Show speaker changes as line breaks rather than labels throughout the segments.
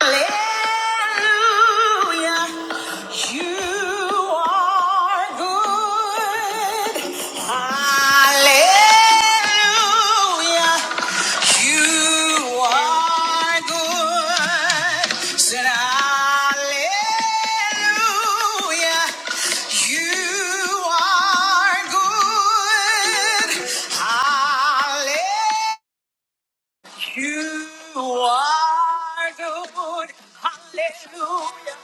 Hallelujah. You are good. Hallelujah. You are good. Said hallelujah. You are good. Hallelujah. You are good. Hallelujah.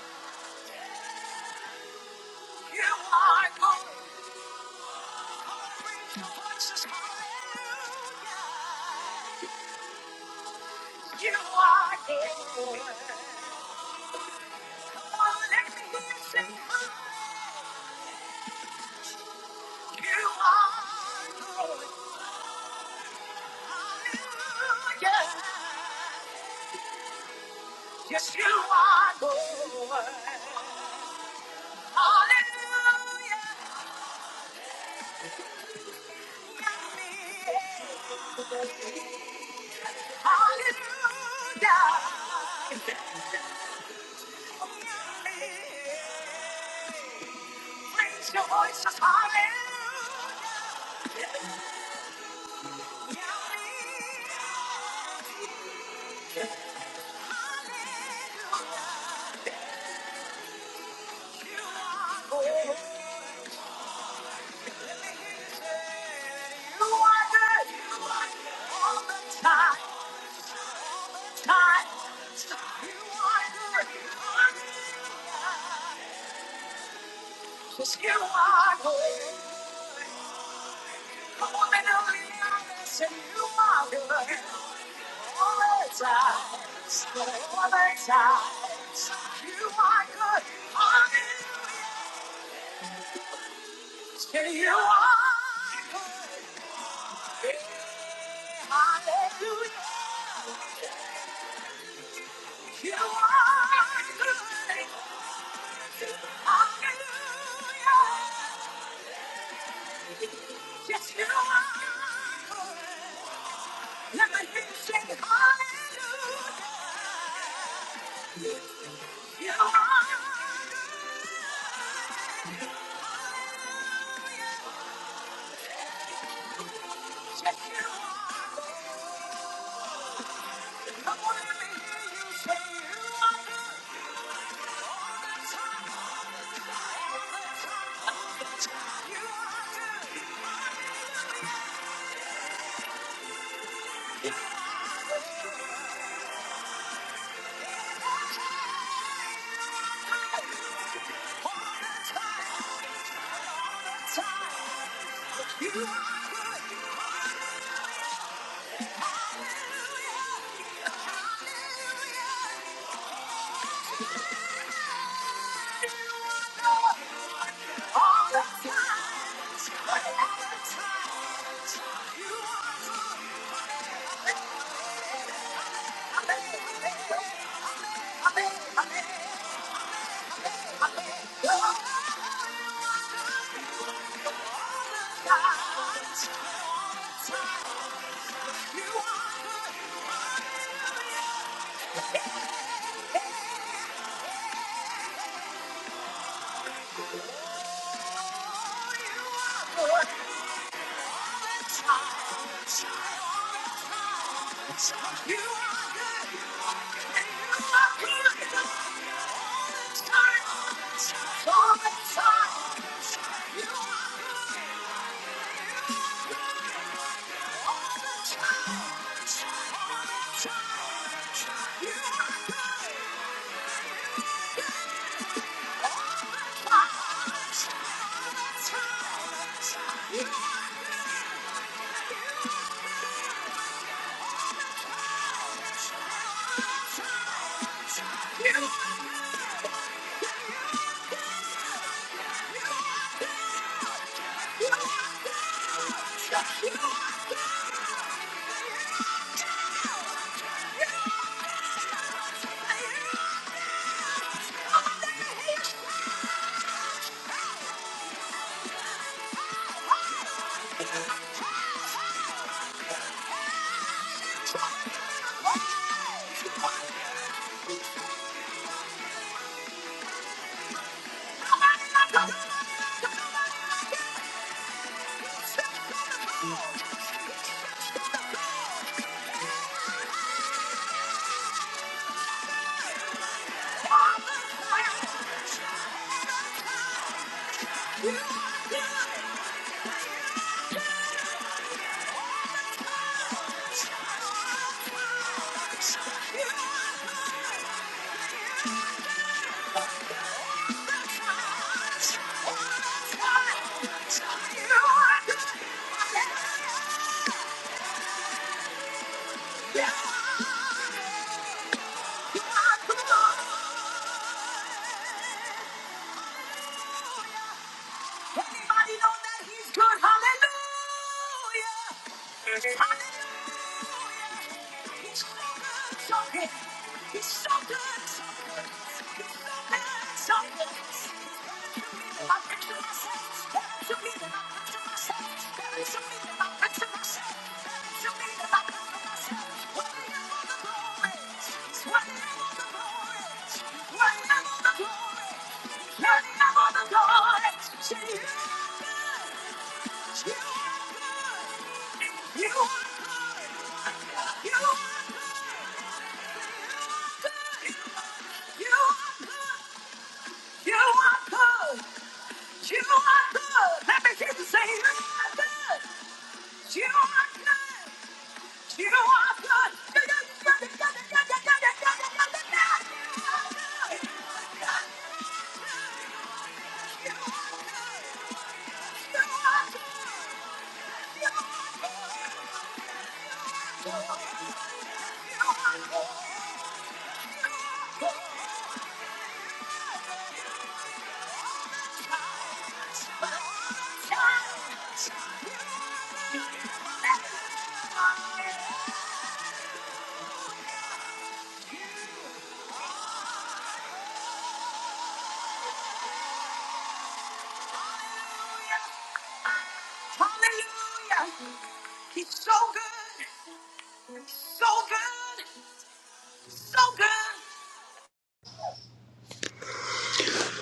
You are good. Jesus, hallelujah. You are good. Oh, let me hear you sing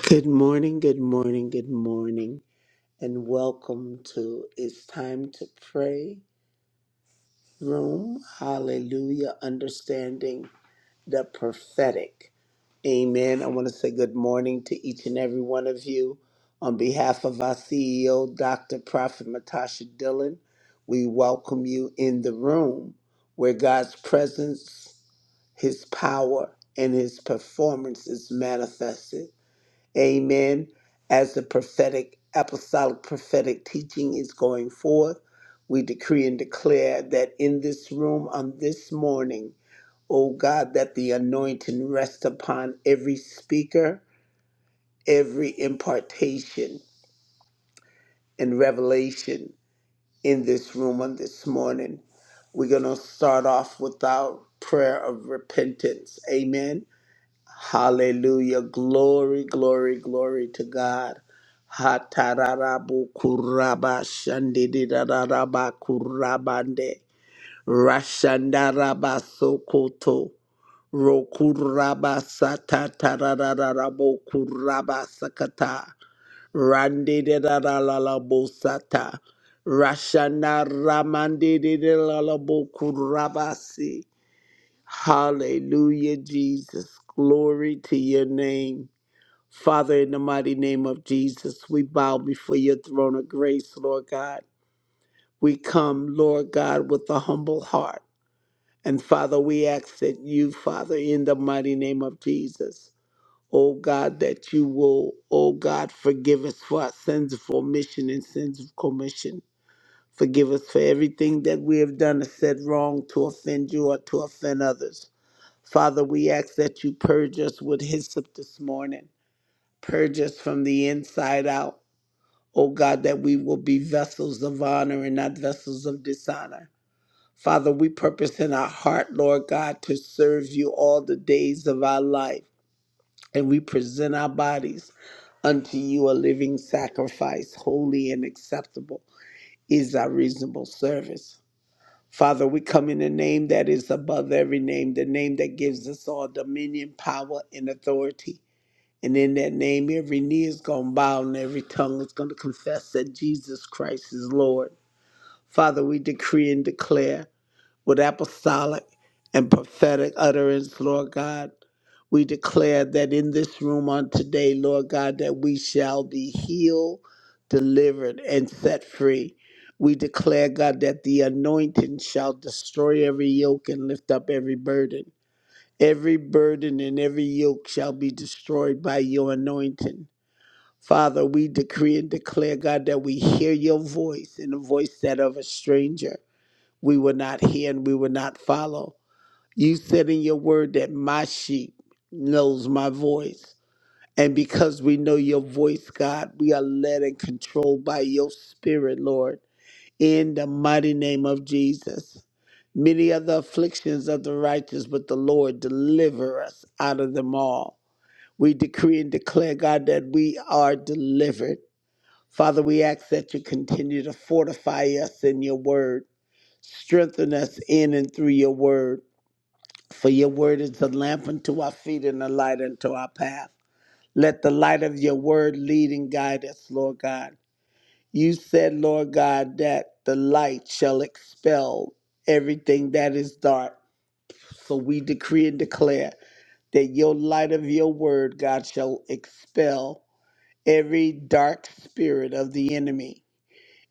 Good morning, good morning, good morning, and welcome to It's Time to Pray Room. Hallelujah. Understanding the prophetic. Amen. I want to say good morning to each and every one of you. On behalf of our CEO, Dr. Prophet Matasha Dillon, we welcome you in the room where God's presence, His power, and His performance is manifested. Amen. As the prophetic, apostolic prophetic teaching is going forth, we decree and declare that in this room on this morning, O God, that the anointing rest upon every speaker, every impartation and revelation in this room on this morning. We're going to start off with our prayer of repentance. Amen Hallelujah. Glory, glory, glory to God. Hatararabu kuraba shandidararaba kurabande. Rashandaraba sokoto. Rokuraba satatarararabo kuraba sakata. Randidararalabo sata. Rashandaramandidaralabo kurabasi. Hallelujah, Jesus. Glory to your name. Father, in the mighty name of Jesus, we bow before your throne of grace, Lord God. We come, Lord God, with a humble heart. And Father, we ask that you, Father, in the mighty name of Jesus, oh God, that you will, oh God, forgive us for our sins of omission and sins of commission. Forgive us for everything that we have done or said wrong to offend you or to offend others. Father, we ask that you purge us with hyssop this morning. Purge us from the inside out. O God, that we will be vessels of honor and not vessels of dishonor. Father, we purpose in our heart, Lord God, to serve you all the days of our life. And we present our bodies unto you a living sacrifice, holy and acceptable is our reasonable service. Father, we come in the name that is above every name, the name that gives us all dominion, power, and authority. And in that name, every knee is going to bow and every tongue is going to confess that Jesus Christ is Lord. Father, we decree and declare with apostolic and prophetic utterance, Lord God. We declare that in this room on today, Lord God, that we shall be healed, delivered, and set free. We declare, God, that the anointing shall destroy every yoke and lift up every burden. Every burden and every yoke shall be destroyed by your anointing. Father, we decree and declare, God, that we hear your voice and the voice that of a stranger. We will not hear and we will not follow. You said in your word that my sheep knows my voice. And because we know your voice, God, we are led and controlled by your spirit, Lord, in the mighty name of Jesus. Many are the afflictions of the righteous, but the Lord deliver us out of them all. We decree and declare, God, that we are delivered Father, we ask that you continue to fortify us in your word, strengthen us in and through your word. For your word is a lamp unto our feet and a light unto our path. Let the light of your word lead and guide us, Lord God. You said, Lord God, that the light shall expel everything that is dark. So we decree and declare that your light of your word, God, shall expel every dark spirit of the enemy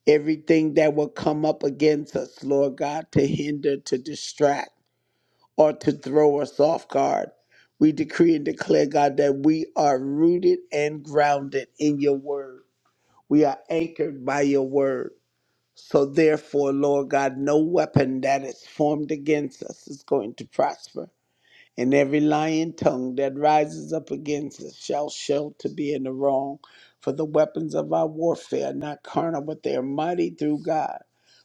everything that will come up against us, Lord God, to hinder, to distract, or to throw us off guard. We decree and declare, God, that we are rooted and grounded in your word. We are anchored by your word. So, therefore, Lord God, no weapon that is formed against us is going to prosper and every lying tongue that rises up against us shall show to be in the wrong. For the weapons of our warfare are not carnal, but they are mighty through God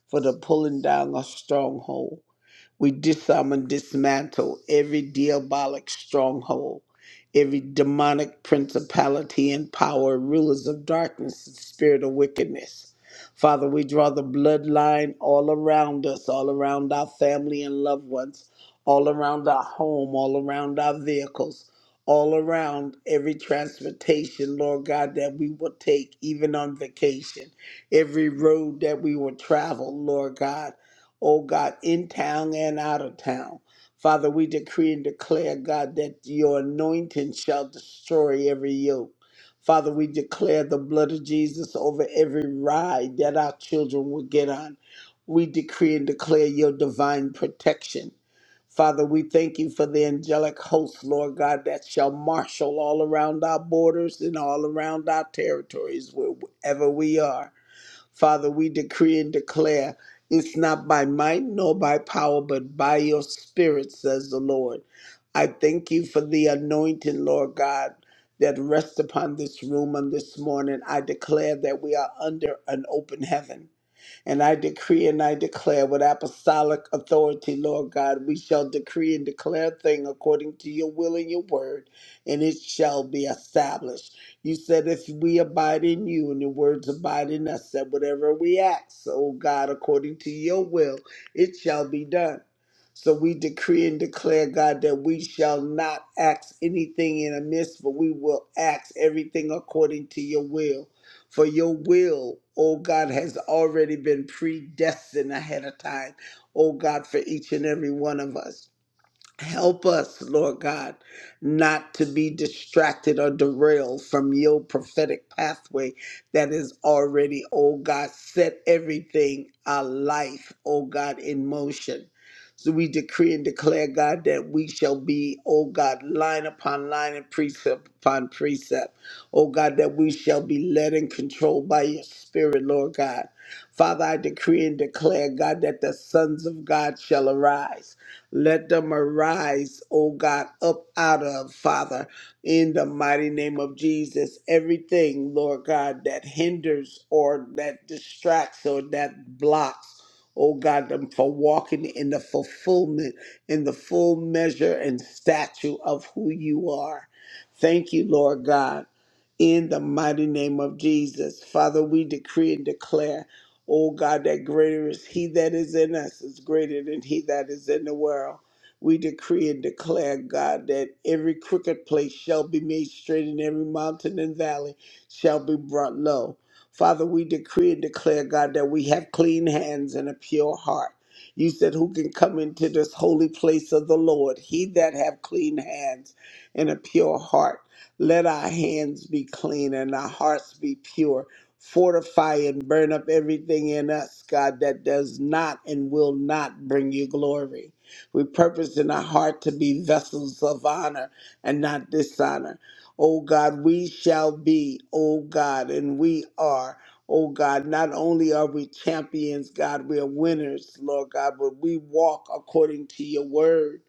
for the pulling down of stronghold we disarm and dismantle every diabolic stronghold, every demonic principality and power, rulers of darkness and spirit of wickedness. Father, we draw the bloodline all around us, all around our family and loved ones, all around our home, all around our vehicles, all around every transportation, Lord God, that we will take, even on vacation, every road that we will travel, Lord God oh God, in town and out of town. Father, we decree and declare, God, that your anointing shall destroy every yoke. Father, we declare the blood of Jesus over every ride that our children will get on. We decree and declare your divine protection. Father, we thank you for the angelic hosts, Lord God, that shall marshal all around our borders and all around our territories, wherever we are. Father, we decree and declare it's not by might nor by power, but by your spirit, says the Lord. I thank you for the anointing, Lord God, that rests upon this room on this morning. I declare that we are under an open heaven. And I decree and I declare with apostolic authority, Lord God, we shall decree and declare a thing according to your will and your word, and it shall be established. You said, if we abide in you and your words abide in us, that whatever we ask, oh God, according to your will, it shall be done. So we decree and declare, God, that we shall not ask anything in amiss, but we will ask everything according to your will. For your will, oh God, has already been predestined ahead of time, oh God, for each and every one of us. Help us, Lord God, not to be distracted or derailed from your prophetic pathway that is already, oh God, set everything, our life, oh God, in motion. So we decree and declare, God, that we shall be, oh God, line upon line and precept upon precept. Oh God, that we shall be led and controlled by your spirit, Lord God. Father, I decree and declare, God, that the sons of God shall arise. Let them arise, O God, up out of, Father, in the mighty name of Jesus. Everything, Lord God, that hinders or that distracts or that blocks, oh God, them for walking in the fulfillment, in the full measure and statue of who you are. Thank you, Lord God. In the mighty name of Jesus, Father, we decree and declare O God, that greater is He that is in us is greater than He that is in the world. We decree and declare, God, that every crooked place shall be made straight and every mountain and valley shall be brought low. Father, we decree and declare, God, that we have clean hands and a pure heart. You said, Who can come into this holy place of the Lord? He that have clean hands and a pure heart. Let our hands be clean and our hearts be pure Fortify and burn up everything in us, God, that does not and will not bring you glory. We purpose in our heart to be vessels of honor and not dishonor. Oh God, we shall be, oh God, and we are. Oh God, not only are we champions, God, we are winners, Lord God, but we walk according to your word.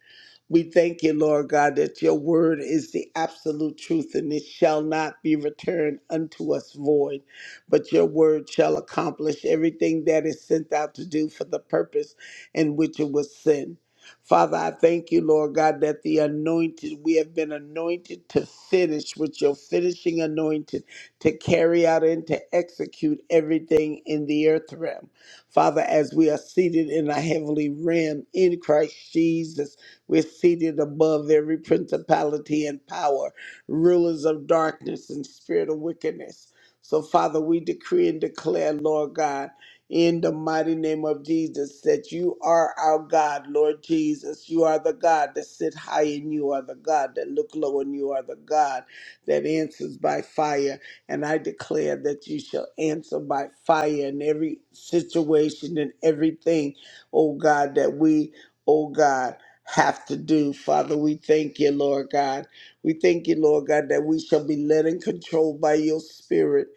We thank you, Lord God, that your word is the absolute truth and it shall not be returned unto us void, but your word shall accomplish everything that is sent out to do for the purpose in which it was sent. Father, I thank you, Lord God, that the anointed, we have been anointed to finish with your finishing anointed to carry out and to execute everything in the earth realm. Father, as we are seated in a heavenly realm in Christ Jesus. We're seated above every principality and power, rulers of darkness and spirit of wickedness. So, Father, we decree and declare, Lord God, in the mighty name of Jesus, that you are our God, Lord Jesus. You are the God that sit high and you are the God that look low and you are the God that answers by fire and I declare that you shall answer by fire in every situation and everything, oh God, that we, oh God have to do. Father, we thank you, Lord God. We thank you, Lord God, that we shall be led and controlled by your spirit.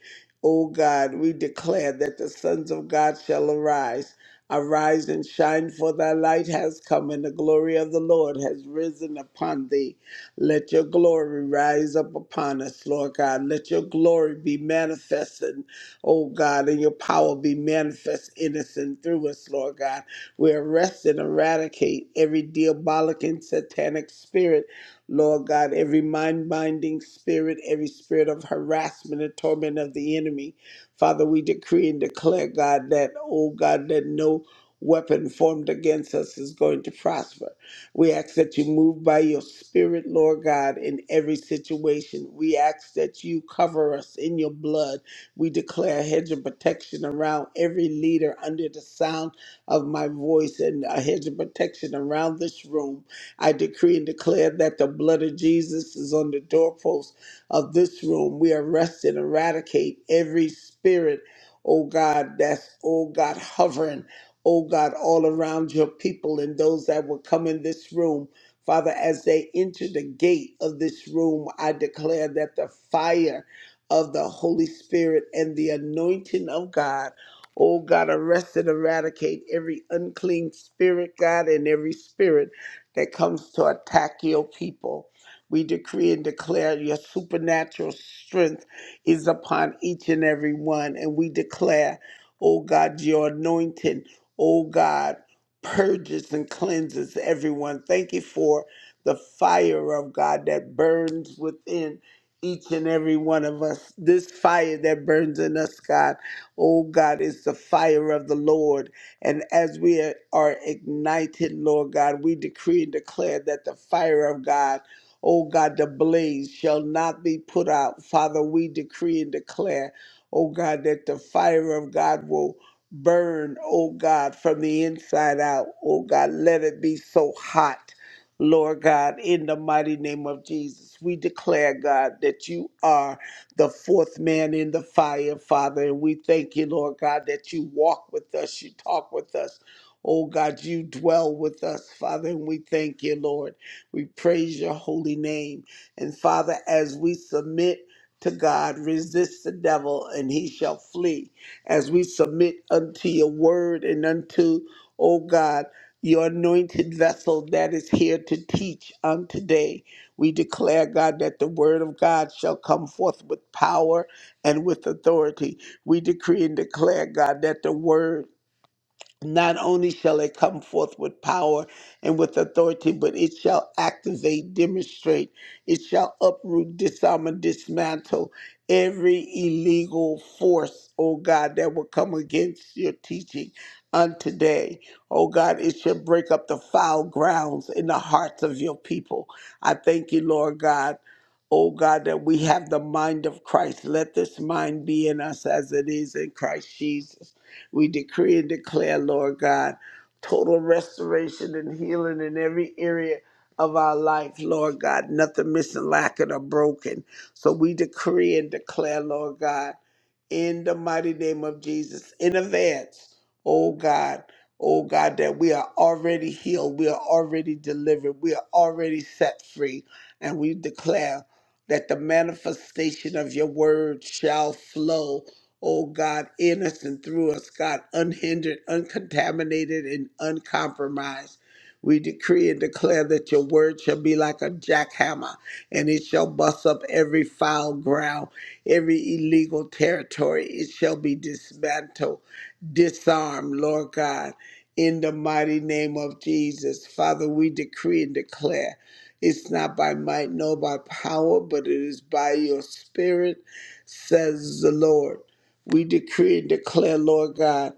O God, we declare that the sons of God shall arise. Arise and shine, for thy light has come, and the glory of the Lord has risen upon thee. Let your glory rise up upon us, Lord God. Let your glory be manifested, O God, and your power be manifest in us and through us, Lord God. We arrest and eradicate every diabolic and satanic spirit, Lord God, every mind binding spirit, every spirit of harassment and torment of the enemy. Father, we decree and declare, God, that, oh God, that no weapon formed against us is going to prosper. We ask that you move by your spirit, Lord God, in every situation. We ask that you cover us in your blood. We declare a hedge of protection around every leader under the sound of my voice and a hedge of protection around this room. I decree and declare that the blood of Jesus is on the doorpost of this room. We arrest and eradicate every spirit, oh God, that's, oh God, hovering, oh God, all around your people and those that will come in this room. Father, as they enter the gate of this room, I declare that the fire of the Holy Spirit and the anointing of God Oh God, arrest and eradicate every unclean spirit, God, and every spirit that comes to attack your people. We decree and declare your supernatural strength is upon each and every one. And we declare, oh God, your anointing, oh God, purges and cleanses everyone. Thank you for the fire of God that burns within each and every one of us. This fire that burns in us, God. Oh God, it's the fire of the Lord. And as we are are ignited, Lord God, we decree and declare that the fire of God, oh God, the blaze shall not be put out. Father, we decree and declare, oh God, that the fire of God will burn, oh God, from the inside out. Oh God, let it be so hot. Lord God, in the mighty name of Jesus, we declare, God, that you are the fourth man in the fire, Father. And we thank you, Lord God, that you walk with us, you talk with us. Oh God, you dwell with us, Father, and we thank you, Lord. We praise your holy name. And Father, as we submit to God, resist the devil, and he shall flee. As we submit unto your word and unto, oh God, your anointed vessel that is here to teach on today. We declare, God, that the word of God shall come forth with power and with authority. We decree and declare, God, that the word not only shall it come forth with power and with authority, but it shall activate, demonstrate, it shall uproot, disarm, and dismantle every illegal force, oh God, that will come against your teaching on today. Oh God, it shall break up the foul grounds in the hearts of your people. I thank you, Lord God. Oh God, that we have the mind of Christ. Let this mind be in us as it is in Christ Jesus. We decree and declare, Lord God, total restoration and healing in every area of our life, Lord God. Nothing missing, lacking, or broken. So we decree and declare, Lord God, in the mighty name of Jesus, in advance, oh God. Oh God, that we are already healed, we are already delivered, we are already set free, and we declare that the manifestation of your word shall flow oh God, in us and through us, God, unhindered, uncontaminated, and uncompromised. We decree and declare that your word shall be like a jackhammer, and it shall bust up every foul ground, every illegal territory. It shall be dismantled, disarmed, Lord God, in the mighty name of Jesus. Father, we decree and declare it's not by might nor by power, but it is by your spirit, says the Lord. We decree and declare, Lord God,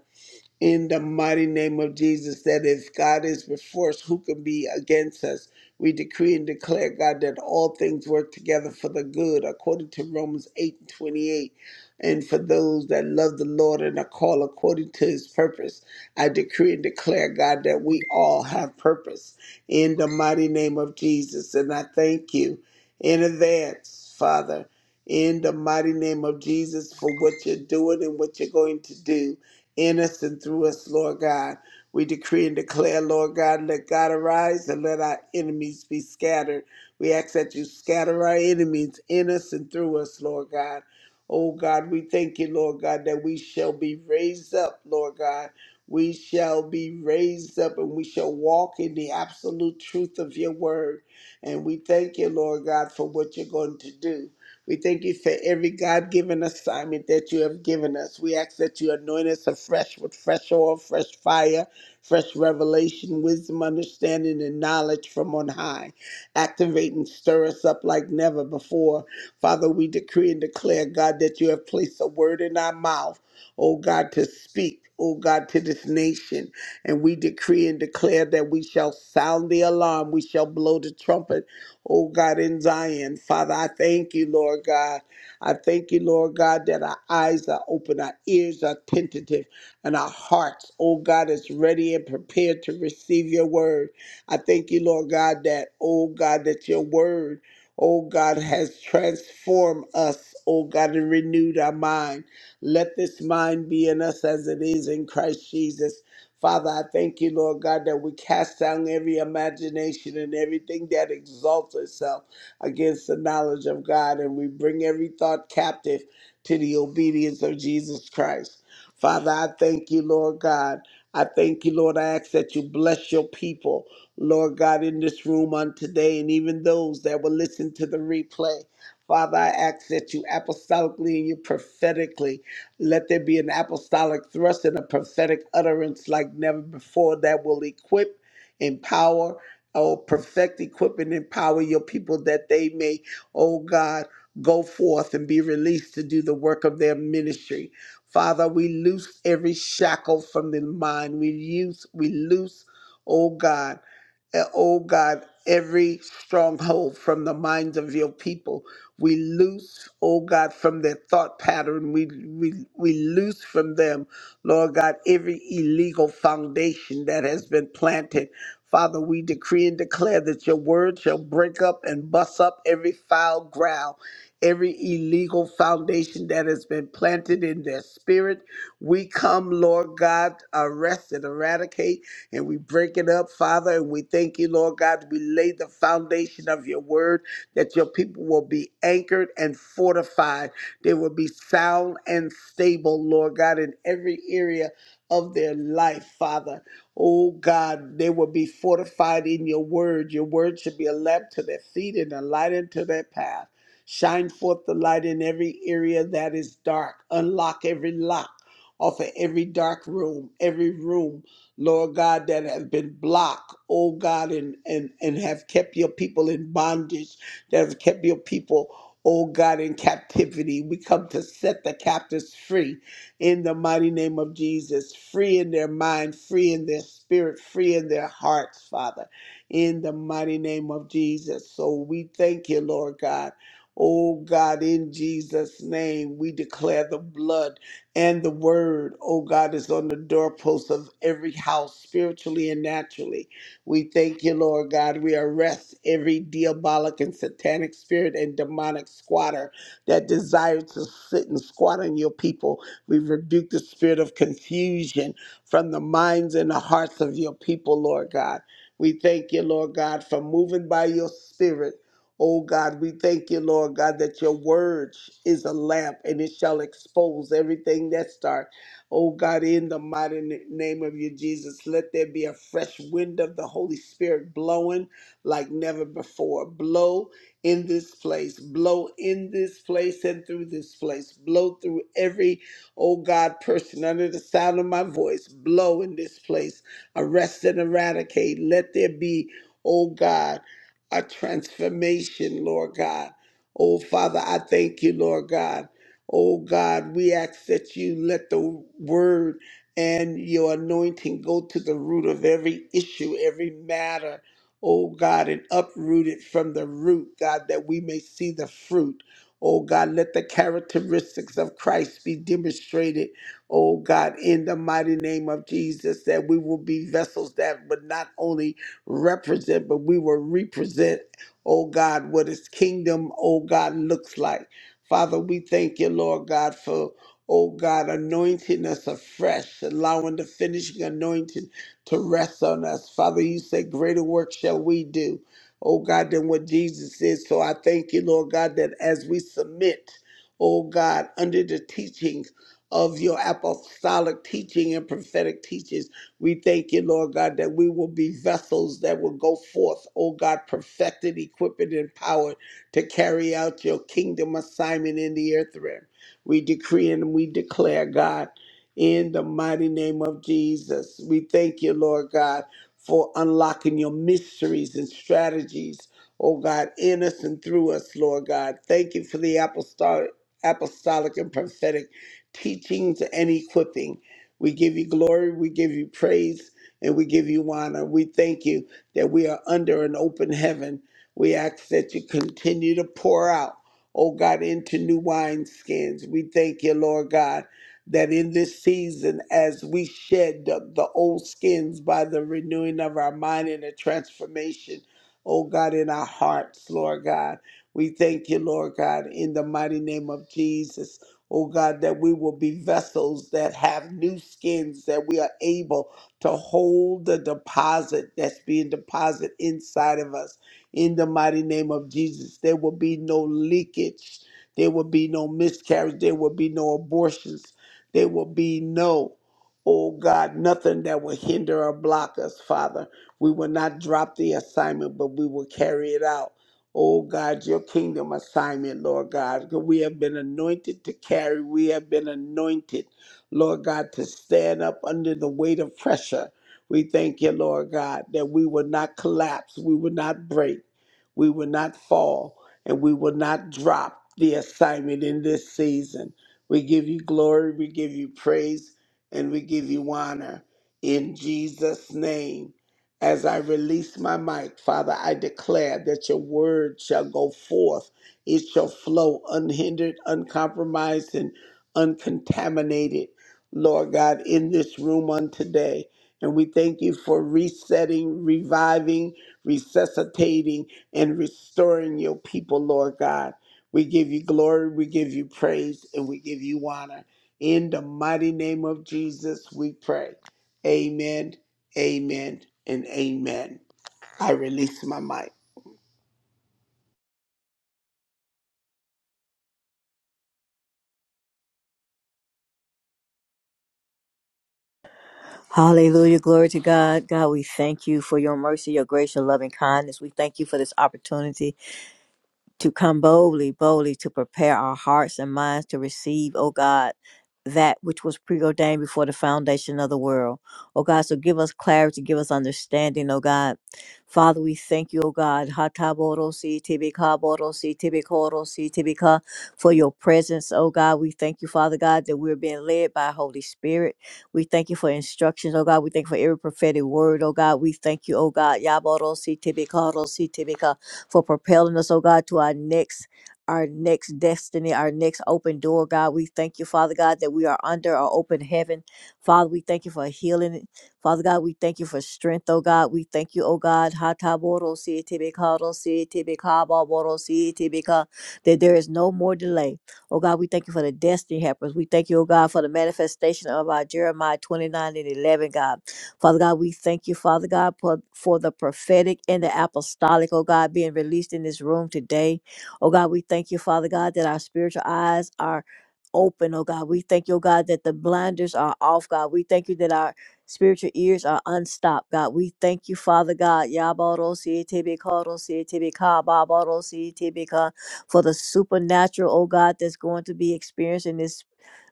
in the mighty name of Jesus that if God is before us, who can be against us? We decree and declare, God, that all things work together for the good, according to Romans 8 and 28. And for those that love the Lord and are called according to his purpose, I decree and declare, God, that we all have purpose in the mighty name of Jesus. And I thank you in advance, Father, in the mighty name of Jesus, for what you're doing and what you're going to do in us and through us, Lord God. We decree and declare, Lord God, let God arise and let our enemies be scattered. We ask that you scatter our enemies in us and through us, Lord God. Oh God, we thank you, Lord God, that we shall be raised up, Lord God. We shall be raised up and we shall walk in the absolute truth of your word. And we thank you, Lord God, for what you're going to do. We thank you for every God given assignment that you have given us. We ask that you anoint us afresh with fresh oil, fresh fire, fresh revelation, wisdom, understanding, and knowledge from on high. Activate and stir us up like never before. Father, we decree and declare, God, that you have placed a word in our mouth, oh God, to speak. Oh God, to this nation. And we decree and declare that we shall sound the alarm. We shall blow the trumpet oh God, in Zion. Father, I thank you, Lord God. I thank you, Lord God, that our eyes are open, our ears are tentative, and our hearts, oh God, is ready and prepared to receive your word. I thank you, Lord God, that, oh God, that your word, oh God, has transformed us, oh God, and renewed our mind. Let this mind be in us as it is in Christ Jesus. Father, I thank you, Lord God, that we cast down every imagination and everything that exalts itself against the knowledge of God, and we bring every thought captive to the obedience of Jesus Christ. Father, I thank you, Lord God. I thank you, Lord. I ask that you bless your people, Lord God, in this room on today, and even those that will listen to the replay. Father, I ask that you apostolically and you prophetically let there be an apostolic thrust and a prophetic utterance like never before that will equip, empower, oh, perfect, equip, and empower your people that they may, oh God, go forth and be released to do the work of their ministry. Father, we loose every shackle from the mind. We use, we loose, oh God, eh, oh God, every stronghold from the minds of your people we loose, oh God, from their thought pattern. We, we, we loose from them, Lord God, every illegal foundation that has been planted. Father, we decree and declare that your word shall break up and bust up every foul ground, every illegal foundation that has been planted in their spirit. We come, Lord God, arrest and eradicate, and we break it up, Father, and we thank you, Lord God. We lay the foundation of your word that your people will be anchored and fortified. They will be sound and stable, Lord God, in every area of their life, Father. Oh God, they will be fortified in your word. Your word should be a lamp to their feet and a light unto their path. Shine forth the light in every area that is dark. Unlock every lock off of every dark room, every room, Lord God, that have been blocked, oh God, and, and, and have kept your people in bondage that has kept your people, oh God, in captivity. We come to set the captives free in the mighty name of Jesus, free in their mind, free in their spirit, free in their hearts, Father, in the mighty name of Jesus. So we thank you, Lord God. Oh God, in Jesus' name, we declare the blood and the word, oh God, is on the doorposts of every house, spiritually and naturally. We thank you, Lord God. We arrest every diabolic and satanic spirit and demonic squatter that desires to sit and squat on your people. We rebuke the spirit of confusion from the minds and the hearts of your people, Lord God. We thank you, Lord God, for moving by your spirit. Oh God, we thank you, Lord God, that your word is a lamp and it shall expose everything that's dark Oh God, in the mighty n- name of you, Jesus, let there be a fresh wind of the Holy Spirit blowing like never before. Blow in this place, blow in this place and through this place, blow through every, oh God, person under the sound of my voice, blow in this place, arrest and eradicate. Let there be, oh God, a transformation, Lord God. Oh Father, I thank you, Lord God. Oh God, we ask that you let the word and your anointing go to the root of every issue, every matter, oh God, and uproot it from the root, God, that we may see the fruit. Oh God, let the characteristics of Christ be demonstrated, oh God, in the mighty name of Jesus, that we will be vessels that would not only represent, but we will represent, oh God, what his kingdom, oh God, looks like. Father, we thank you, Lord God, for, oh God, anointing us afresh, allowing the finishing anointing to rest on us. Father, you say, greater work shall we do, oh God, than what Jesus is. So I thank you, Lord God, that as we submit, oh God, under the teachings of your apostolic teaching and prophetic teachings, we thank you, Lord God, that we will be vessels that will go forth, oh God, perfected, equipped, and empowered to carry out your kingdom assignment in the earth realm. We decree and we declare, God, in the mighty name of Jesus. We thank you, Lord God, for unlocking your mysteries and strategies, oh God, in us and through us, Lord God. Thank you for the apostolic, apostolic and prophetic teachings and equipping. We give you glory, we give you praise, and we give you honor. We thank you that we are under an open heaven we ask that you continue to pour out, oh God, into new wineskins. We thank you, Lord God, that in this season, as we shed the, the old skins by the renewing of our mind and the transformation, oh God, in our hearts, Lord God. We thank you, Lord God, in the mighty name of Jesus. Oh God, that we will be vessels that have new skins, that we are able to hold the deposit that's being deposited inside of us in the mighty name of Jesus. There will be no leakage. There will be no miscarriage. There will be no abortions. There will be no, oh God, nothing that will hinder or block us, Father. We will not drop the assignment, but we will carry it out. Oh God, your kingdom assignment, Lord God. We have been anointed to carry. We have been anointed, Lord God, to stand up under the weight of pressure. We thank you, Lord God, that we will not collapse, we will not break, we will not fall, and we will not drop the assignment in this season. We give you glory, we give you praise, and we give you honor in Jesus' name. As I release my mic, Father, I declare that your word shall go forth. It shall flow unhindered, uncompromised, and uncontaminated, Lord God, in this room on today. And we thank you for resetting, reviving, resuscitating, and restoring your people, Lord God. We give you glory, we give you praise, and we give you honor. In the mighty name of Jesus, we pray. Amen, amen, and amen. I release my mic.
Hallelujah. Glory to God. God, we thank you for your mercy, your grace, your loving kindness. We thank you for this opportunity to come boldly, boldly to prepare our hearts and minds to receive, O God, that which was preordained before the foundation of the world. O God, so give us clarity, give us understanding, O God. Father, we thank you, O God, Hataborosi, Tibika, Borosi, Tibikorosi, Tibika, for your presence, O God. We thank you, Father God, that we're being led by Holy Spirit. We thank you for instructions, O God. We thank you for every prophetic word, O God. We thank you, O God. Yaborosi, Tibikorosi, Tibika for propelling us, oh God, to our next our next destiny, our next open door, God. We thank you, Father God, that we are under our open heaven. Father, we thank you for healing. Father God, we thank you for strength, oh God. We thank you, oh God. si si si That there is no more delay. Oh God, we thank you for the destiny helpers. We thank you, oh God, for the manifestation of our Jeremiah 29 and 11, God. Father God, we thank you, Father God, for, for the prophetic and the apostolic, oh God, being released in this room today. Oh God, we thank you, Father God, that our spiritual eyes are open, oh God. We thank you, oh God, that the blinders are off, God. We thank you that our spiritual ears are unstopped, God. We thank you, Father God, Yabaro for the supernatural, oh God, that's going to be experienced in this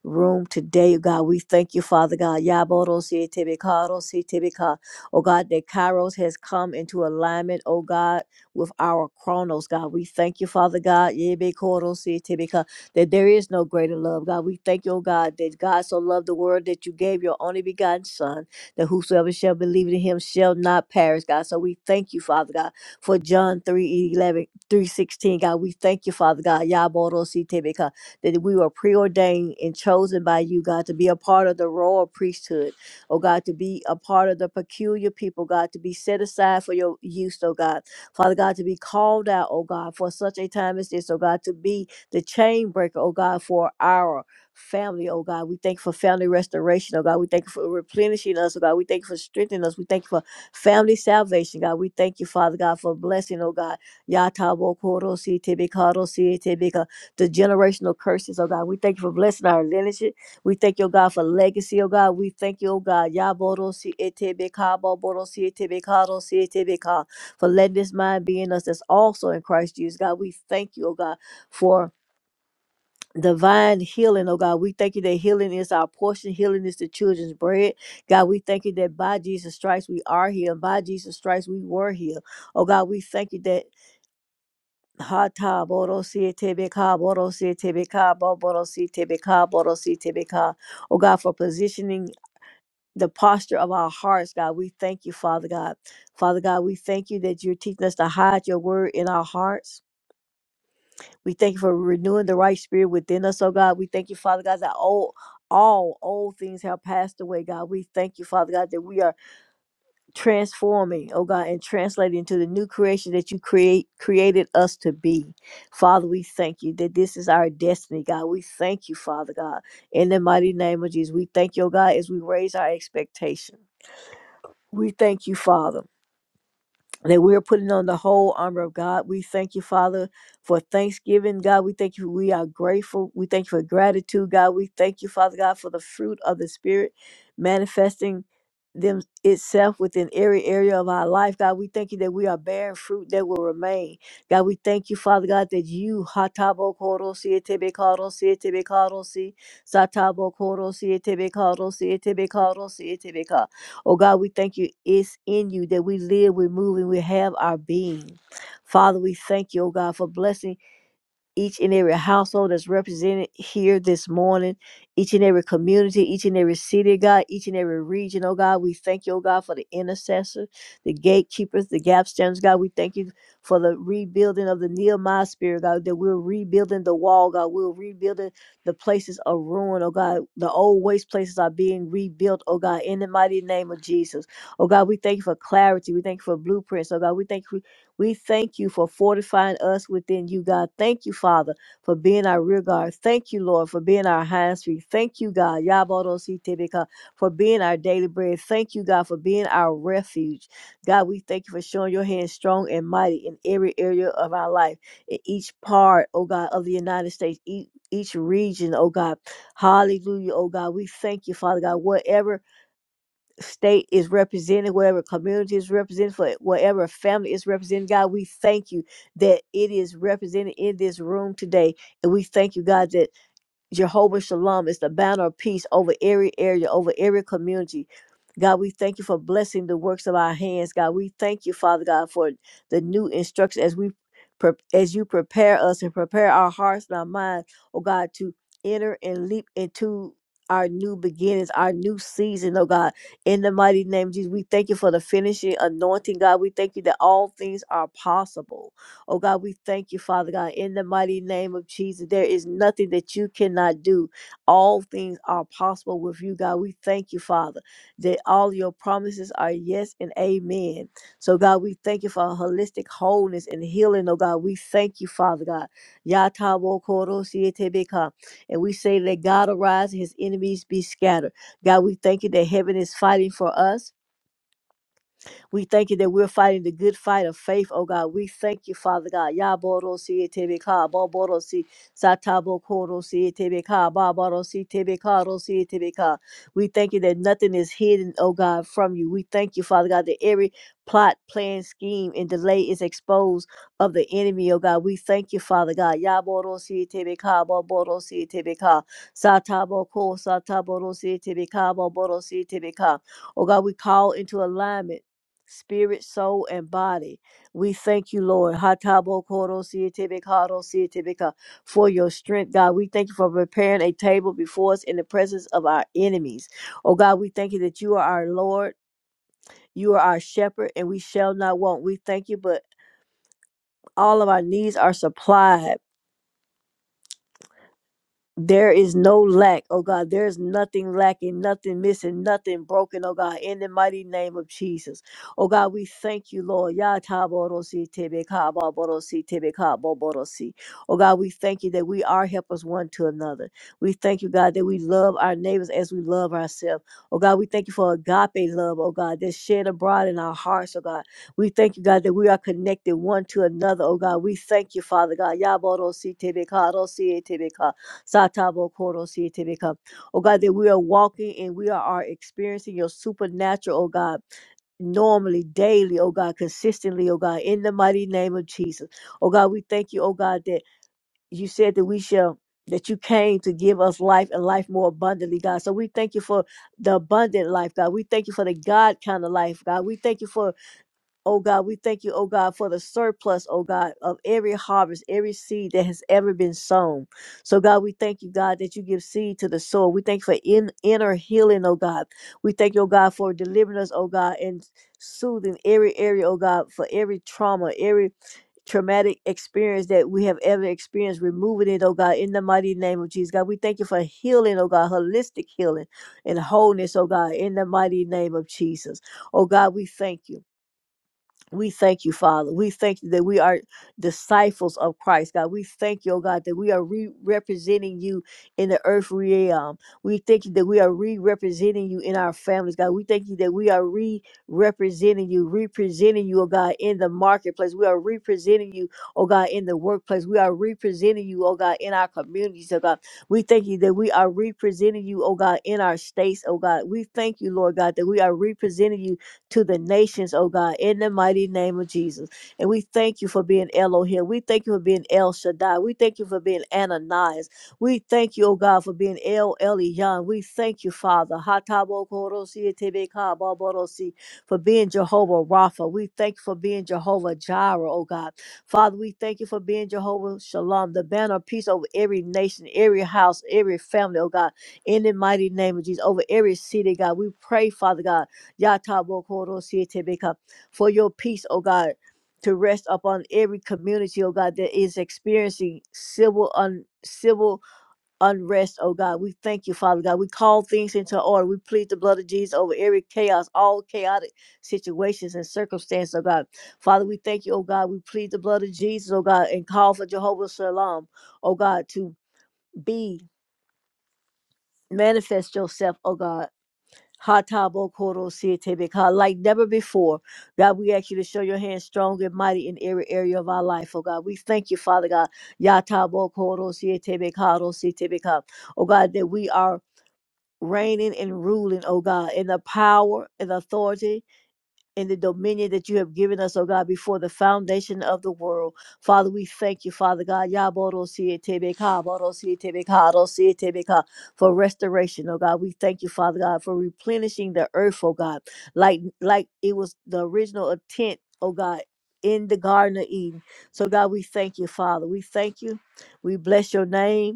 room today, God. We thank you, Father God. Yaboros y tibikaros y tibika. Oh God, that Kairos has come into alignment, oh God, with our chronos, God. We thank you, Father God. Yebikoros y tibika, That there is no greater love, God. We thank you, oh God, that God so loved the world that you gave your only begotten Son, that whosoever shall believe in him shall not perish, God. So we thank you, Father God, for John three eleven three sixteen. God. We thank you, Father God. Yaboros y tibika that we were preordained and chosen by you, God, to be a part of the royal priesthood, oh God, to be a part of the peculiar people, God, to be set aside for your use, oh God. Father God, to be called out, oh God, for such a time as this, oh God, to be the chain breaker, oh God, for our family, oh God. We thank you for family restoration, oh God. We thank you for replenishing us, oh God. We thank you for strengthening us. We thank you for family salvation, God. We thank you, Father God, for blessing, oh God. Yatabo Koro Si Tebe karo si tebe the generational curses, oh God. We thank you for blessing our lineage. We thank you, oh God, for legacy, oh God. We thank you, oh God, Yaborosi etebeka, Boborosi etebeka, Rosi etebeka, for letting this mind be in us that's also in Christ Jesus, God. We thank you, oh God, for divine healing, oh God. We thank you that healing is our portion, healing is the children's bread. God, we thank you that by Jesus Christ we are healed, by Jesus Christ we were healed, Oh God, we thank you that. Hata borosi tebeka borosi tebeka bo borosi tebeka borosi tebeka. Oh God, for positioning the posture of our hearts, God, we thank you, Father God. Father God, we thank you that you're teaching us to hide your word in our hearts. We thank you for renewing the right spirit within us, oh God. We thank you, Father God, that all all old things have passed away, God. We thank you, Father God, that we are transforming, oh God, and translated into the new creation that you create created us to be. Father, we thank you that this is our destiny, God. We thank you, Father God, in the mighty name of Jesus. We thank you, oh God, as we raise our expectation. We thank you, Father that we are putting on the whole armor of God. We thank you, Father, for thanksgiving. God, we thank you. We are grateful. We thank you for gratitude, God. We thank you, Father God, for the fruit of the Spirit manifesting them itself within every area of our life. God, we thank you that we are bearing fruit that will remain. God, we thank you, Father God, that you hatabo korosi etebe karosi etebe karosi satabo korosi etebe karosi etebe Oh God, we thank you. It's in you that we live, we move, and we have our being. Father, we thank you, oh God, for blessing each and every household that's represented here this morning, each and every community, each and every city, God, each and every region, oh God. We thank you, oh God, for the intercessors, the gatekeepers, the gap standers, God. We thank you for the rebuilding of the Nehemiah spirit, God, that we're rebuilding the wall, God. We're rebuilding the places of ruin, oh God. The old waste places are being rebuilt, oh God, in the mighty name of Jesus. Oh God, we thank you for clarity. We thank you for blueprints, oh God. We thank you. We thank you for fortifying us within you, God. Thank you, Father, for being our rear guard. Thank you, Lord, for being our high street. Thank you, God, Yabodositebeka, for being our daily bread. Thank you, God, for being our refuge. God, we thank you for showing your hand strong and mighty in every area of our life, in each part, oh God, of the United States, each, each region, oh God. Hallelujah, oh God. We thank you, Father God. Whatever state is represented, wherever community is represented, for whatever family is represented. God, we thank you that it is represented in this room today. And we thank you, God, that Jehovah Shalom is the banner of peace over every area, over every community. God, we thank you for blessing the works of our hands. God, we thank you, Father God, for the new instruction as we pre- as you prepare us and prepare our hearts and our minds, oh God, to enter and leap into our new beginnings, our new season, oh God. In the mighty name of Jesus, we thank you for the finishing anointing, God. We thank you that all things are possible. Oh God, we thank you, Father God, in the mighty name of Jesus. There is nothing that you cannot do. All things are possible with you, God. We thank you, Father, that all your promises are yes and amen. So, God, we thank you for holistic wholeness and healing, oh God. We thank you, Father God. Yatavokoroshiyetebeka. And we say, let God arise and his enemies be scattered. God, we thank you that heaven is fighting for us. We thank you that we're fighting the good fight of faith, oh God. We thank you, Father God. Yaborosi tebeka, boborosi, satabokorosi tebeka, baborosi tebeka, rosi tebeka. We thank you that nothing is hidden, oh God, from you. We thank you, Father God, that every plot, plan, scheme, and delay is exposed of the enemy, oh God. We thank you, Father God. Yaborosi tebeka, boborosi tebeka, sataboko, sataborosi tebeka, boborosi tebeka. Oh God, we call into alignment spirit, soul, and body. We thank you, Lord. Hatabo koro siete bekado siete beka, For your strength, God. We thank you for preparing a table before us in the presence of our enemies. Oh, God, we thank you that you are our Lord. You are our shepherd, and we shall not want. We thank you, but all of our needs are supplied. There is no lack, oh God. There is nothing lacking, nothing missing, nothing broken, oh God, in the mighty name of Jesus. Oh God, we thank you, Lord. Ya ta bo ro si te be ka ba bo ro si te be ka bo bo ro si. Oh God, we thank you that we are helpers one to another. We thank you, God, that we love our neighbors as we love ourselves. Oh God, we thank you for agape love, oh God, that's shed abroad in our hearts, oh God. We thank you, God, that we are connected one to another, oh God. We thank you, Father God. Ya bo ro si te be ka ro si e te be ka. Satabo Koro Sietebeka. Oh God, that we are walking and we are, are experiencing your supernatural, oh God, normally, daily, oh God, consistently, oh God, in the mighty name of Jesus. Oh God, we thank you, oh God, that you said that we shall. That you came to give us life and life more abundantly, God. So we thank you for the abundant life, God. We thank you for the God kind of life, God. We thank you for Oh God, we thank you, oh God, for the surplus, oh God, of every harvest, every seed that has ever been sown. So, God, we thank you, God, that you give seed to the soul. We thank you for in, inner healing, oh God. We thank you, oh God, for delivering us, oh God, and soothing every area, oh God, for every trauma, every traumatic experience that we have ever experienced, removing it, oh God, in the mighty name of Jesus. God, we thank you for healing, oh God, holistic healing and wholeness, oh God, in the mighty name of Jesus. Oh God, we thank you. We thank you, Father. We thank you that we are disciples of Christ, God. We thank you, oh God, that we are re- representing you in the earth realm. We thank you that we are re representing you in our families, God. We thank you that we are re representing you, representing you, oh God, in the marketplace. We are representing you, oh God, in the workplace. We are representing you, oh God, in our communities, oh God. We thank you that we are representing you, oh God, in our states, oh God. We thank you, Lord God, that we are representing you to the nations, oh God, in the mighty name of Jesus. And we thank you for being Elohim. We thank you for being El Shaddai. We thank you for being Ananias. We thank you, oh God, for being El Elyon. We thank you, Father, Hatabokorosi, Tebeka, Baborosi, for being Jehovah Rapha. We thank you for being Jehovah Jireh, oh God. Father, we thank you for being Jehovah Shalom, the banner of peace over every nation, every house, every family, oh God, in the mighty name of Jesus, over every city, God. We pray, Father God. Yatabokoro for your peace, O God, to rest upon every community, O God, that is experiencing civil un civil unrest, oh God. We thank you, Father God. We call things into order. We plead the blood of Jesus over every chaos, all chaotic situations and circumstances, oh God. Father, we thank you, oh God. We plead the blood of Jesus, oh God, and call for Jehovah Shalom, oh God, to be manifest yourself, oh God Hatabokoro like never before. God, we ask you to show your hand strong and mighty in every area of our life, oh God. We thank you, Father God. Yatabokoro Oh God, that we are reigning and ruling, oh God, in the power and authority in the dominion that you have given us, oh God, before the foundation of the world. Father, we thank you, Father God, Yaborosietebeka, Borosietebeka, Rosietebeka, for restoration, oh God. We thank you, Father God, for replenishing the earth, oh God, like like it was the original intent, oh God. In the Garden of Eden. So, God, we thank you, Father. We thank you. We bless your name.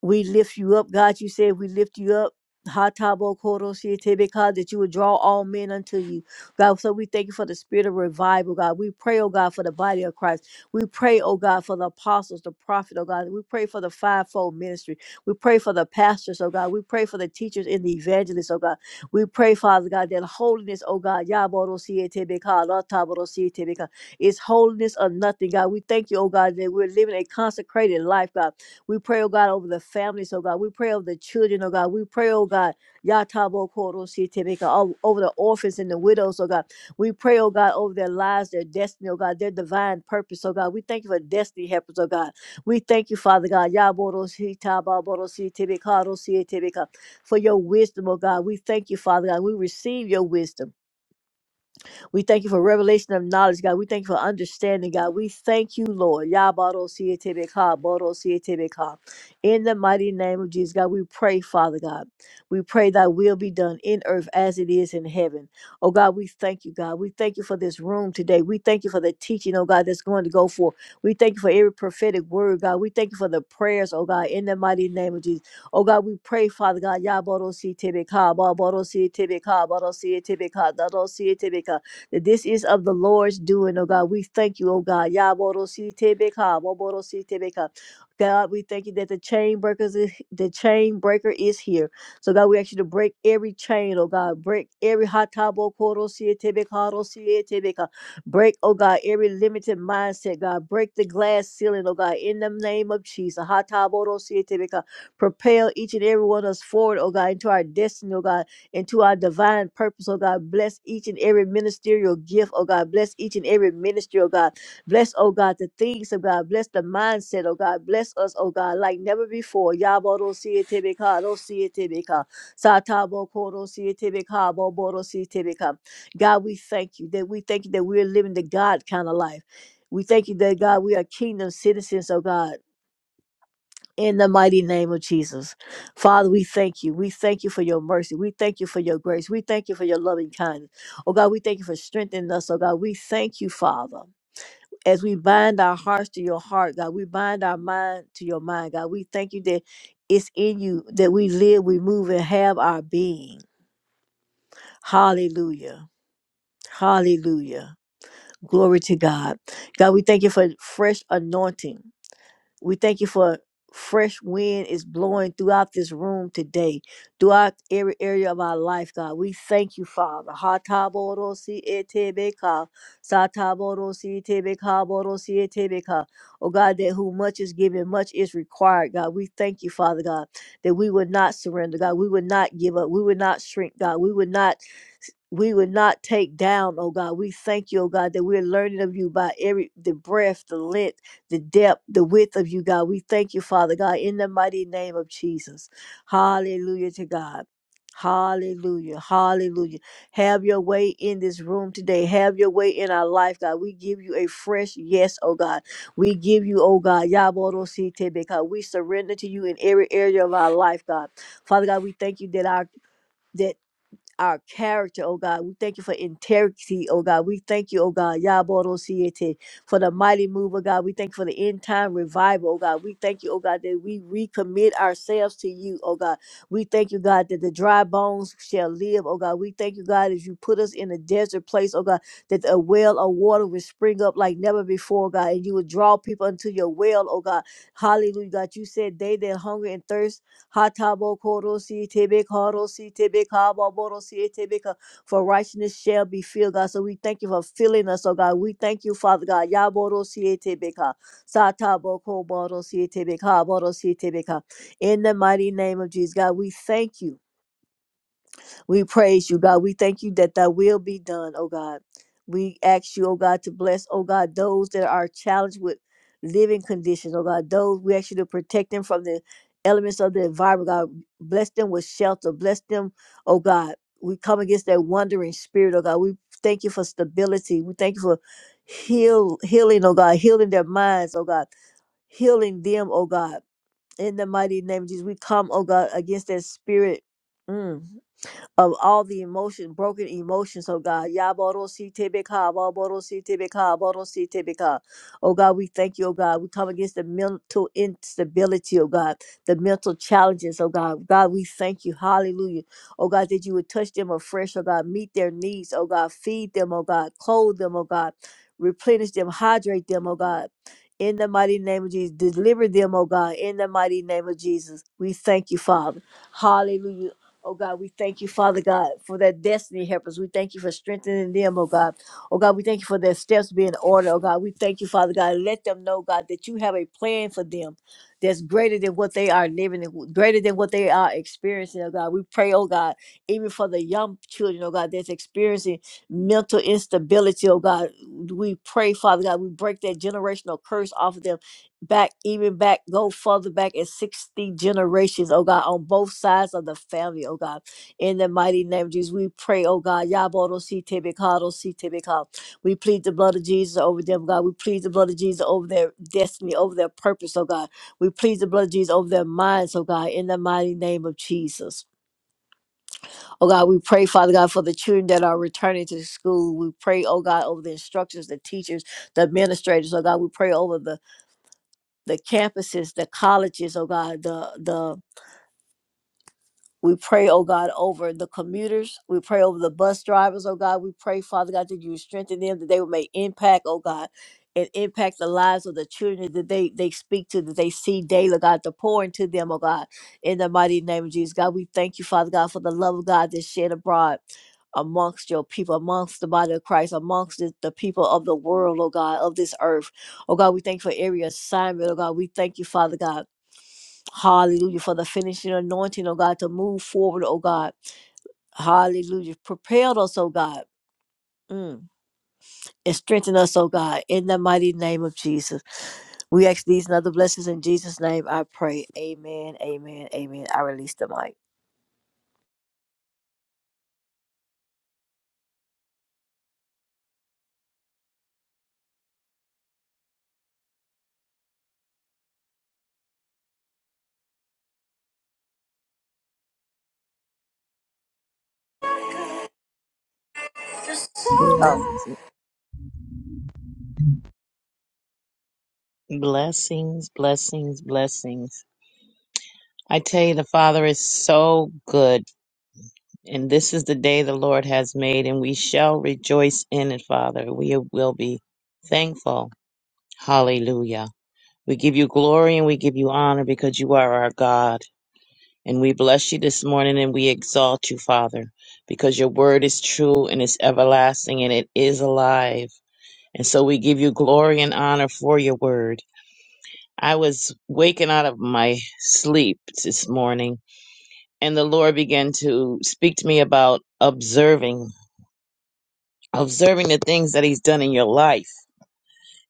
We lift you up, God. You said we lift you up. Ha tabo koro si te ka, That you would draw all men unto you, God. So we thank you for the spirit of revival, God. We pray, oh God, for the body of Christ. We pray, oh God, for the apostles, the prophet, oh God. We pray for the fivefold ministry. We pray for the pastors, oh God. We pray for the teachers and the evangelists, oh God. We pray, Father God, that holiness, oh God, yaboro si te be ka, la si te ka, is holiness or nothing, God. We thank you, oh God, that we're living a consecrated life, God. We pray, oh God, over the families, oh God. We pray over the children, oh God. We pray, oh God, Yatabo Koro Sitebeka, o- over the orphans and the widows, oh God. We pray, oh God, over their lives, their destiny, oh God, their divine purpose, oh God. We thank you for destiny helpers, oh God. We thank you, Father God, Yaboro Sitababoro Sitebeka, Ro Sitebeka, for your wisdom, oh God. We thank you, Father God. We receive your wisdom. We thank you for revelation of knowledge, God. We thank you for understanding, God. We thank you, Lord. Yabado sietebeka, bodo sietebeka. In the mighty name of Jesus, God, we pray, Father God. We pray thy will be done in earth as it is in heaven. Oh God, we thank you, God. We thank you for this room today. We thank you for the teaching, oh God, that's going to go forth. We thank you for every prophetic word, God. We thank you for the prayers, oh God, in the mighty name of Jesus. Oh God, we pray, Father God. Yaboro si tebe ka, baboro si tebe ka, baro si tebe ka, dado si that this is of the Lord's doing, oh God. We thank you, oh God. Yaborositebeka, Woborositebeka. God, we thank you that the chain breakers is, the chain breaker is here. So God, we ask you to break every chain, oh God, break every hatabo tebeka. Break, oh God, every limited mindset, God. Break the glass ceiling, oh God, in the name of Jesus. Hatabodo Propel each and every one of us forward, oh God, into our destiny, oh God and to our divine purpose, oh God. Bless each and every ministerial gift, oh God. Bless each and every ministry, oh God. Bless, oh God, the things of God. Bless the mindset, oh God. Bless us, oh God, like never before. Yabo don't see it, Tibika, don't see it, Tibika. Satabo, Koro, see it, Tibika, Bobo, see it, Tibika. God, we thank you that we thank you that we're living the God kind of life. We thank you that God, we are kingdom citizens, oh God in the mighty name of Jesus. Father, we thank you. We thank you for your mercy. We thank you for your grace. We thank you for your loving kindness. Oh God, we thank you for strengthening us. Oh God, we thank you, Father. As we bind our hearts to your heart, God, we bind our mind to your mind, God. We thank you that it's in you that we live, we move, and have our being. Hallelujah. Hallelujah. Glory to God. God, we thank you for fresh anointing We thank you for fresh wind is blowing throughout this room today, throughout every area of our life, God. We thank you, Father. Ha ta bo ro si e te be ka, sa ta bo ro si te be ka, bo ro si e te be ka. Oh God, that who much is given, much is required, God. We thank you, Father God, that we would not surrender, God. We would not give up. We would not shrink, God. We would not we would not take down, oh God. We thank you, oh God, that we're learning of you by every the breath, the length the depth, the width of you, God. We thank you, Father God, in the mighty name of Jesus. Hallelujah to God. Hallelujah. Hallelujah. Have your way in this room today. Have your way in our life, God. We give you a fresh yes, oh God. We give you, oh God, Yaborositebe, God. We surrender to you in every area of our life, God. Father God, we thank you that our that our character, oh God. We thank you for integrity, oh God. We thank you, oh God, Yaboro Siete, for the mighty move, oh God. We thank you for the end time revival, oh God. We thank you, oh God, that we recommit ourselves to you, oh God. We thank you, God, that the dry bones shall live, oh God. We thank you, God, as you put us in a desert place, oh God, that a well of water will spring up like never before, God, and you would draw people into your well, oh God. Hallelujah, God. You said they that hunger and thirst Hatabo korosi tebe karosi tebe kaba borosi tebe ka. For righteousness shall be filled, God. So we thank you for filling us, oh God. We thank you, Father God. Yaborosi tebe ka. Satabo koborosi tebe ka borosi tebe ka. In the mighty name of Jesus, God, we thank you. We praise you, God. We thank you that thy will be done, oh God. We ask you, oh God, to bless, oh God, those that are challenged with living conditions, oh God. Those we ask you to protect them from the elements of the environment, God. Bless them with shelter. Bless them, oh God. We come against that wandering spirit, oh God. We thank you for stability. We thank you for heal healing, oh God, healing their minds, oh God, healing them, oh God. In the mighty name of Jesus, we come, oh God, against that spirit. Mm of all the emotion, broken emotions, oh God. Yabarositebeka, Wabarositebeka, Wabarositebeka. Oh God, we thank you, oh God. We come against the mental instability, oh God, the mental challenges, oh God. God, we thank you. Hallelujah. Oh God, that you would touch them afresh, oh God. Meet their needs, oh God. Feed them, oh God. Clothe them, oh God. Replenish them, hydrate them, oh God. In the mighty name of Jesus, deliver them, oh God, in the mighty name of Jesus. We thank you, Father. Hallelujah. Oh God, we thank you, Father God, for their destiny helpers. We thank you for strengthening them, oh God. Oh God, we thank you for their steps being ordered, oh God. We thank you, Father God. Let them know, God, that you have a plan for them that's greater than what they are living, and greater than what they are experiencing, oh God. We pray, oh God, even for the young children, oh God, that's experiencing mental instability, oh God. We pray, Father God, we break that generational curse off of them back even back go further back in 60 generations oh god on both sides of the family oh god in the mighty name of jesus we pray oh god yabodo si tebikado si tebikado we plead the blood of jesus over them god we plead the blood of jesus over their destiny over their purpose oh god we plead the blood of jesus over their minds oh god in the mighty name of jesus oh god we pray father god for the children that are returning to school we pray oh god over the instructors the teachers the administrators oh god we pray over the the campuses, the colleges, oh God, the the we pray, oh God, over the commuters. We pray over the bus drivers, oh God. We pray, Father God, that you would strengthen them, that they would make impact, oh God, and impact the lives of the children that they they speak to, that they see daily, oh God, to pour into them, oh God, in the mighty name of Jesus. God, we thank you, Father God, for the love of God that's shed abroad amongst your people, amongst the body of Christ, amongst the, the people of the world, oh God, of this earth. Oh God, we thank you for every assignment, oh God. We thank you, Father God. Hallelujah. For the finishing anointing, oh God, to move forward, oh God. Hallelujah. Prepared us, oh God. Mm. And strengthen us, oh God, in the mighty name of Jesus. We ask these and other blessings in Jesus' name. I pray. Amen. Amen. Amen. I release the mic. Oh,
Blessings, blessings, blessings. blessings. I tell you, the Father is so good. And this is the day the Lord has made, and we shall rejoice in it, Father. We will be thankful. Hallelujah. We give you glory and we give you honor because you are our God. And we bless you this morning and we exalt you, Father, because your word is true and it's everlasting and it is alive. And so we give you glory and honor for your word. I was waking out of my sleep this morning, and the Lord began to speak to me about observing, observing the things that He's done in your life.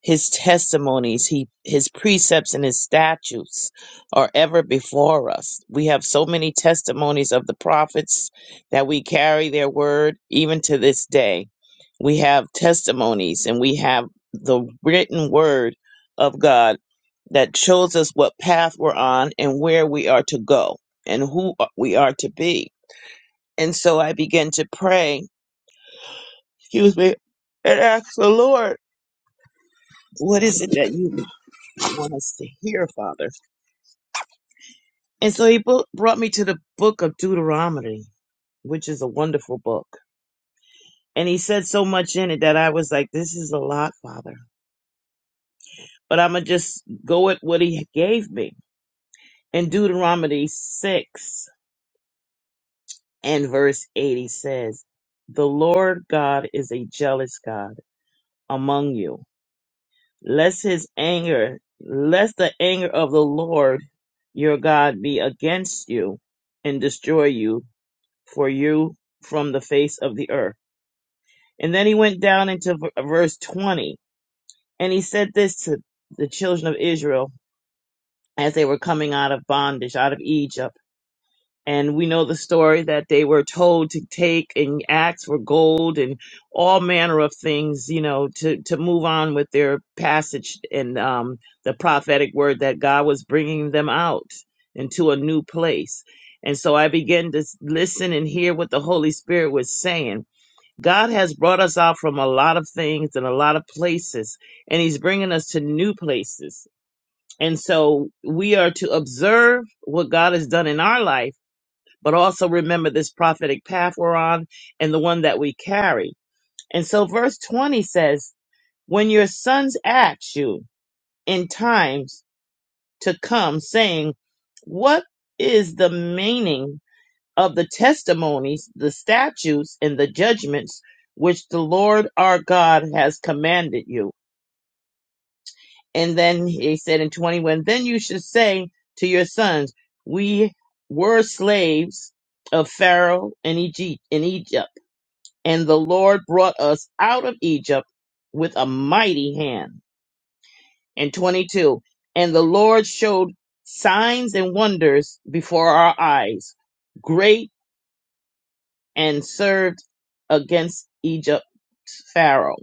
His testimonies, he, his precepts and his statutes are ever before us. We have so many testimonies of the prophets that we carry their word even to this day. We have testimonies and we have the written word of God that shows us what path we're on and where we are to go and who we are to be. And so I began to pray, excuse me, and ask the Lord, what is it that you want us to hear, Father. And so he bo- brought me to the book of Deuteronomy, which is a wonderful book. And he said so much in it that I was like, this is a lot, Father. But I'm going to just go at what he gave me. In Deuteronomy 6 and verse 8, he says, The Lord God is a jealous God among you. Lest his anger, lest the anger of the Lord your God be against you and destroy you for you from the face of the earth. And then he went down into v- verse 20, and he said this to the children of Israel as they were coming out of bondage, out of Egypt. And we know the story that they were told to take and ask for gold and all manner of things, you know, to, to move on with their passage and um, the prophetic word that God was bringing them out into a new place. And so I began to s- listen and hear what the Holy Spirit was saying God has brought us out from a lot of things and a lot of places, and He's bringing us to new places. And so we are to observe what God has done in our life, but also remember this prophetic path we're on and the one that we carry. And so verse 20 says, When your sons ask you in times to come, saying, What is the meaning of the testimonies, the statutes, and the judgments which the Lord our God has commanded you. And then he said in 21, then you should say to your sons, we were slaves of Pharaoh in Egypt, in Egypt, and the Lord brought us out of Egypt with a mighty hand. And 22, and the Lord showed signs and wonders before our eyes, great and served against Egypt Pharaoh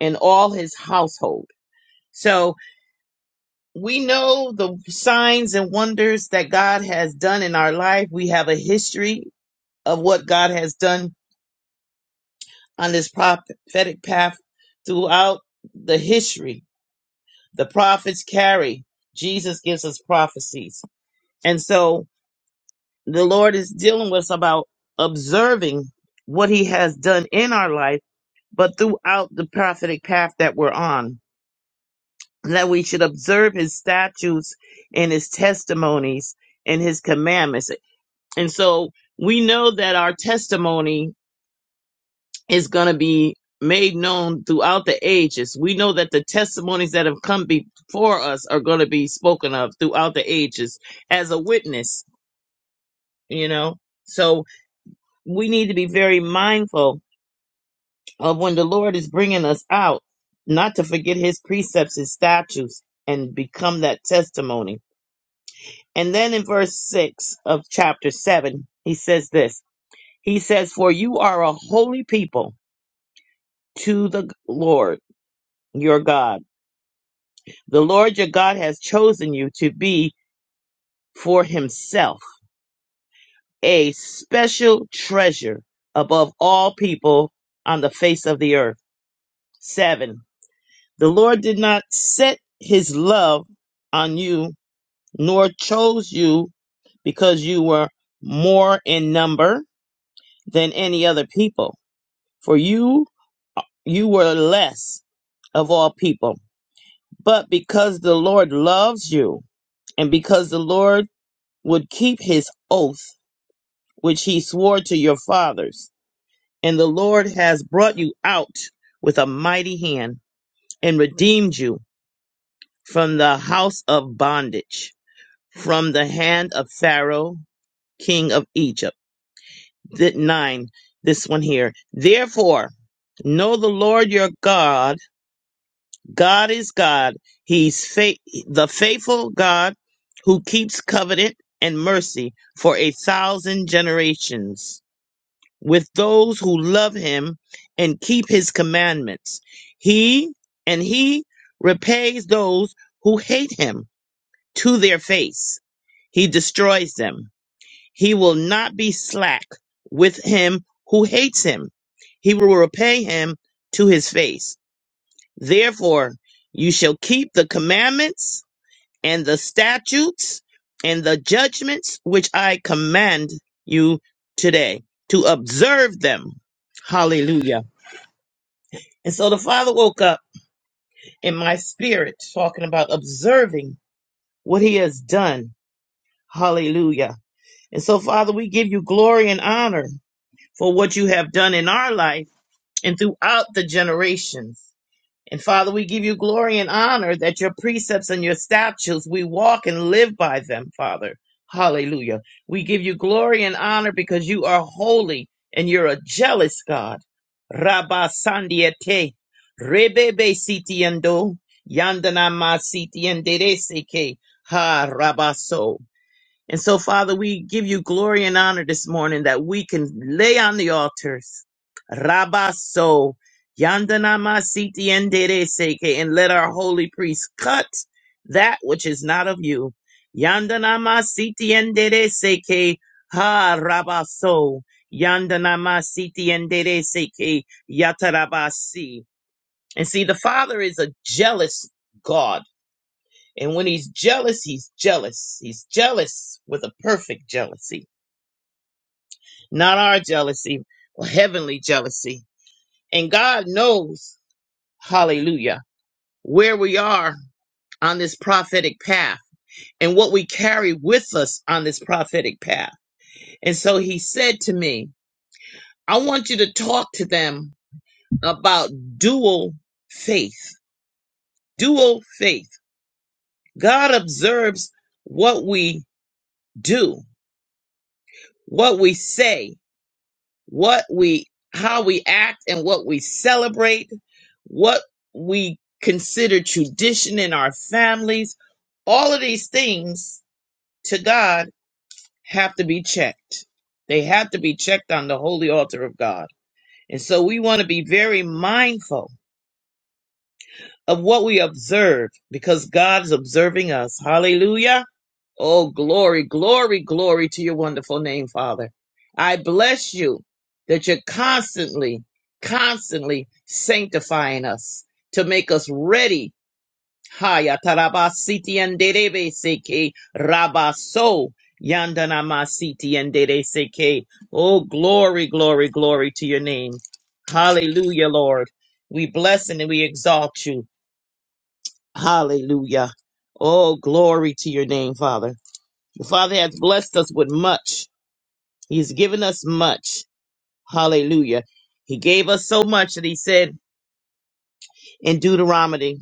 and all his household. So we know the signs and wonders that God has done in our life. We have a history of what God has done on this prophetic path throughout the history. The prophets carry. Jesus gives us prophecies. And so the Lord is dealing with us about observing what he has done in our life but throughout the prophetic path that we're on, that we should observe his statutes and his testimonies and his commandments. And so we know that our testimony is going to be made known throughout the ages. We know that the testimonies that have come before us are going to be spoken of throughout the ages as a witness, you know? So we need to be very mindful of when the Lord is bringing us out, not to forget his precepts, his statutes, and become that testimony. And then in verse 6 of chapter 7, he says this He says, For you are a holy people to the Lord your God. The Lord your God has chosen you to be for himself a special treasure above all people on the face of the earth. 7. The Lord did not set his love on you nor chose you because you were more in number than any other people, for you you were less of all people. But because the Lord loves you, and because the Lord would keep his oath which he swore to your fathers, and the Lord has brought you out with a mighty hand and redeemed you from the house of bondage, from the hand of Pharaoh, king of Egypt th- 9, this one here. Therefore, know the Lord your God. God is God. He's fa- the faithful God who keeps covenant and mercy for a thousand generations with those who love him and keep his commandments. He and he repays those who hate him to their face. He destroys them. He will not be slack with him who hates him. He will repay him to his face. Therefore, you shall keep the commandments and the statutes and the judgments which I command you today to observe them. Hallelujah. And so the Father woke up in my spirit talking about observing what he has done. Hallelujah. And so, Father, we give you glory and honor for what you have done in our life and throughout the generations. And Father, we give you glory and honor that your precepts and your statutes, we walk and live by them, Father. Hallelujah. We give you glory and honor because you are holy and you're a jealous God. Rabba Sandiete, Rebebe Sitiendo, Yandanama Sitiendere Seke, Ha Rabaso. And so, Father, we give you glory and honor this morning that we can lay on the altars. Rabaso, yandanama siti endere seke, and let our holy priest cut that which is not of you. Yandanama siti endere seke, ha rabaso, yandanama siti endere seke, yatarabasi. And see, the Father is a jealous God. And when he's jealous, he's jealous. He's jealous with a perfect jealousy, not our jealousy, but heavenly jealousy. And God knows, hallelujah, where we are on this prophetic path and what we carry with us on this prophetic path. And so he said to me, I want you to talk to them about dual faith, dual faith. God observes what we do, what we say, what we how we act and what we celebrate, what we consider tradition in our families, all of these things to God have to be checked. They have to be checked on the holy altar of God. And so we want to be very mindful of what we observe because God's observing us. Hallelujah Oh, glory, glory, glory to your wonderful name, Father. I bless you that you're constantly, constantly sanctifying us to make us ready. Haya tarabasiti yanderebe seke rabaso yandanamasiti yandere seke. Oh, glory, glory, glory to your name. Hallelujah, Lord. We bless and we exalt you. Hallelujah. Oh, glory to your name, Father. The Father has blessed us with much. He has given us much. Hallelujah. He gave us so much that he said in Deuteronomy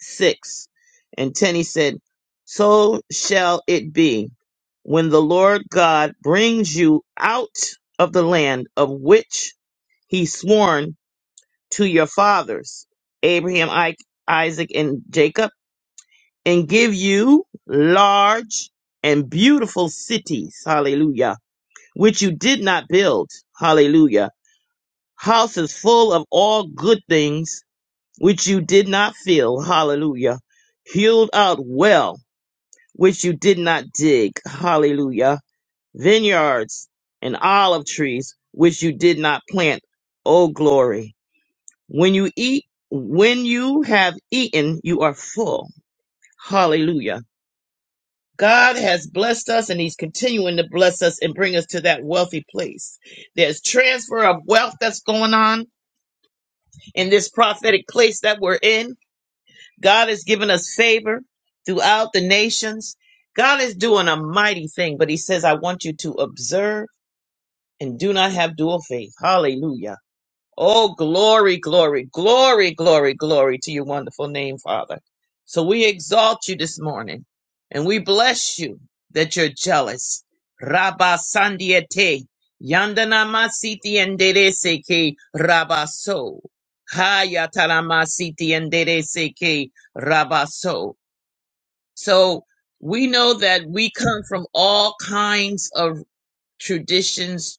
6 and 10, he said, So shall it be when the Lord God brings you out of the land of which he sworn to your fathers, Abraham, I- Isaac, and Jacob, and give you large and beautiful cities. Hallelujah which you did not build. Hallelujah. Houses full of all good things, which you did not fill. Hallelujah. Hewed out well, which you did not dig. Hallelujah. Vineyards and olive trees, which you did not plant. Oh, glory. When you eat, when you have eaten, you are full. Hallelujah God has blessed us and He's continuing to bless us and bring us to that wealthy place. There's transfer of wealth that's going on in this prophetic place that we're in. God has given us favor throughout the nations. God is doing a mighty thing, but He says, I want you to observe and do not have dual faith. Hallelujah. Oh, glory, glory, glory, glory, glory to your wonderful name, Father. So we exalt you this morning and we bless you that you're jealous. Rabba Sandiete, Yandana Masiti and Dereseke, Rabba So. Hayatarama Siti and Dereseke, Rabba So. So we know that we come from all kinds of traditions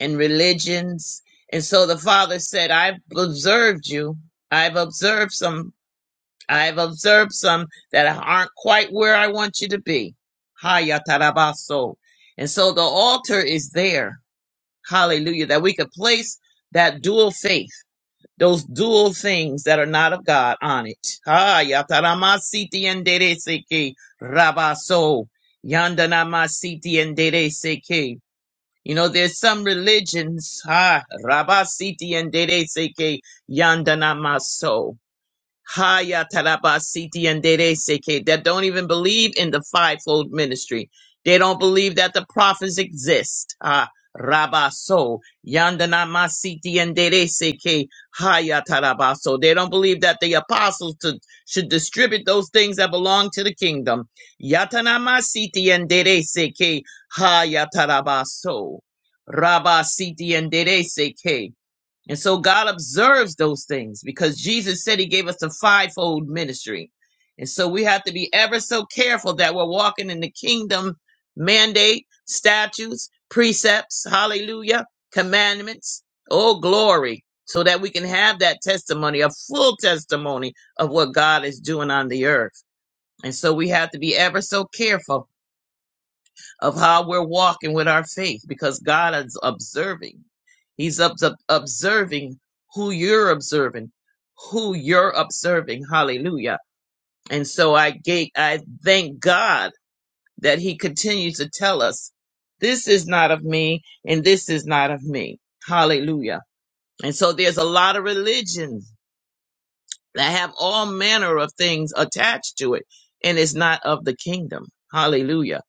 and religions. And so the father said, I've observed you. I've observed some. I've observed some that aren't quite where I want you to be. Haya tarabaso. And so the altar is there. Hallelujah. That we could place that dual faith, those dual things that are not of God on it. Haya taramasiti endereseke rabaso. Yandanamasiti you know, there's some religions, ah, Rabasiti and Dede Seke Yandanamaso. Haya taraba siti and dere seke, that don't even believe in the fivefold ministry. They don't believe that the prophets exist. Ah, rabaso yandana masiti and dere seke haya tarabaso. They don't believe that the apostles to, should distribute those things that belong to the kingdom. Yatana masiti and dere seke haya tarabaso. Rabasiti and dere seke. And so God observes those things because Jesus said he gave us a fivefold ministry. And so we have to be ever so careful that we're walking in the kingdom mandate, statutes, precepts, hallelujah, commandments, oh glory, so that we can have that testimony, a full testimony of what God is doing on the earth. And so we have to be ever so careful of how we're walking with our faith because God is observing. He's ob- ob- observing who you're observing, who you're observing. Hallelujah. And so I gave, I thank God that he continues to tell us this is not of me and this is not of me. Hallelujah. And so there's a lot of religions that have all manner of things attached to it and it's not of the kingdom. Hallelujah.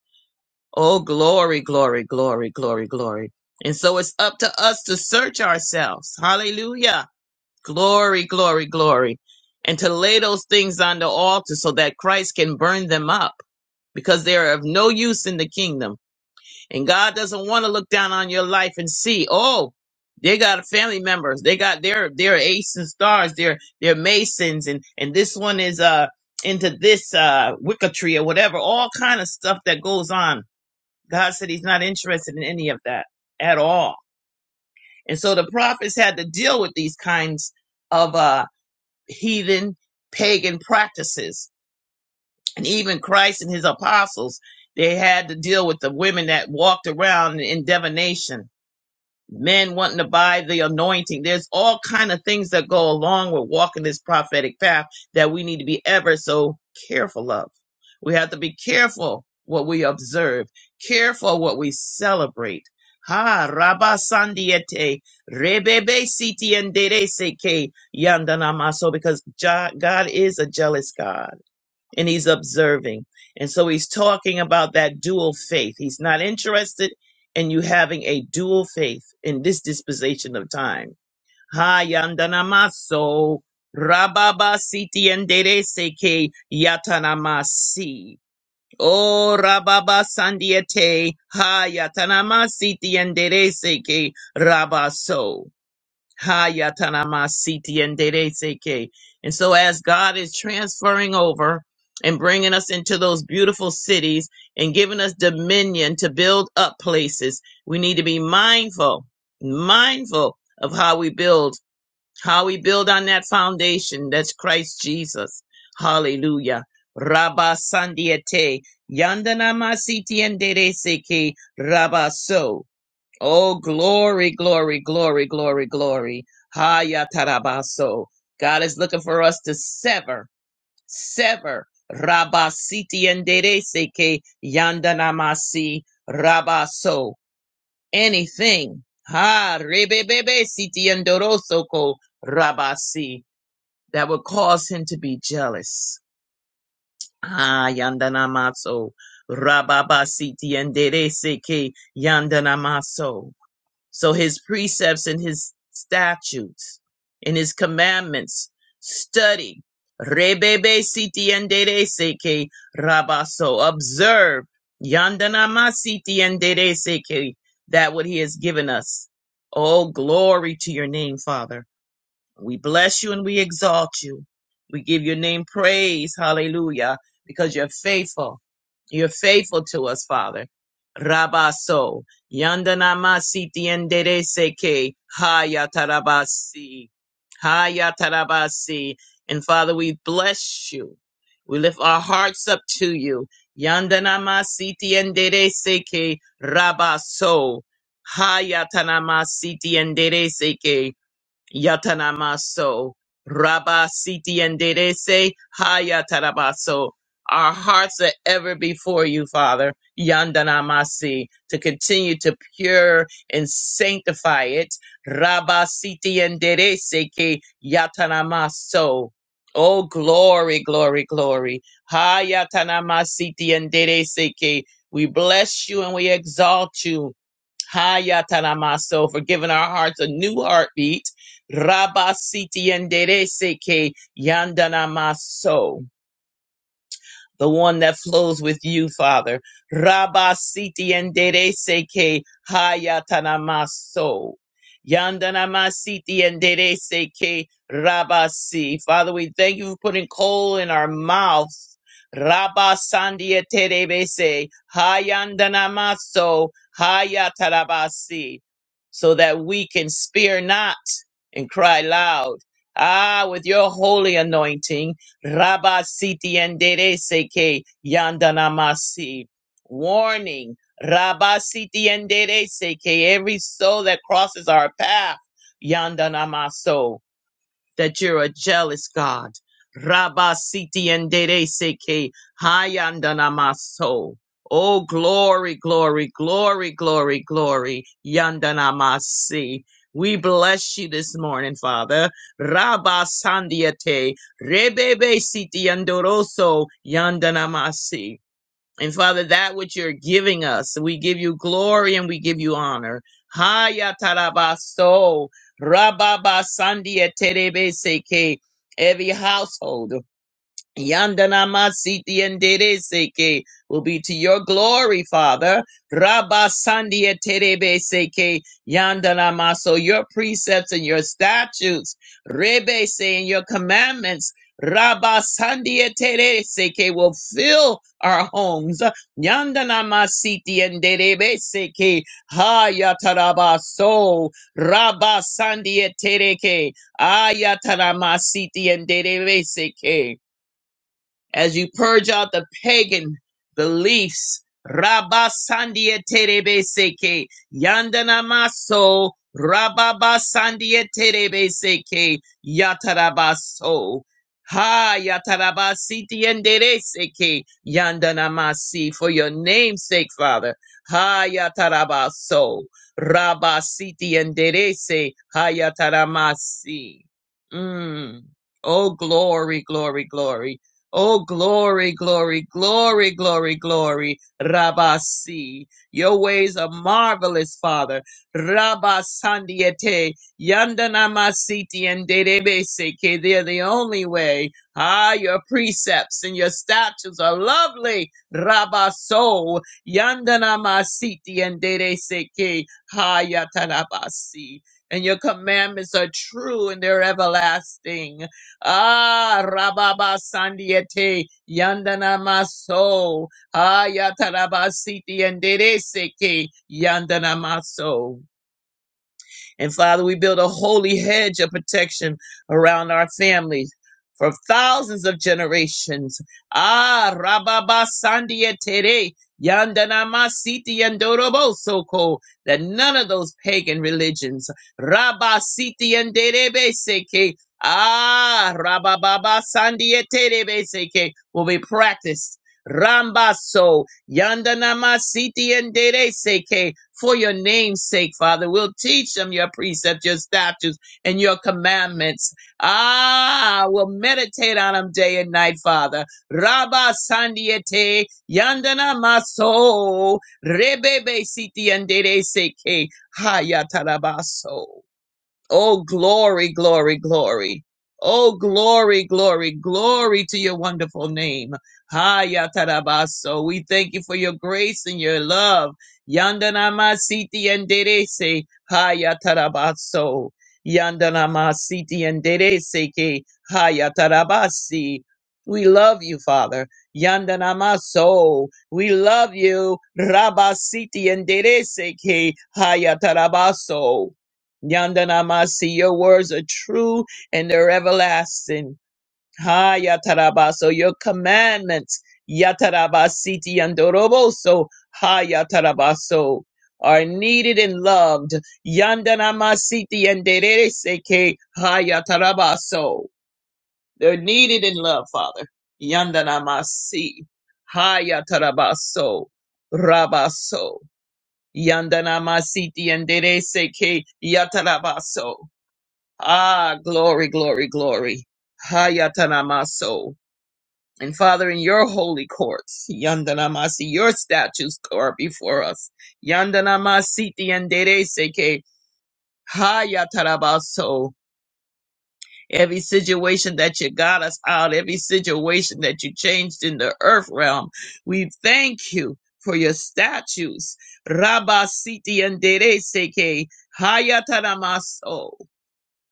Oh, glory, glory, glory, glory, glory. And so it's up to us to search ourselves. Hallelujah. Glory, glory, glory. And to lay those things on the altar so that Christ can burn them up because they are of no use in the kingdom. And God doesn't want to look down on your life and see, oh, they got family members. They got their, their aces and stars. They're, they're masons. And, and this one is, uh, into this, uh, wicketry or whatever, all kind of stuff that goes on God said he's not interested in any of that at all. And so the prophets had to deal with these kinds of uh, heathen pagan practices. And even Christ and his apostles, they had to deal with the women that walked around in divination men wanting to buy the anointing. There's all kind of things that go along with walking this prophetic path that we need to be ever so careful of. We have to be careful what we observe, careful what we celebrate. Ha Rabba Sandiete Rebebe Siti and Seke Yandanamaso because Ja- God is a jealous God and he's observing. And so he's talking about that dual faith. He's not interested in you having a dual faith in this disposition of time. Ha yandanamaso rababa siti endere seke yatanamasi. Oh rababa sandiete ha yatanamasi tiendere seke rabaso. Hayatanamasiti and Dedeseke. And so, as God is transferring over and bringing us into those beautiful cities and giving us dominion to build up places, we need to be mindful, mindful of how we build, how we build on that foundation that's Christ Jesus. Hallelujah. Rabba Sandiate, Yandanamasiti and Dedeseke, Rabba So. Oh, glory, glory, glory, glory, glory. Haya tarabaso. God is looking for us to sever, sever. Rabasiti enderece que yandanamasi rabaso. Anything. Ha, rebebebe siti endoroso ko rabasi. That would cause him to be jealous. Ah, yandanamaso. Rababasiti enderece que yandanamaso. So his precepts and his statutes and his commandments study. Rebebe siti endere seke rabaso. Observe. Yandanama siti endere seke. That what he has given us. Oh, glory to your name, Father. We bless you and we exalt you. We give your name praise. Hallelujah. Because you're faithful. You're faithful to us, Father. Rabaso. yandanama siti Yandanamasiti endereseke. Hayatarabasi. Hayatarabasi. And Father, we bless you. We lift our hearts up to you. Yandanama siti endere seke Rabaso. hayatanama siti endere seke. Yatanamaso. Rabba Siti and Dedese Hayatarabaso. Our hearts are ever before you, Father. Yandanamasi. To continue to pure and sanctify it. Rabba Siti and Dedese Ke Yatanamaso. Oh, glory, glory, glory. Hayatanamasiti and Dedese Ke. We bless you and we exalt you. Hayatanamaso for giving our hearts a new heartbeat. Rabasiti and Dereseke Yandana Maso the one that flows with you, Father. Rabba siti endere seke hayatanamaso. Yandanama siti endere seke rabasi. Father, we thank you for putting coal in our mouth. Rabba sandia terebese hayandanamaso hayatarabasi. So that we can spear not and cry loud. Ah, with your holy anointing. Rabba siti endere seke yandanamasi. Warning. Rabba siti endere seke. Every soul that crosses our path. Yandanamaso that you're a jealous God. Rabba siti endere seke hayandana maso. Oh, glory, glory, glory, glory, glory. Yandana masi. We bless you this morning, Father. Rabba sandiate. Rebebe siti andoroso. Yandana masi. And Father, that which you're giving us, we give you glory and we give you honor. Haya tarabaso, rababa sandia terebe seke. Every household. Yandana masiti and Dere Seke will be to your glory, Father. Rabba Sandia Terebe Seke Yandana maso your precepts and your statutes, Rebe Se and your commandments. Rabba Sandia Tere Seke will fill our homes. Yandanamasiti and Derebe Seke Hayataraba so. Rabba Sandia Tereke Ayataramasiti and Derebe Seke as you purge out the pagan beliefs. Rabba Sandia Terebe Seke Yandana Maso Rababa Yatarabaso Ha Yatarabasi Tiendere Seke Yandana for your name's sake, Father. Ha Yatarabaso Rabba Siti Enderese Ha Yataramasi. Mm. Oh glory, glory, glory. Oh, glory, glory, glory, glory, glory, Rabasi. Your ways are marvelous, Father. Rabasandiete, Yandanamasiti, and Dedebeseke. They're the only way. Ah, your precepts and your statutes are lovely. Rabaso, Yandanamasiti, and Dedeseke, Hayatanabasi. And your commandments are true and they're everlasting. Ah, Rababa Sandiete, Yandana Maso, Ayatarabasiti and Dereseke, Yandana Maso. And Father, we build a holy hedge of protection around our families. For thousands of generations. Ah, Rababa Sandia Tere, Yandanama Siti Yandorobo Soko, that none of those pagan religions, Rabba Siti Yanderebe Seke, Ah, Rabababa Sandia Terebe Seke, will be practiced. Rambaso Yandanama siti and dere seke. For your name's sake, Father, we'll teach them your precepts, your statutes, and your commandments. Ah, we'll meditate on them day and night, Father. Rabba sandiete, yandana maso, rebebe siti and dere seke, hayatarabaso. Oh, glory, glory, glory. Oh, glory, glory, glory to your wonderful name. Haya Tarabaso. We thank you for your grace and your love. Yandanama Siti and Derese. Haya Tarabaso. Yandanama Siti and Derese. ke Haya Tarabasi. We love you, Father. Yandanamaso. We love you. Rabasiti and Derese. ke Haya Tarabaso. Yandanamasi, your words are true and they're everlasting. Ha Yatarabaso, your commandments, Yatarabasiti Yandoroboso, Ha Yatarabaso, are needed and loved. Yandanamasiti Yandereseke, Ha Yatarabaso. They're needed and loved, Father. Yandanamasi, Ha Yatarabaso, Rabaso, Yandanamasiti Yandereseke, Yatarabaso. Ah, glory, glory, glory. Hayatanamaso. And Father, in your holy courts, Yandanamasi, your statues are before us. Yandanamasi tiendereseke. Hayatarabaso. Every situation that you got us out, every situation that you changed in the earth realm, we thank you for your statues. Rabasiti and Dereseke, Hayataramaso.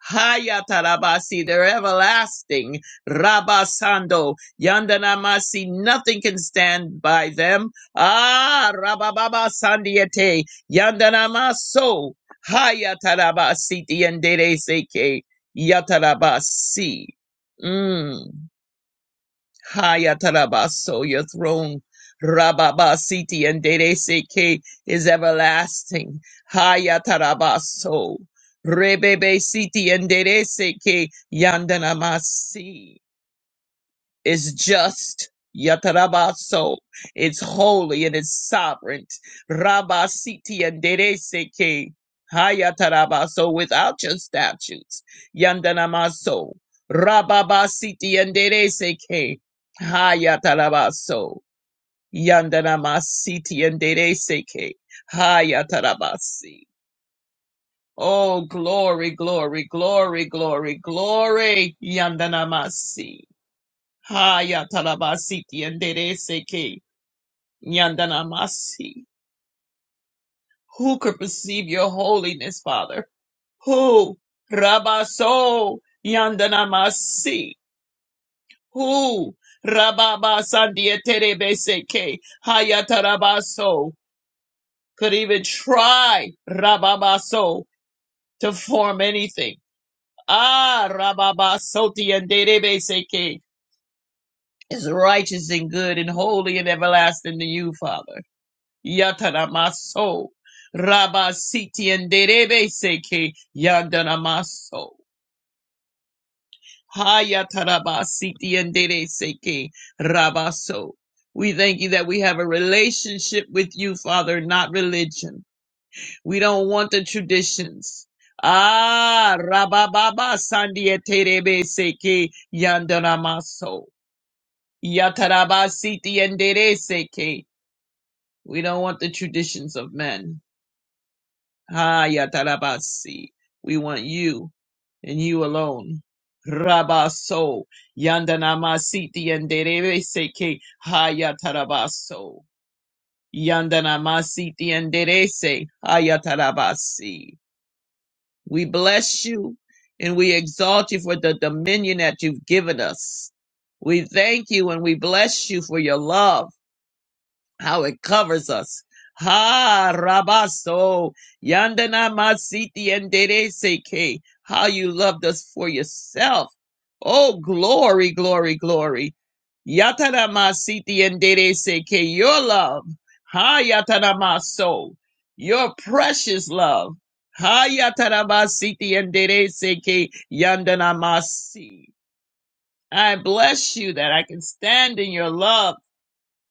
Hayatarabasi, they're everlasting. Rabasando, Yandanamasi, nothing can stand by them. Ah, Rabababa Sandiete, Yandanamaso, Hayatarabasi, Yandereseke, Yatarabasi. Mm. Hayatarabaso, your throne, Rababasiti and Dereseke is everlasting. Hayatarabaso, Rebebe Siti and Dereseke Yandanamasi. It's just. Yatarabaso, it's holy and it's sovereign. Rabasiti and Dereseke. Hayatarabaso, without your statutes. Yandanamaso. Rababasiti and Dereseke. Hayatarabaso. Yandanamasiti and Dereseke. Hayatarabasi. Oh, glory, glory, glory, glory, glory. Yandanamasi. Haya talabasiti and dere seke yandanamasi. Who could perceive your holiness, Father? Who? Rabaso yandanamasi. Who? Rababa sandieterebeseke haya tarabaso. Could even try rababaso to form anything. Ah, rababasoti and derebe seke is righteous and good and holy and everlasting to you, Father. Yataramaso. Rabasiti and Derebe Seke Yandanamaso. Hayatarabasiti and Dere Seke Rabaso. We thank you that we have a relationship with you, Father, not religion. We don't want the traditions. Ah, Rabababa Sandia Terebe Seke Yandanamaso. Yatarabasiti and Dere Seke. We don't want the traditions of men. Haya tarabasi. We want you and you alone. Rabaso. Yandanamasiti and Derese ke Hayatarabaso. Yandanamasiti and Derese Haya tarabasi. We bless you and we exalt you for the dominion that you've given us. We thank you and we bless you for your love how it covers us. Ha Rabaso Yandana Masiti and Dere Seke. How you loved us for yourself. Oh glory, glory, glory. Yatana Masiti and Dere Seke, your love. Ha Yatana Maso. Your precious love. Ha Yatana Masiti and Dere Seke Yandana Masi. I bless you that I can stand in your love.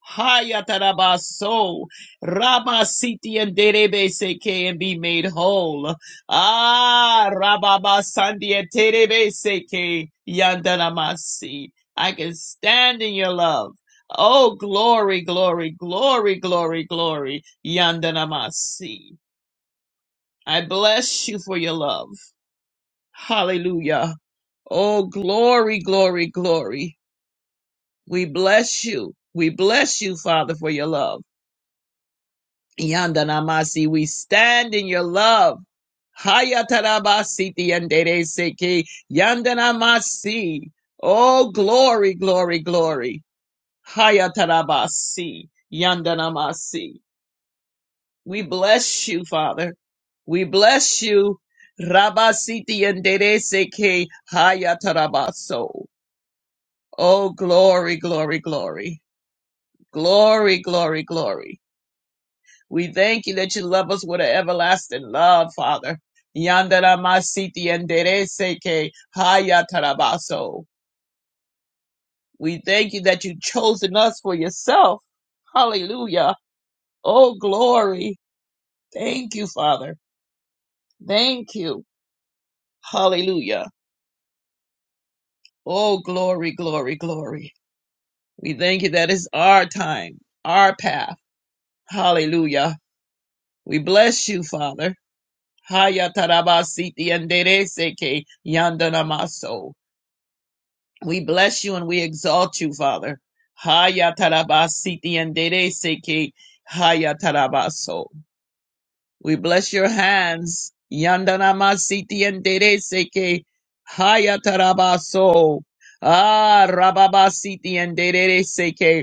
Hayatarabaso, Rama Siti and Derebe Seke and be made whole. Ah, Rababa Sandi and Terebe Seke Yandaramasi. I can stand in your love. Oh, glory, glory, glory, glory, glory, Yandanamasi. I bless you for your love. Hallelujah. Oh, glory, glory, glory. We bless you. We bless you, Father, for your love. Yandanamasi, we stand in your love. Hayatarabasi tiyandereseke. Yandanamasi. Oh, glory, glory, glory. Hayatarabasi. Yandanamasi. We bless you, Father. We bless you. Rabasi tiyandereseke. Hayatarabaso. Oh, glory, glory, glory. Glory, glory, glory. We thank you that you love us with an everlasting love, Father. Yandara masiti enderece que haya tarabaso. We thank you that you've chosen us for yourself. Hallelujah. Oh, glory. Thank you, Father. Thank you. Hallelujah. Oh, glory, glory, glory. We thank you that it's our time, our path. Hallelujah. We bless you, Father. Haya tarabasiti enderece que yandanamaso. We bless you and we exalt you, Father. Haya tarabasiti and dere seki haya tarabaso. We bless your hands. Yandanamasiti and dere seki haya tarabaso. Ah, rababasiti and dere seki.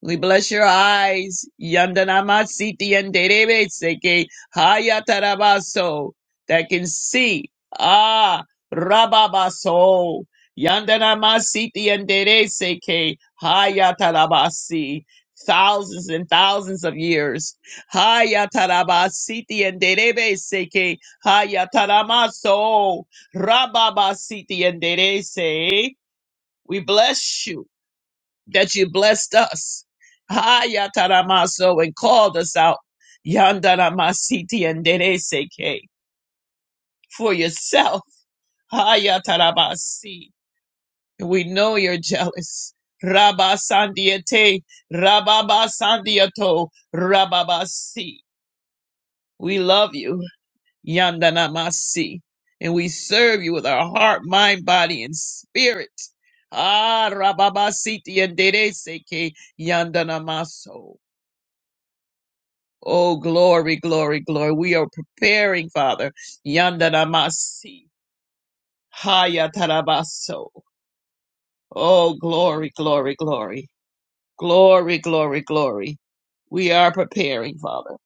We bless your eyes. Yandanamasiti and Derebeseke Hayatarabaso that can see. Ah Rababaso. Yandanamasiti and Derebeseke Hayatarabasi. Thousands and thousands of years. Hayatarabasiti and Derebeseke Hayataramaso. Rababasiti and Derese. We bless you that you blessed us. Ha yataramaso and called us out. Yandaramasiti and dereseke for yourself. Ha yatarabasi. We know you're jealous. Rabba sandiate, rababa sandiato, rababasi. We love you. Yandanamasi. And we serve you with our heart, mind, body, and spirit. Ah, rababasiti and dereseke yandanamaso. Oh, glory, glory, glory. We are preparing, Father. Yandanamasi. Hayatarabaso. Oh, glory, glory, glory. Glory, glory, glory. We are preparing, Father.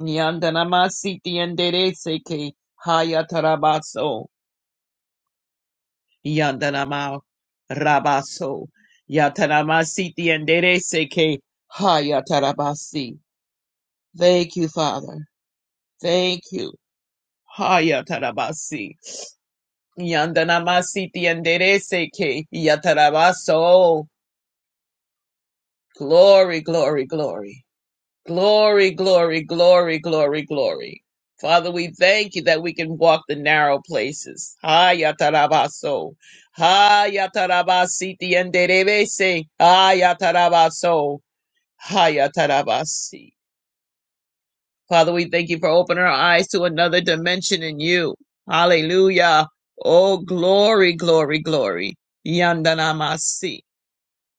Yandanamasi tiendereseke. Hayatarabaso. Yandanama rabaso. Yatanamasi tiendereseke. Hayatarabasi. Thank you, Father. Thank you. Hayatarabasi. Yandanamasiti yandereseke yatarabaso. Glory, glory, glory. Glory, glory, glory, glory, glory. Father, we thank you that we can walk the narrow places. Ha yatarabaso. Ha yatarabasiti yanderebese. Ha yatarabaso. Ha yatarabasi. Father, we thank you for opening our eyes to another dimension in you. Hallelujah. Oh, glory, glory, glory. Yandanamasi.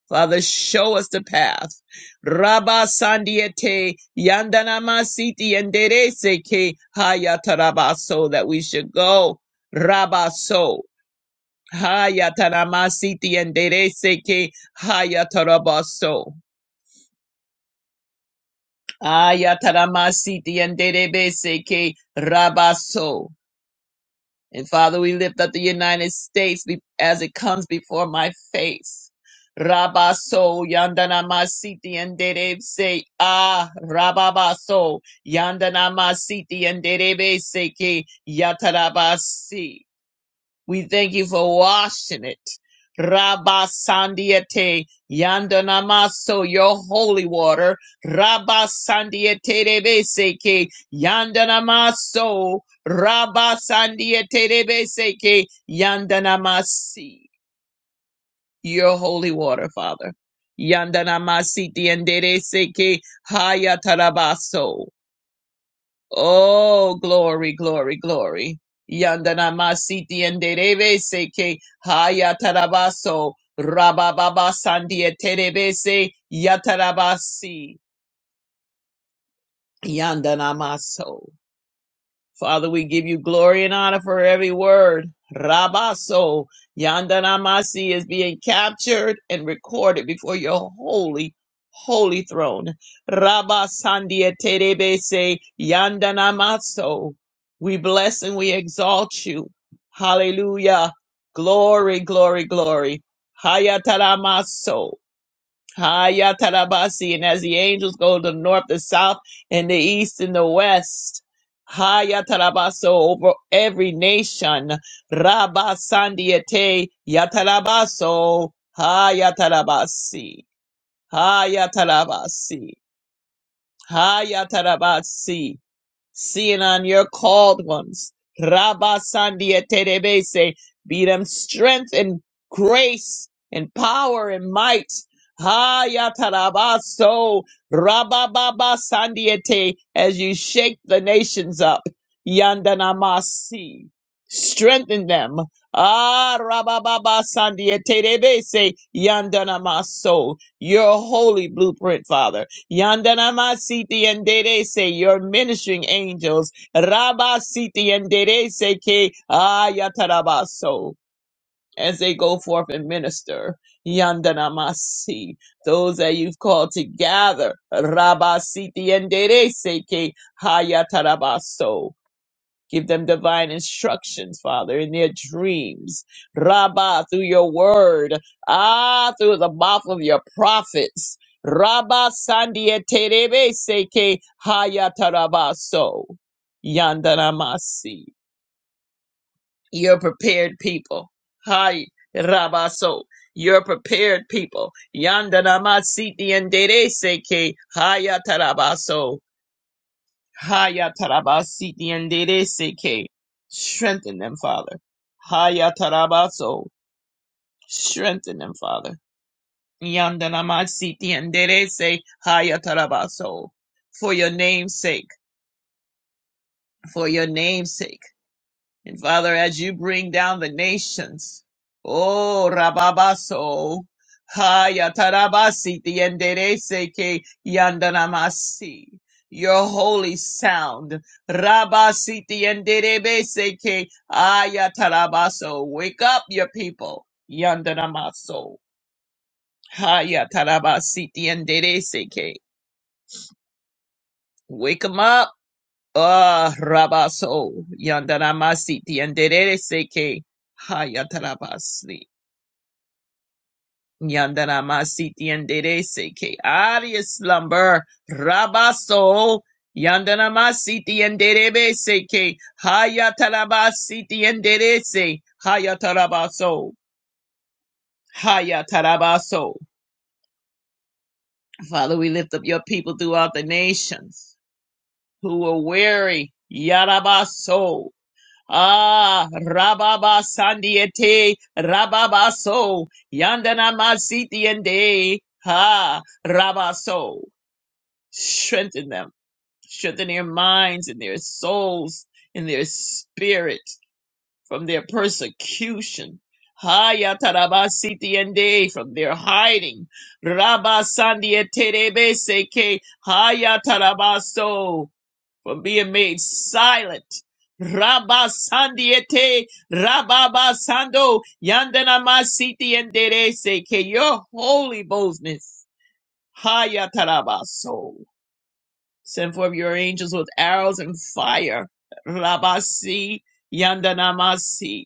Father, show us the path. Rabba Sandiete Yandanamasiti Yenderese ke Hayatarabaso that we should go. Rabba so Hayataramasiti Yenderese ke Hayatarabaso. Ayataramasiti Yenderebese ke Rabaso. And Father, we lift up the United States be- as it comes before my face. Rabaso yandana masiti and derebe se ah rababaso yandana masiti and derebe se ke yatarabasi. We thank you for washing it. Rabba Sandiete Yandanamaso, your holy water. Rabba Sandiete Rebeseke Yandanamaso. Rabba Sandiete Rebeseke Yandanamasi, your holy water, Father. Yandanamasi Tiendere Seke Hayatarabaso. Oh, glory, glory, glory. Yandana masiti and derebe seke haya tarabaso rabababa sandia terebese yatarabasi yandana maso. Father, we give you glory and honor for every word. Rabaso, Yandanamasi is being captured and recorded before your holy, holy throne. Rabasandia Terebese, Yandanamaso. We bless and we exalt you. Hallelujah. Glory, glory, glory. Hayatalamaso. Haya Tarabasi. And as the angels go to the north, the south, and the east, and the west. Haya Tarabaso over every nation. Rabba Sandiete Yatarabaso. Haya Tarabasi. Haya Tarabasi. Haya Tarabasi. Seeing on your called ones. Rabba Sandia Terebese. Be them strength and grace and power and might. Ha Yatarabaso Rabba Baba Sandiete as you shake the nations up. Yandanamasi. Strengthen them. Ah Rabba Baba Sandiete Rebese Yandanamaso. Your holy blueprint, Father. Yandanama Siti and Dere say your ministering angels. Rabba Siti and Dere say ke ayatarabaso as they go forth and minister. Yandanama Si, those that you've called to gather. Rabba Siti and Dere say ke hayatarabaso. Give them divine instructions, Father, in their dreams. Rabbah, through your word. Ah, through the mouth of your prophets. Rabbah sandia terebe seke hayatarabaso. Yandanamasi. Your prepared people. Hi, Rabaso. Your prepared people. yandanamasi and dere seke hayatarabaso. Haya tarabasiti and seke. Strengthen them, Father. Haya tarabaso. Strengthen them, Father. Yandanamasiti and se. Haya tarabaso. For your name's sake. For your name's sake. And Father, as you bring down the nations, oh Rababaso, Haya Tarabasi Tienderese ke Yandanamasi. Your holy sound, Rabasi Tienderebese ke Aya Tarabaso. Wake up your people, Yandanamaso. Haya Tarabasi Tienderese ke. Wake 'em up. Ah, Rabaso, Yandanamasiti and Dereseke, Hayatarabasli, Yandanamasiti and Dereseke, Aria slumber, Rabaso, Yandanamasiti and Derebeseke, Hayatarabasiti and Derese, Hayatarabaso, Hayatarabaso. Father, we lift up your people throughout the nations who are weary, Yarabaso. Ah, Rababa Sandiete, Rababa So, Yandana Masitiende, Ha, Rabaso. Strengthen them. Strengthen their minds and their souls and their spirit from their persecution. Ha, Yatarabasitiende, from their hiding. Rabba Sandiete Rebeseke, Ha, Yatarabaso for being made silent. Rabba Sandiete, Rabba Sando, Yandana Masiti and Derese, que your holy boldness, Hayatarabaso, send forth your angels with arrows and fire, Rabasi, Yandana Masi,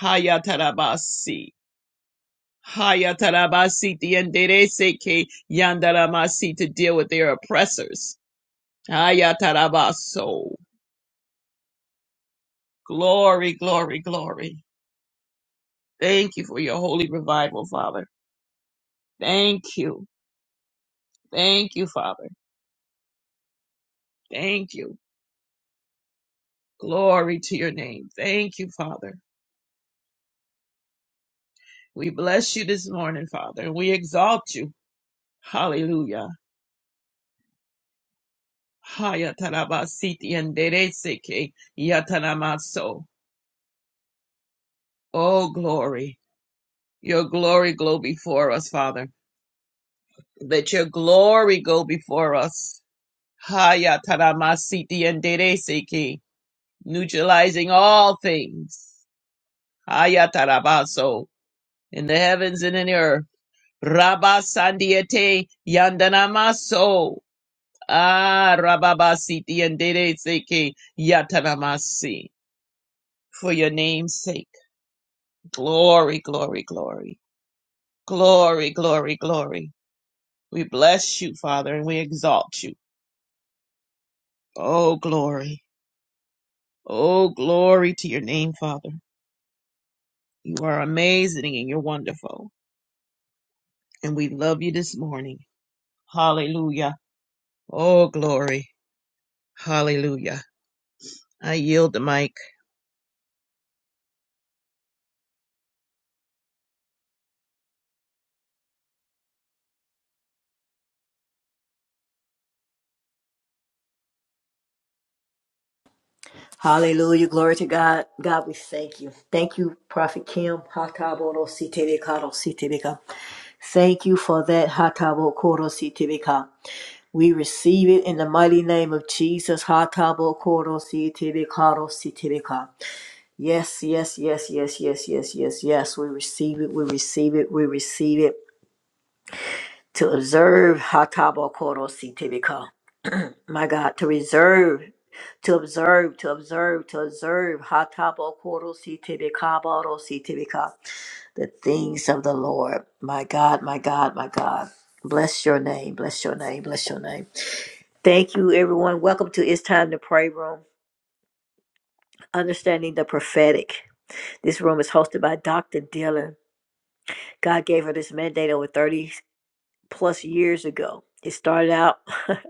Hayatarabasi, Hayatarabasi and Derese, que Yandana Masi to deal with their oppressors, Hayatarabaso. Glory, glory, glory. Thank you for your holy revival, Father. Thank you. Thank you, Father. Thank you. Glory to your name. Thank you, Father. We bless you this morning, Father, and we exalt you. Hallelujah. Haya tarabasiti and dereseke yatanamaso. Oh, glory. Your glory go before us, Father. Let your glory go before us. Haya taramasiti and dereseke. neutralizing all things. Ayatarabaso in the heavens and in the earth. Rabasandiete yandanamaso. Ah rababasiti and seke yatanamasi. For your name's sake. Glory, glory, glory. Glory, glory, glory. We bless you, Father, and we exalt you. Oh glory. Oh glory to your name, Father. You are amazing and you're wonderful. And we love you this morning. Hallelujah. Oh, glory. Hallelujah. I yield the mic.
hallelujah. Glory to God. God, we thank you. Thank you, Prophet Kim. Hataboro sitebeka ro sitebeka. Thank you for that. Hatabokoro sitebeka. We receive it in the mighty name of Jesus. Hatabo koro si tebe karo si tebe ka. Yes, yes, yes, yes, yes, yes, yes, yes. We receive it. We receive it. We receive it. To observe hatabo koro si tebe ka. My God, to reserve, to observe, to observe, to observe hatabo koro si tebe ka baro si tebe ka. The things of the Lord. My God, my God, my God. Bless your name. Bless your name. Bless your name. Thank you, everyone. Welcome to It's Time to Pray Room, Understanding the Prophetic. This room is hosted by Dr. Dylan. God gave her this mandate over 30 plus years ago. It started out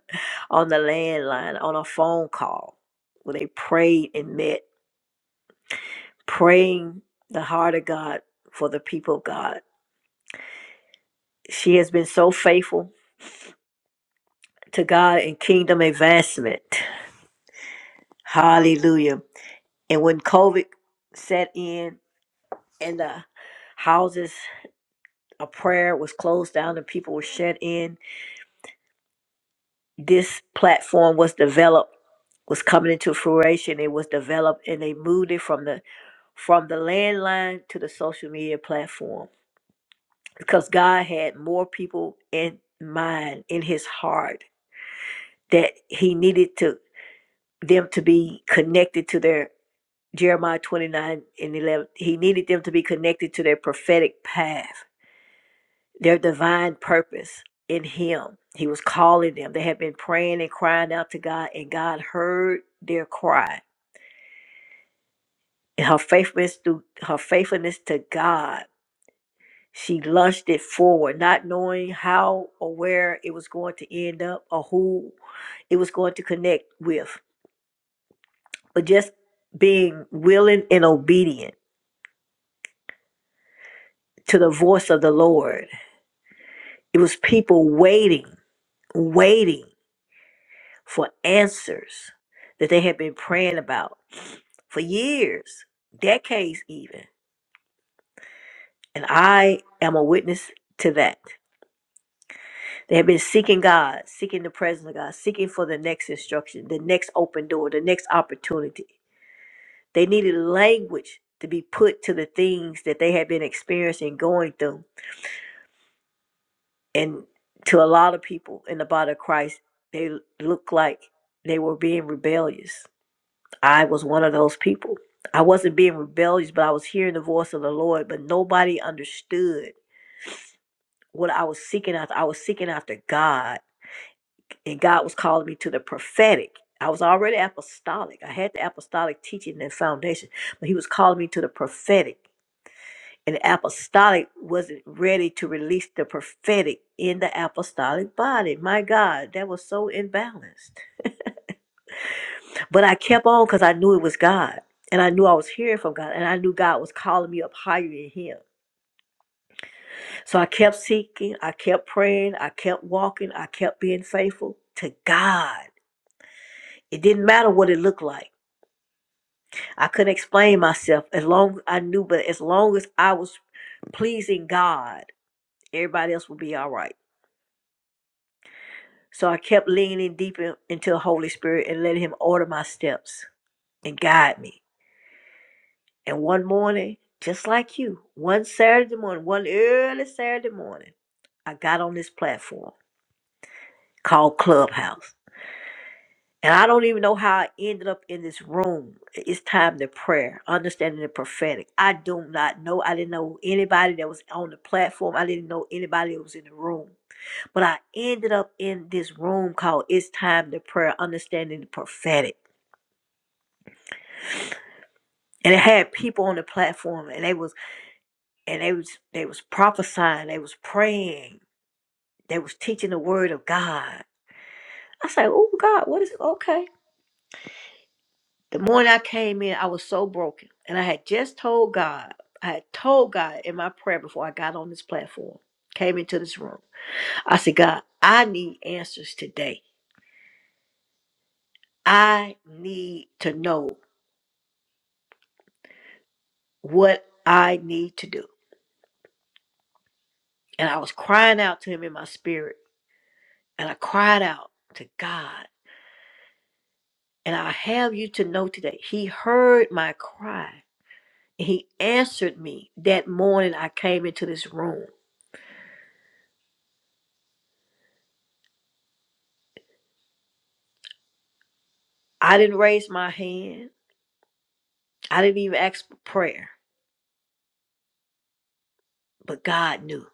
on the landline, on a phone call, where they prayed and met, praying the heart of God for the people of God. She has been so faithful to God and kingdom advancement. Hallelujah. And when COVID set in and the houses a prayer was closed down and people were shut in. This platform was developed, was coming into fruition. It was developed and they moved it from the from the landline to the social media platform because God had more people in mind in his heart that he needed to them to be connected to their Jeremiah 29 and 11. He needed them to be connected to their prophetic path their divine purpose in him. He was calling them. They had been praying and crying out to God, and God heard their cry. And her faithfulness to her faithfulness to God, she launched it forward, not knowing how or where it was going to end up or who it was going to connect with. But just being willing and obedient to the voice of the Lord. It was people waiting, waiting for answers that they had been praying about for years, decades even. And I am a witness to that. They have been seeking God, seeking the presence of God, seeking for the next instruction, the next open door, the next opportunity. They needed language to be put to the things that they had been experiencing, going through. And to a lot of people in the body of Christ, they looked like they were being rebellious. I was one of those people. I wasn't being rebellious, but I was hearing the voice of the Lord, but nobody understood what I was seeking after. I was seeking after God, and God was calling me to the prophetic. I was already apostolic. I had the apostolic teaching and foundation, but He was calling me to the prophetic. And the apostolic wasn't ready to release the prophetic in the apostolic body. My God, that was so imbalanced. But I kept on because I knew it was God. And I knew I was hearing from God. And I knew God was calling me up higher in Him. So I kept seeking, I kept praying, I kept walking, I kept being faithful to God. It didn't matter what it looked like. I couldn't explain myself as long as I knew, but as long as I was pleasing God, everybody else would be all right. So I kept leaning deeper into the Holy Spirit and letting Him order my steps and guide me. And one morning, just like you, one Saturday morning, one early Saturday morning, I got on this platform called Clubhouse And I don't even know how I ended up in this room. It's time to prayer, understanding the prophetic. I do not know. I didn't know anybody that was on the platform. I didn't know anybody that was in the room. But I ended up in this room called It's Time to Prayer, Understanding the Prophetic. And it had people on the platform and they was and they was they was prophesying, they was praying, they was teaching the word of God. I said, Oh God, what is it? Okay. The morning I came in, I was so broken. And I had just told God, I had told God in my prayer before I got on this platform, came into this room. I said, God, I need answers today. I need to know what I need to do. And I was crying out to him in my spirit. And I cried out to God. And I have you to know today, he heard my cry. And he answered me that morning I came into this room. I didn't raise my hand. I didn't even ask for prayer, but God knew.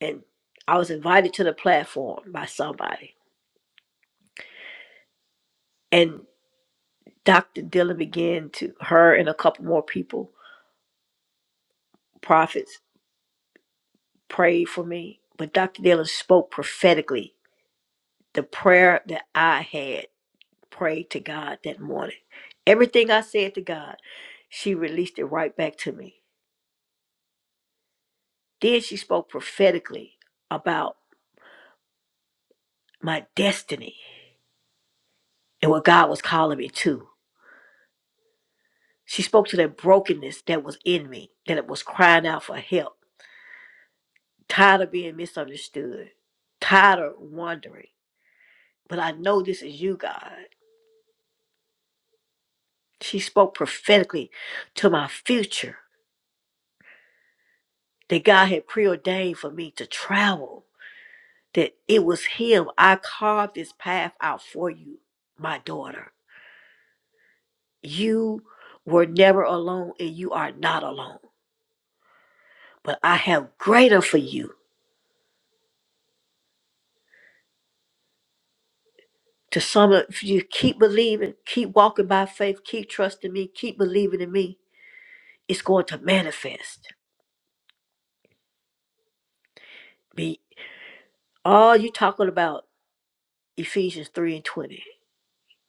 And I was invited to the platform by somebody. And Dr. Dillon began to, her and a couple more people, prophets, prayed for me. But Dr. Dillon spoke prophetically the prayer that I had prayed to God that morning. Everything I said to God, she released it right back to me. Then she spoke prophetically about my destiny and what God was calling me to. She spoke to that brokenness that was in me, that it was crying out for help, tired of being misunderstood, tired of wondering. But I know this is you, God. She spoke prophetically to my future that God had preordained for me to travel, that it was Him. I carved this path out for you, my daughter. You were never alone and you are not alone, but I have greater for you. To sum up, if you keep believing, keep walking by faith, keep trusting me, keep believing in me, it's going to manifest. Be all you talking about Ephesians 3 and 20.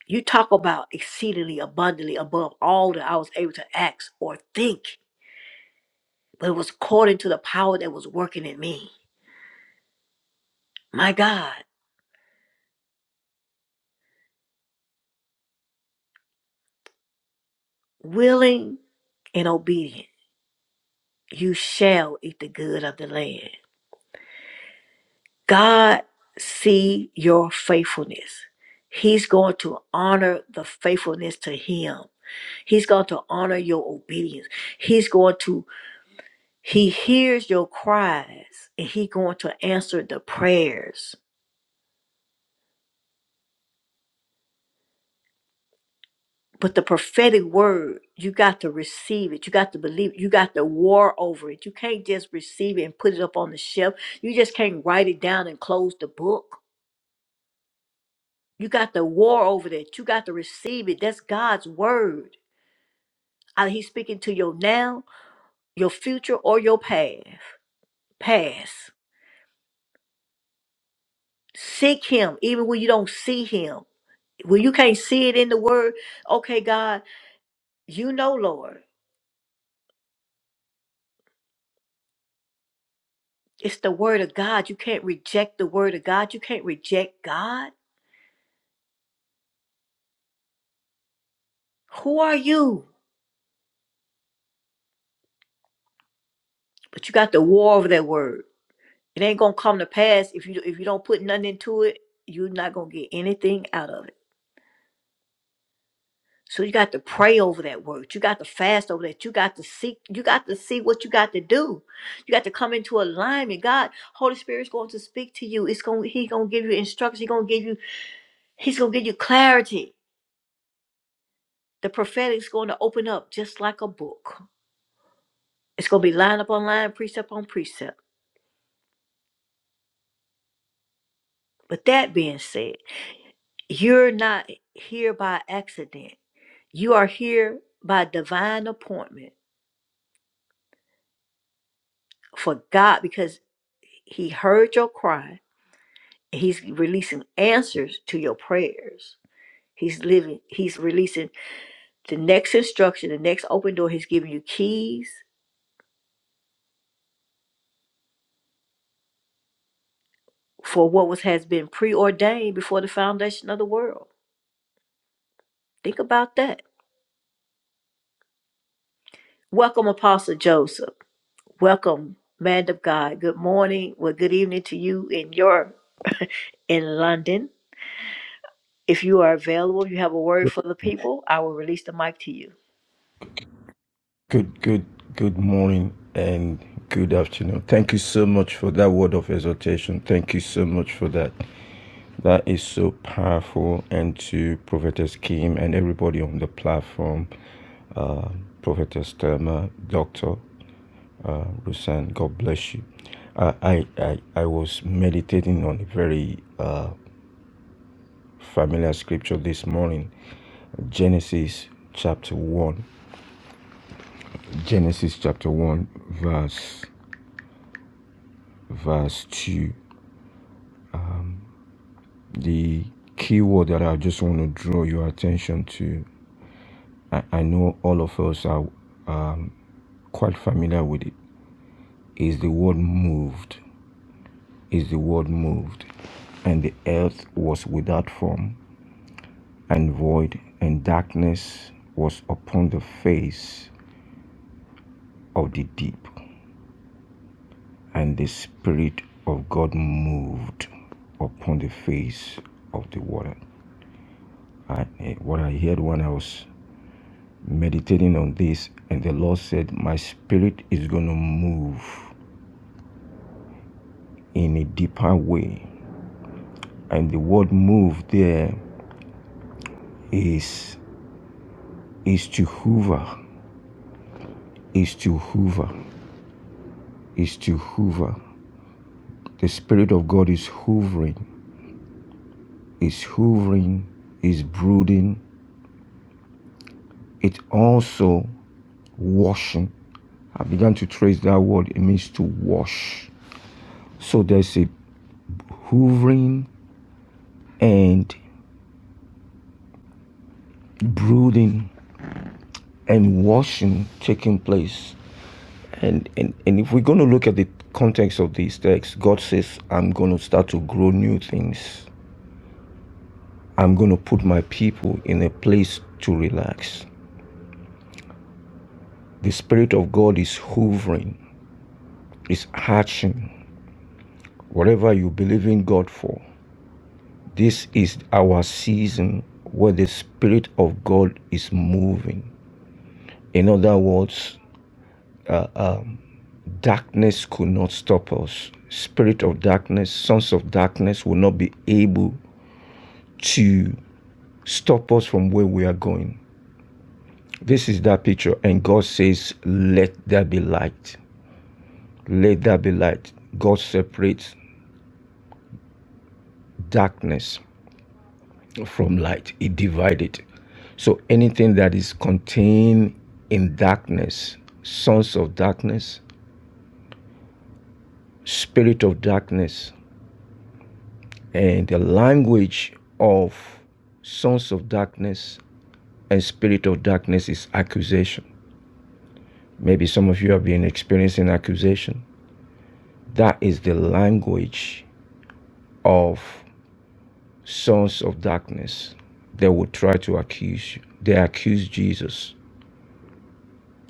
You talk about exceedingly abundantly above all that I was able to ask or think, but it was according to the power that was working in me. My God, willing and obedient, you shall eat the good of the land. God see your faithfulness. He's going to honor the faithfulness to him. He's going to honor your obedience. He's going to he hears your cries and He's going to answer the prayers. But the prophetic word, you got to receive it. You got to believe it. You got to war over it. You can't just receive it and put it up on the shelf. You just can't write it down and close the book. You got to war over that. You got to receive it. That's God's word. Either he's speaking to your now, your future, or your past. Past. Seek him even when you don't see him. When you can't see it in the word, okay, God, you know, Lord, it's the word of God. You can't reject the word of God. You can't reject God. Who are you? But you got the war over that word. It ain't gonna come to pass if you if you don't put nothing into it. You're not gonna get anything out of it. So you got to pray over that word. You got to fast over that. You got to seek. You got to see what you got to do. You got to come into alignment. God, Holy Spirit's going to speak to you. It's going. He's going to give you instructions. He's going to give you. He's going to give you clarity. The prophetic is going to open up just like a book. It's going to be line up on line, precept on precept. But that being said, you're not here by accident. You are here by divine appointment for God because He heard your cry He's releasing answers to your prayers. He's living, he's releasing the next instruction, the next open door. He's giving you keys for what was has been preordained before the foundation of the world. Think about that. Welcome, Apostle Joseph. Welcome, man of God. Good morning. Well, good evening to you in your in London. If you are available, if you have a word for the people, I will release the mic to you.
Good, good, good morning and good afternoon. Thank you so much for that word of exhortation. Thank you so much for that. That is so powerful. And to Prophetess Kim and everybody on the platform, uh, Prophetess Thelma, Dr. Uh, Rusan, God bless you. I, I, I I was meditating on a very uh, familiar scripture this morning Genesis chapter 1. Genesis chapter 1, verse verse 2 The keyword that I just want to draw your attention to, I, I know all of us are um, quite familiar with it, is the word moved. Is the word moved. And the earth was without form and void, and darkness was upon the face of the deep. And the Spirit of God moved upon the face of the water. I, eh, what I heard when I was meditating on this, and the Lord said, My spirit is going to move in a deeper way. And the word move there is is to hover, is to hover, is to hover. The Spirit of God is hovering, is hovering, is brooding. It's also washing. I began to trace that word. It means to wash. So there's a hovering and brooding and washing taking place. And, and, and if we're going to look at the context of these texts, God says, I'm going to start to grow new things. I'm going to put my people in a place to relax. The Spirit of God is hovering, is hatching. Whatever you believe in God for, this is our season where the Spirit of God is moving. In other words, darkness could not stop us. Spirit of darkness, sons of darkness will not be able to stop us from where we are going. This is that picture, and God says, Let there be light. Let there be light. God separates darkness from light, He divides it. So anything that is contained in darkness, sons of darkness, spirit of darkness, and the language of sons of darkness and spirit of darkness is accusation. Maybe some of you have been experiencing accusation. That is the language of sons of darkness. They will try to accuse you. They accuse Jesus.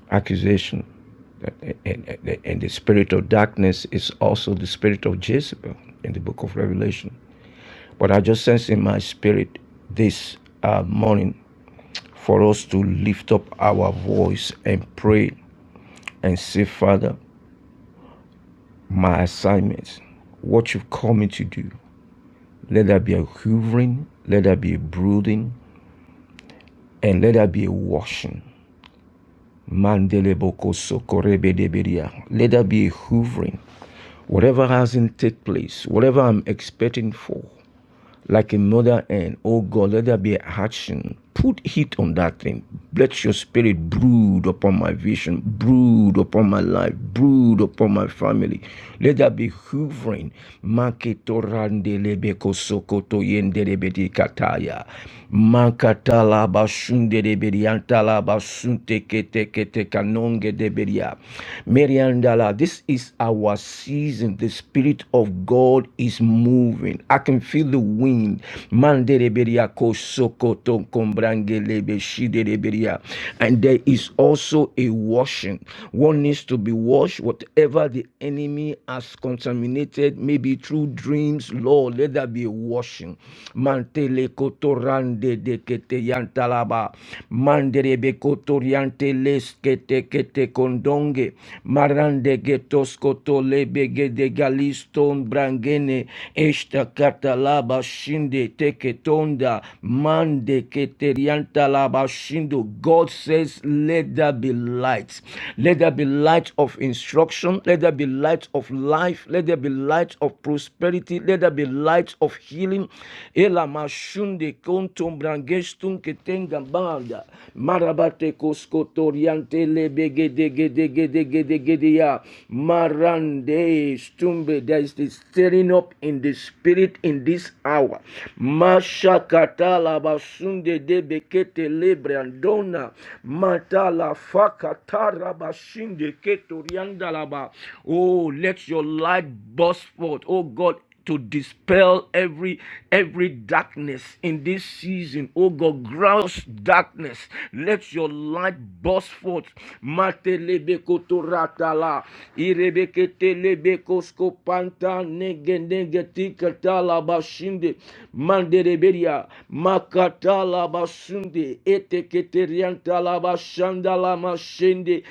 Accusation. And, and and the spirit of darkness is also the spirit of Jezebel in the book of Revelation. But I just sense in my spirit this uh, morning for us to lift up our voice and pray and say, Father, my assignments, what you've called me to do, let there be a hoovering, let there be a brooding, and let there be a washing. Mandeleboko sokorebedebedia. Let there be a hoovering. Whatever hasn't taken place, whatever I'm expecting for, like a mother hen. Oh God, let there be action. Put heat on that thing. Let your spirit brood upon my vision, brood upon my life, brood upon my family. Let there be hoovering. Maketorandelebekosoko Mankatala basunde de beriantala basunte kete kete kanonge de beria. Meriandala, this is our season. The Spirit of God is moving moving. I can feel the wind. Mandereberia kosokoto kombrangelebe shidereberia. And there is also a washing. One needs to be washed, whatever the enemy has contaminated, maybe through dreams. Lord, let there be a washing. Mantele kotorande de kete yantalaba. Manderebe kotoriante leskete kete kondonge. Marande getos koto lebe Ston Brangene Esta Catalaba Shinde Teketonda Mande Keterianta Laba Shindo. God says, Let there be light. Let there be light of instruction. Let there be light of life. Let there be light of prosperity. Let there be light of healing. Ela Mashunde Kontum Brangestun Ketengabanda Marabate Koskotoriante Lebegedegedegedegedea one day, Stumbe, there is this stirring up in the spirit in this hour. Masha katala basunde de bekete lebrandona. Matala fakatara bashinde ketoriandalaba. Oh, let your light burst forth. Oh God, to dispel every every darkness in this season oh god gross darkness let your light burst forth Matelebekotoratala, irebeketelebekoscopanta, negenegetikatala-bashinde, mandereberia, makatala-basunde, eteketeriantala-bashandala-mashende,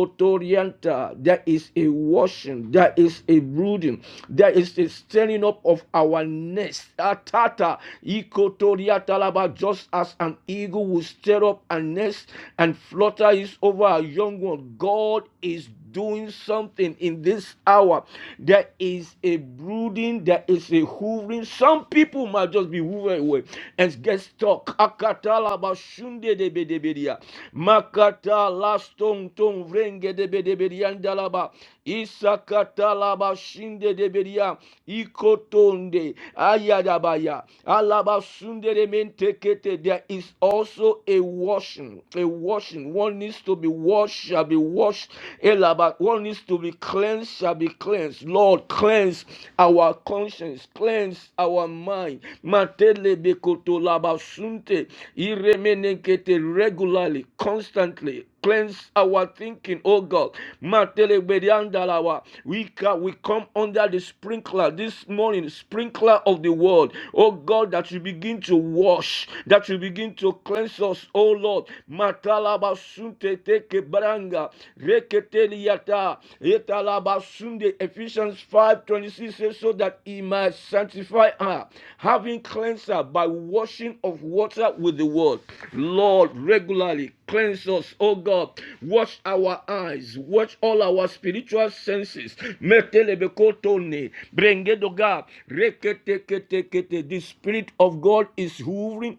Kotorianta. There is a washing, there is a brooding, there is a stirring up of our nest. Atata Ikotoriata Laba, just as an eagle will stir up a nest and flutter is over a young one. God is doing something in this hour. There is a brooding, there is a hoovering. Some people might just be hovering away and get stuck. Akatala bashunde de bedebedia. Makata lastong tong vrenge de bedebedian dalaba. Isakata laba shinde de bedia. Ikotonde ayadabaya. Alaba sunde de mente kete. There is also a washing. A washing. One needs to be be washed shall be washed. Elaba, what needs to be cleansed shall be cleansed. Lord, cleanse our conscience, cleanse our mind. Matele bekoto labasunte Iremenekete regularly, constantly. Cleanse our thinking, oh God. Matele bediandalawa. We ca- we come under the sprinkler this morning, sprinkler of the world. Oh God, that you begin to wash, that you begin to cleanse us, oh Lord. Matalabasunte teke branga. Reketeliata. Etalabasunde. Ephesians 5:26 says, So that he might sanctify her, having cleansed her by washing of water with the word. Lord, regularly cleanse us, oh God. Watch our eyes, watch all our spiritual senses. Metelebekotone. Brengedoga. Reketekete. The Spirit of God is hovering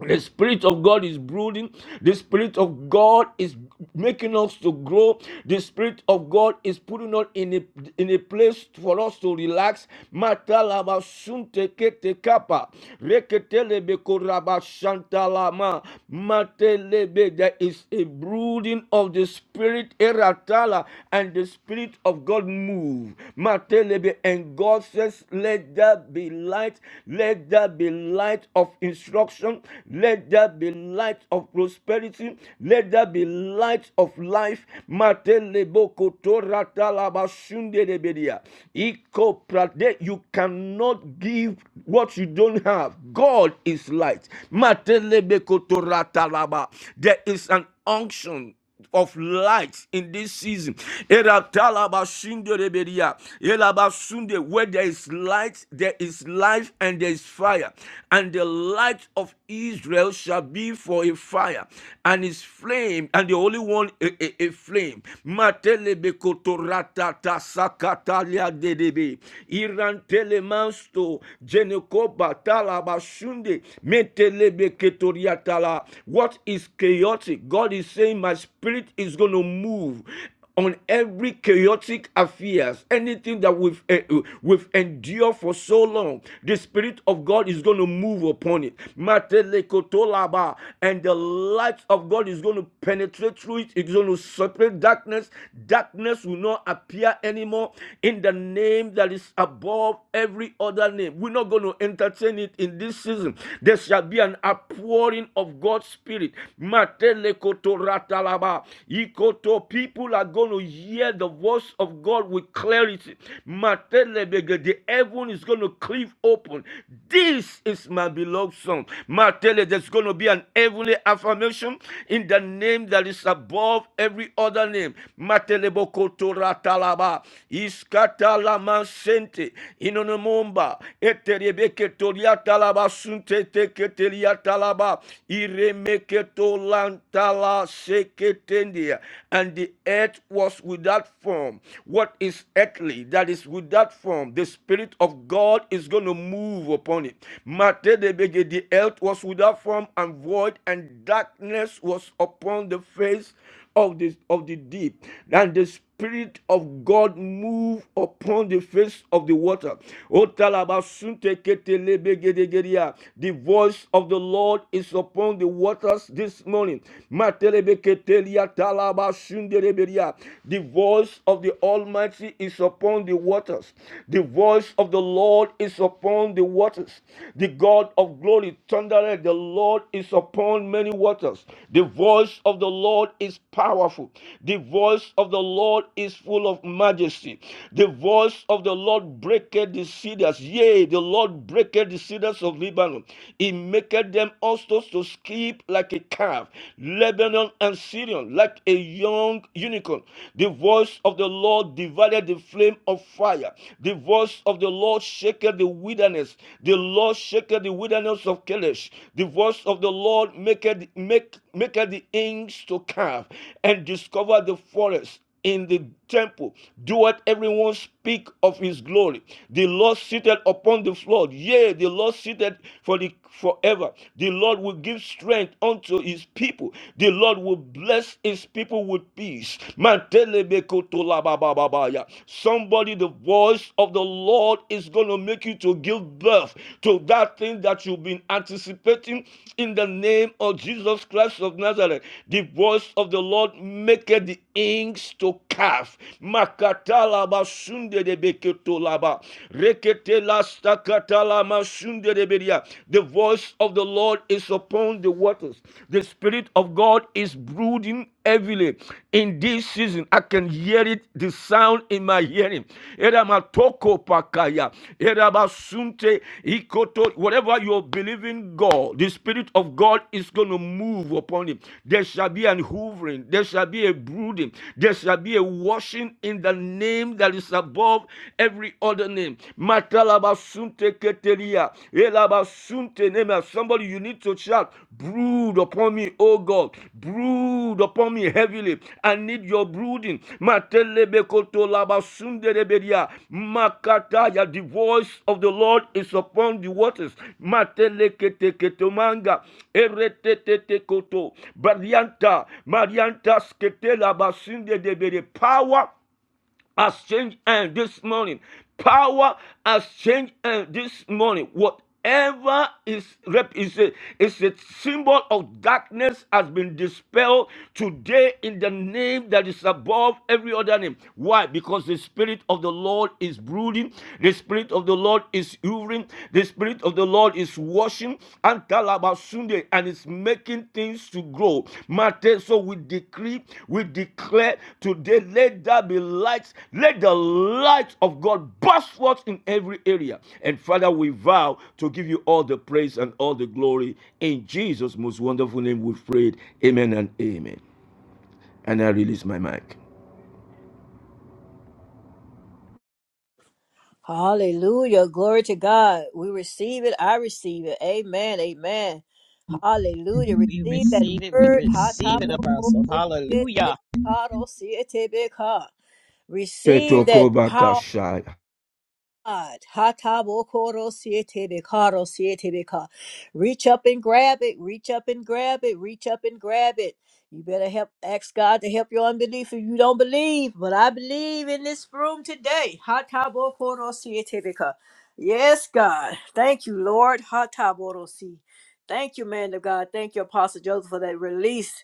the Spirit of God is brooding. The Spirit of God is making us to grow. The Spirit of God is putting us in a, in a place for us to relax. Matalaba sunte kete kapa. Reketelebe koraba shantalama. Matelebe. There is a brooding of the Spirit eratala and the Spirit of God move. Matelebe. And God says, let there be light. Let there be be light of instruction. Let there be light of prosperity. Let there be light of life. Matelebo kotorata You cannot give what you don't have. God is light. Matelebe There is an unction of light in this season. Eratalabashindereberia, Elabasunde, Where there is light, there is life and there is fire. And the light of Israel shall be for a fire, and his flame, and the Holy One a, a, a flame. What is chaotic? chaotic. God is saying, My spirit is going to move on every chaotic affairs anything that we've eh, eh, we've endured for so long the spirit of god is going to move upon it Matelekotolaba. and the light of god is going to penetrate through it it's going to separate darkness darkness will not appear anymore in the name that is above every other name we're not going to entertain it in this season there shall be an outpouring of God's. Lord's Spirit. Matele koto Ikoto. People are going to hear the voice of God with clarity. Matele bege. The heaven is going to cleave open. This is my beloved son. Matele, there's going to be an heavenly affirmation in the name that is above every other name. Matele bokoto ratalaba. Iskatalama sente. Inonomomba. Eterebeke toria talaba sunte talaba iremeketo lantala seketendia and the earth was without form what is earthly that is without form the spirit of god is going to move upon it Mate de bege, the earth was without form and void and darkness was upon the face of of the, of the deep. And the Spirit of God move upon the face of the water. O talabasunte ketelebegedegeria. The voice of the Lord is upon the waters this morning. Matelebeketelia talabasundereberia. The voice of the Almighty is upon the waters. The voice of the Lord is upon the waters. The God of glory thunder declared, The Lord is upon many waters. The voice of the Lord is powerful. The voice of the Lord is full of majesty. The voice of the Lord breaketh the cedars. Yea, the Lord breaketh the cedars of Lebanon. He maketh them also to skip like a calf. Lebanon and Syrian like a young unicorn. The voice of the Lord divided the flame of fire. The voice voice of the Lord shaketh the wilderness. The Lord shaketh the wilderness of Kadesh. The voice of the Lord maketh make maketh the inks to calve and discover the forest in the temple doeth everyone speak of his glory the lord seated upon the flood yea the lord seated for the forever the lord will give strength unto his people the lord will bless his people with peace Somebody, the voice of the Lord is going to make you to give birth to that thing that you've been anticipating in the name of Jesus Christ of Nazareth. The voice of the Lord maketh the inks to calf. Makatalaba sundelebeketolaba. Reketelastakatala masunderebedia. The voice of the Lord is upon the waters. The Spirit of God is brooding heavily in this season. I can hear it, the sound in my hearing. Eramatoko pakaya, erabasunte ikoto. Whatever you believe in God, the Spirit of God is going to move upon it. There shall be an hoovering, there shall be a brooding, there shall be a washing in the name that is above every other name. Matalabasunte ketelia, Elabashuntenema. Somebody, you need to shout, brood upon me, oh God, brood upon me heavily. I need your brooding. Matelebekoto Makataya, the voice of the Lord is upon the waters. Mateleketeketomanga, eretetetekoto, barianta, marianta sketela basunde debere. Power has changed and this morning. Power has changed and this morning. Whatever is rep is a, is a symbol of darkness has been dispelled today in the name that is above every other name. Why? Because the spirit of the Lord is brooding, the spirit of the Lord is hovering, the spirit of the Lord. God is washing and Talabasunde and is making things to grow. Mate, so we decree, we declare today, let there be lights, let the light of God burst forth in every area. And Father, we vow to give you all the praise and all the glory. In Jesus' most wonderful name, we've prayed. Amen and amen. And I release my mic.
Hallelujah. Glory to God. We receive it. I receive it. Amen. Amen. Hallelujah.
We
Receive that
receive it. We
word. Ha, ta,
receive it,
bo, ko,
Apostle.
ko, si, e, te,
Hallelujah.
be, ka, do, si, e, te, be, ka. Receive that God. Hatabokoro sietebekaro sietebeka. Reach up and grab it. Reach up and grab it. Reach up and grab it. You better help ask God to help your unbelief if you don't believe. But I believe in this room today. Hatabokoro sietebeka. Yes, God. Thank you, Lord. Hataboro si. Thank you, man of God. Thank you, Apostle Joseph, for that release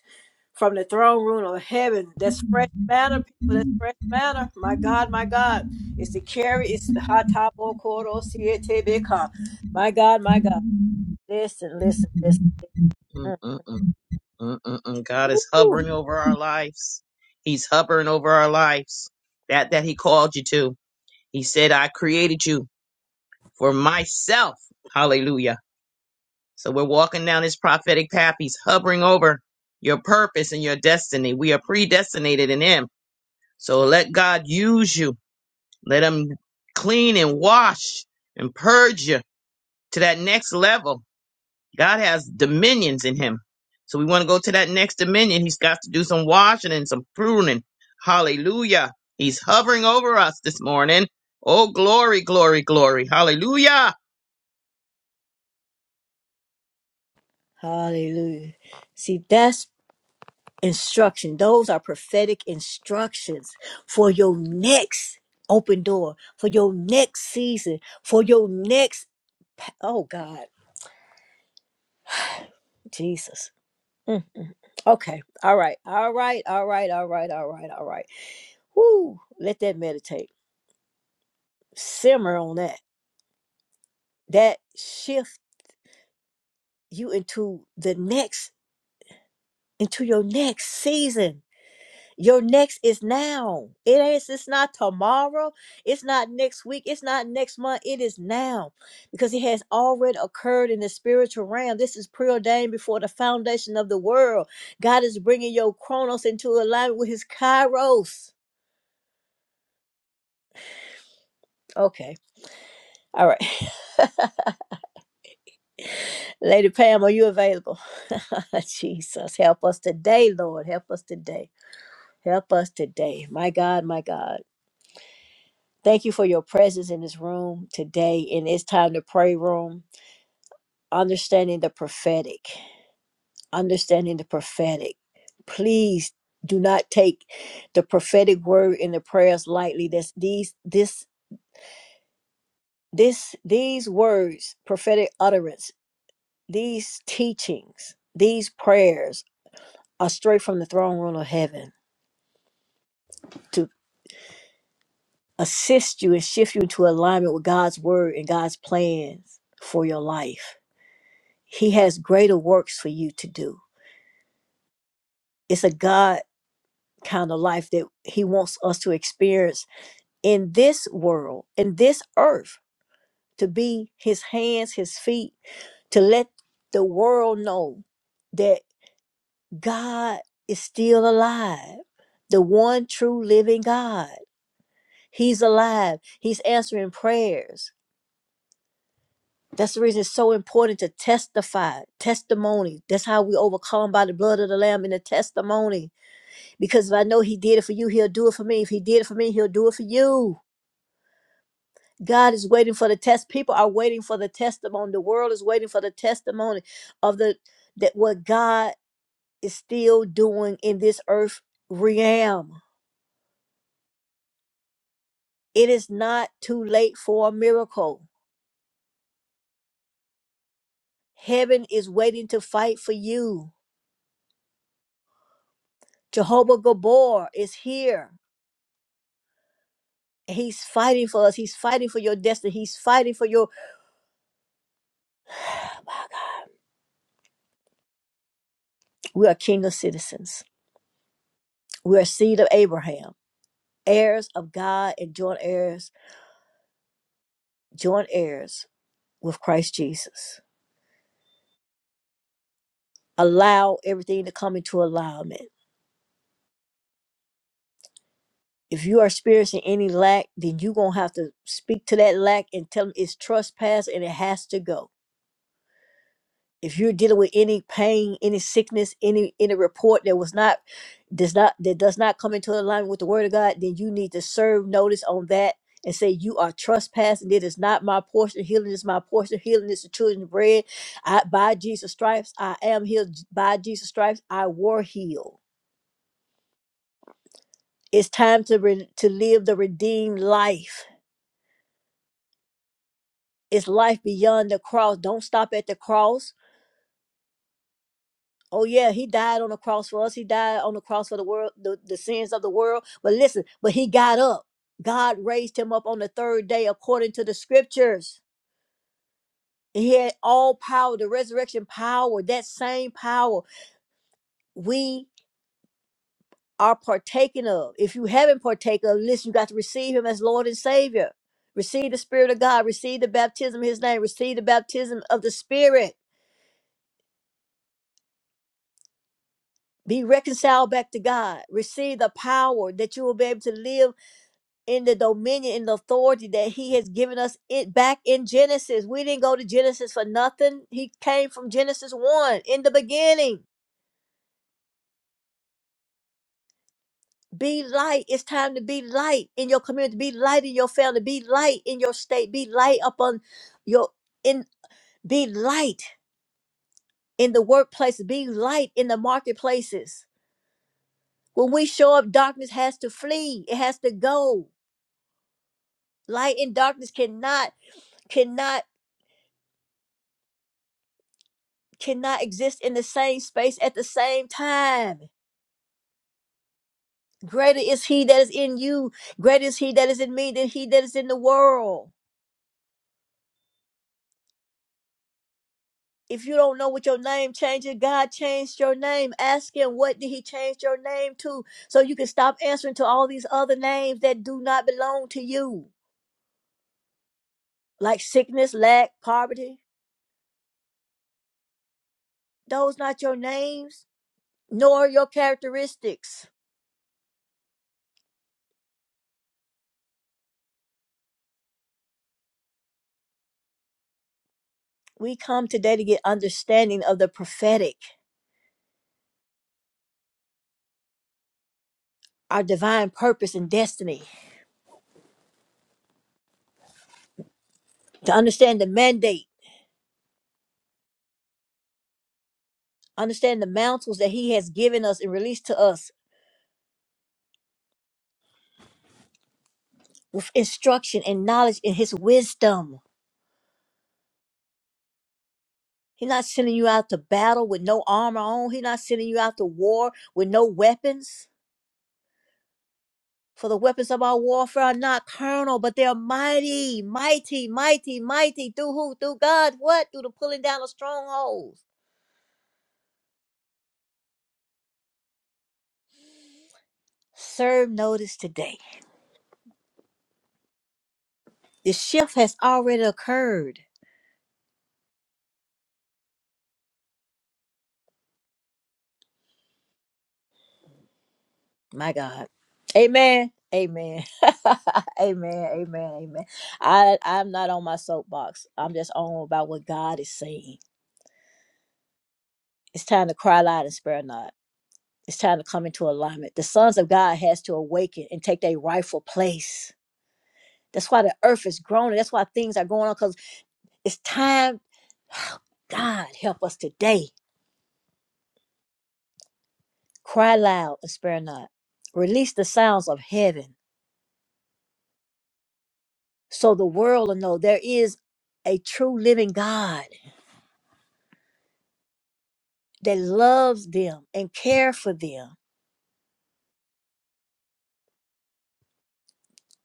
from the throne room of heaven. That's fresh manna, people. That's fresh manna. My God, my God. It's the carry. It's the hot top or quarter My God, my God. Listen, listen, listen. Mm.
Mm-mm-mm. Mm-mm-mm. God is
Whew.
hovering over our lives. He's hovering over our lives. That that he called you to. He said, I created you for myself. Hallelujah. So we're walking down this prophetic path. He's hovering over your purpose and your destiny. We are predestinated in him. So let God use you. Let him clean and wash and purge you to that next level. God has dominions in him. So we want to go to that next dominion. He's got to do some washing and some pruning. Hallelujah. He's hovering over us this morning. Oh, glory, glory, glory. Hallelujah.
Hallelujah. See, that's instruction. Those are prophetic instructions for your next open door, for your next season, for your next. Oh, God. Jesus. Mm, mm. mm. Okay. All right. All right. All right. All right. All right. All right. Whoo, let that meditate. Simmer on that. That shift you into the next, into your next season. Your next is now. It is it's not tomorrow. It's not next week. It's not next month. It is now. Because it has already occurred in the spiritual realm. This is preordained before the foundation of the world. God is bringing your chronos into alignment with his kairos. Okay. All right. Lady Pam, are you available? Jesus, help us today, Lord. Help us today. Help us today. My God, my God. Thank you for your presence in this room today in it's time to pray room. Understanding the prophetic. Understanding the prophetic. Please do not take the prophetic word in the prayers lightly. This these this this these words, prophetic utterance, these teachings, these prayers are straight from the throne room of heaven. to assist you and shift you into alignment with God's word and God's plans for your life. He has greater works for you to do. It's a God kind of life that He wants us to experience in this world, in this earth, to be His hands, His feet, to let the world know that God is still alive, the one true living God. He's alive, He's answering prayers. That's the reason it's so important to testify, testimony. That's how we overcome by the blood of the Lamb and the testimony. Because if I know He did it for you, He'll do it for me. If He did it for me, He'll do it for you. God is waiting for the test. People are waiting for the testimony. The world is waiting for the testimony of the that what God is still doing in this earth realm. It is not too late for a miracle. Heaven is waiting to fight for you. Jehovah Gabor is here. He's fighting for us. He's fighting for your destiny. He's fighting for your. We are kingdom citizens. We are seed of Abraham, heirs of God, and joint heirs, joint heirs with Christ Jesus. Allow everything to come into alignment. If you are experiencing any lack, then you're going to have to speak to that lack and tell them it's trespass and it has to go if you're dealing with any pain any sickness any any report that was not does not that does not come into alignment with the word of god then you need to serve notice on that and say you are trespassing it is not my portion healing is my portion healing is the children's bread i by jesus stripes i am healed by jesus stripes i were healed it's time to re- to live the redeemed life it's life beyond the cross don't stop at the cross Oh yeah, he died on the cross for us. He died on the cross for the world, the, the sins of the world. But listen, but he got up. God raised him up on the third day according to the scriptures. He had all power, the resurrection power, that same power we are partaking of. If you haven't partaken of, listen, you got to receive him as Lord and Savior. Receive the Spirit of God, receive the baptism of his name, receive the baptism of the Spirit. Be reconciled back to God. Receive the power that you will be able to live in the dominion and the authority that he has given us it back in Genesis. We didn't go to Genesis for nothing. He came from Genesis 1 in the beginning. Be light. It's time to be light in your community. Be light in your family. Be light in your state. Be light upon your in be light in the workplace. Be light in the marketplaces. When we show up, darkness has to flee. It has to go. Light and darkness cannot cannot cannot exist in the same space at the same time. Greater is he that is in you, greater is he that is in me than he that is in the world. If you don't know what your name changes, God changed your name. Ask him what did he change your name to so you can stop answering to all these other names that do not belong to you, like sickness, lack, poverty. Those not your names, nor your characteristics. We come today to get understanding of the prophetic, our divine purpose and destiny. to understand the mandate, understand the mantles that He has given us and released to us with instruction and knowledge in His wisdom. He's not sending you out to battle with no armor on. He's not sending you out to war with no weapons. For the weapons of our warfare are not carnal, but they are mighty, mighty, mighty, mighty. Through who? Through God. What? Through the pulling down of strongholds. Serve notice today. The shift has already occurred. My God. Amen. Amen. amen. Amen. Amen. I, I'm not on my soapbox. I'm just on about what God is saying. It's time to cry loud and spare not. It's time to come into alignment. The sons of God has to awaken and take their rightful place. That's why the earth is groaning. That's why things are going on because it's time. God help us today. Cry loud and spare not. Release the sounds of heaven so the world will know there is a true living God that loves them and care for them.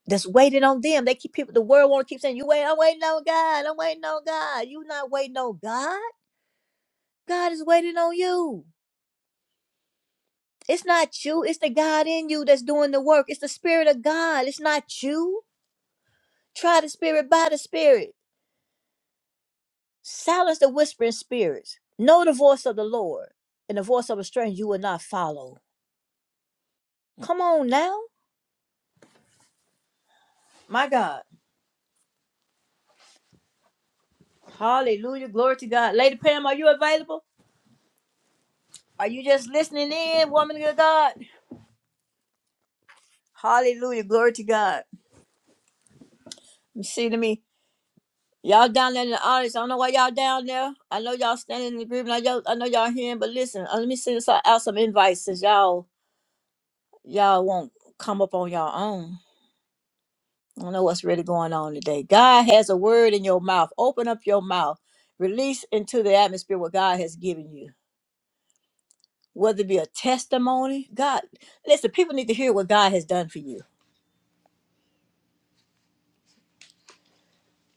That's waiting on them. They keep people. The world want to keep saying, "You wait. I'm waiting on God. I'm waiting on God." You not waiting on God. God is waiting on you. It's not you. It's the God in you that's doing the work. It's the Spirit of God. It's not you. Try the Spirit by the Spirit. Silence the whispering spirits. Know the voice of the Lord, and the voice of a stranger you will not follow. Come on now, my God. Hallelujah. Glory to God. Lady Pam, are you available? Are you just listening in, woman of God? Hallelujah. Glory to God. You see to me. Y'all down there in the audience. I don't know why y'all down there. I know y'all standing in the agreement. I, y'all, I know y'all hearing, but listen, uh, let me send us out some invites since y'all y'all won't come up on y'all own. I don't know what's really going on today. God has a word in your mouth. Open up your mouth. Release into the atmosphere what God has given you. Whether it be a testimony, God, listen, people need to hear what God has done for you.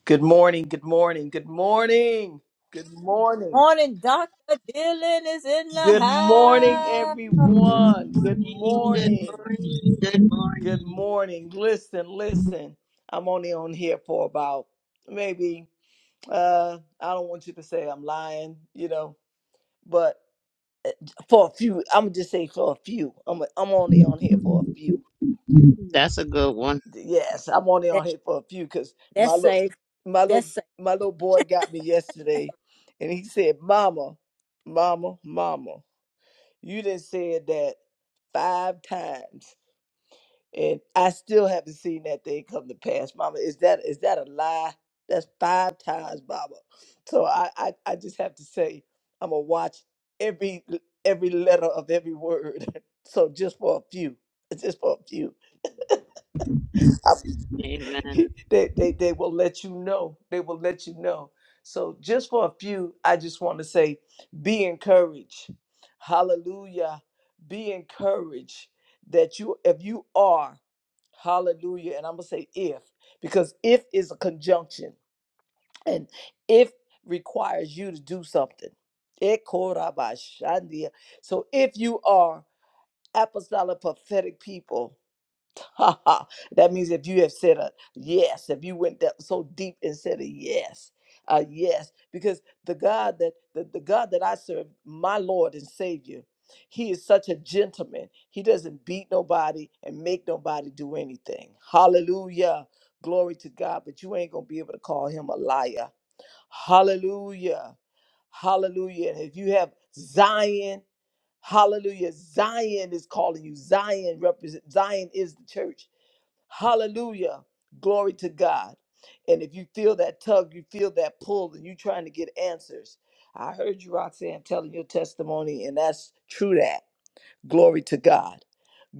Good morning, good morning, good morning, good morning,
Morning, Dr. Dylan is in the
good morning,
house.
everyone. Good
morning, good
morning,
morning, good
good morning. Listen, listen, I'm only on here for about maybe, uh, I don't want you to say I'm lying, you know, but for a few, I'm gonna just say for a few. I'm, I'm only on here for a
morning.
few.
That's a good one.
Yeah,
Yes, I'm only
that,
on here for a few because my
that's
little
safe.
my
That's
little
safe.
my little boy got me yesterday and he said, Mama, mama, mama, you done said that five times and I still haven't seen that thing come to pass. Mama, is that is that a lie? That's five times, Mama. So I, I, I just have to say I'm gonna watch every every letter of every word. so just for a few. Just for a few. I
Amen.
they, they they will let you know. They will let you know. So just for a few, I just want to say, be encouraged. Hallelujah. Be encouraged that you, if you are, hallelujah. And I'm gonna say if, because if is a conjunction, and if requires you to do something. Ekorabashandia. So if you are apostolic prophetic people, Ha ha. That means if you have said a yes, if you went that so deep and said a yes, a yes, because the God that the, the God that I serve, my Lord and Savior, He is such a gentleman. He doesn't beat nobody and make nobody do anything. Hallelujah. Glory to God. But you ain't gonna be able to call him a liar. Hallelujah. Hallelujah. And if you have Zion, hallelujah. Zion is calling you. Zion represent Zion is the church. Hallelujah. Glory to God. And if you feel that tug, you feel that pull, and you're trying to get answers. I heard you, Roxanne, telling your testimony, and that's true that. Glory to God.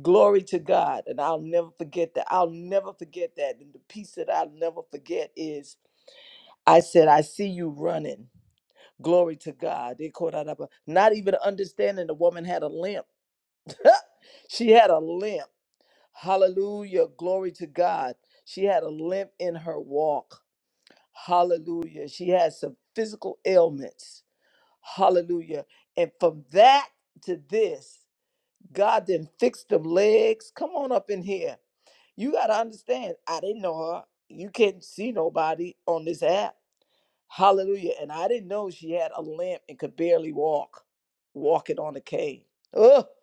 Glory to God. And I'll never forget that. I'll never forget that. And the piece that I'll never forget is I said, I see you running. Glory to God. They caught out up. Not even understanding the woman had a limp. she had a limp. Hallelujah. Glory to God. She had a limp in her walk. Hallelujah. She had some physical ailments. Hallelujah. And from that to this, God then fixed them legs. Come on up in here. You got to understand, I didn't know her. You can't see nobody on this app. Hallelujah. And I didn't know she had a limp and could barely walk, walking on a cane. Oh,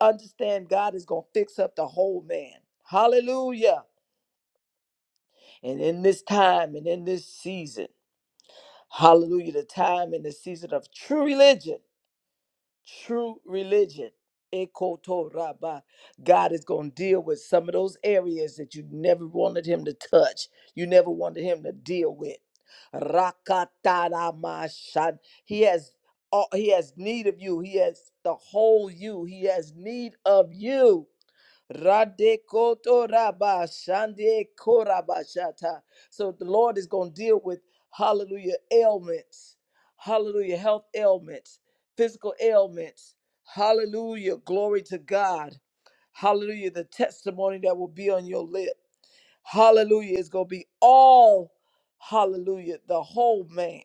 understand God is going to fix up the whole man. Hallelujah. And in this time and in this season, hallelujah, the time and the season of true religion, true religion. Ekoto Rabba. God is going to deal with some of those areas that you never wanted him to touch. You never wanted him to deal with. Rakataramashan. He has all he has need of you. He has the whole you. He has need of you. Radekoto raba shande koraba So the Lord is going to deal with hallelujah ailments, hallelujah health ailments, physical ailments, hallelujah glory to God, hallelujah the testimony that will be on your lip, hallelujah is going to be all hallelujah the whole man.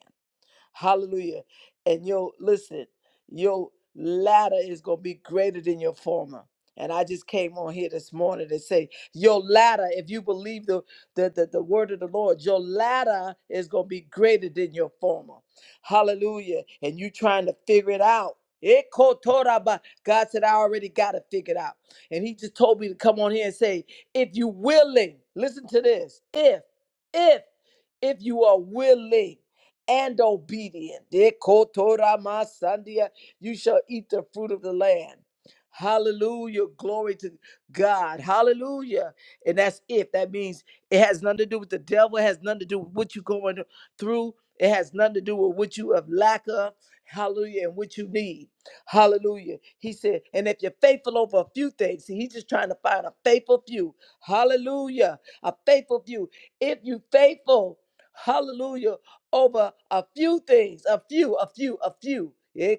Hallelujah. And your listen, your latter is gonna be greater than your former. And I just came on here this morning to say, your latter, if you believe the the, the, the word of the Lord, your latter is gonna be greater than your former. Hallelujah. And you trying to figure it out. Ekotoraba. God said, I already got it figured out. And he just told me to come on here and say, if you willing, listen to this. If, if, if you are willing and obedient. Dekotoramasandia. You shall eat the fruit of the land. Hallelujah. Glory to God. Hallelujah. And that's it. That means it has nothing to do with the devil. It has nothing to do with what you're going through. It has nothing to do with what you have lack of. Hallelujah. And what you need. Hallelujah. He said, and if you're faithful over a few things, see, he's just trying to find a faithful few. Hallelujah. A faithful few. If you faithful, hallelujah, over a few things, a few, a few, a few. Eh,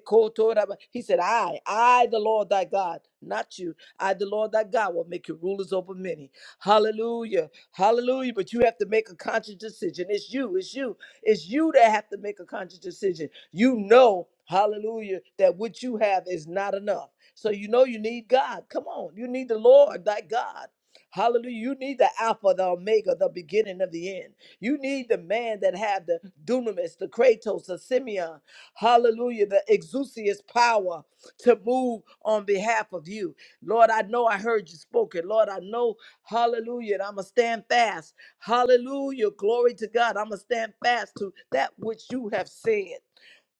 He said, I, I, the Lord thy God, not you, I, the Lord thy God, will make you rulers over many. Hallelujah. Hallelujah. But you have to make a conscious decision. It's you, it's you, it's you that have to make a conscious decision. You know, hallelujah, that what you have is not enough. So you know you need God. Come on. You need the Lord, thy God. Hallelujah. You need the Alpha, the Omega, the beginning of the end. You need the man that have the dunamis, the Kratos, the Simeon. Hallelujah. The exousias power to move on behalf of you. Lord, I know I heard you spoken. Lord, I know. Hallelujah. And I'm going to stand fast. Hallelujah. Glory to God. I'm going to stand fast to that which you have said.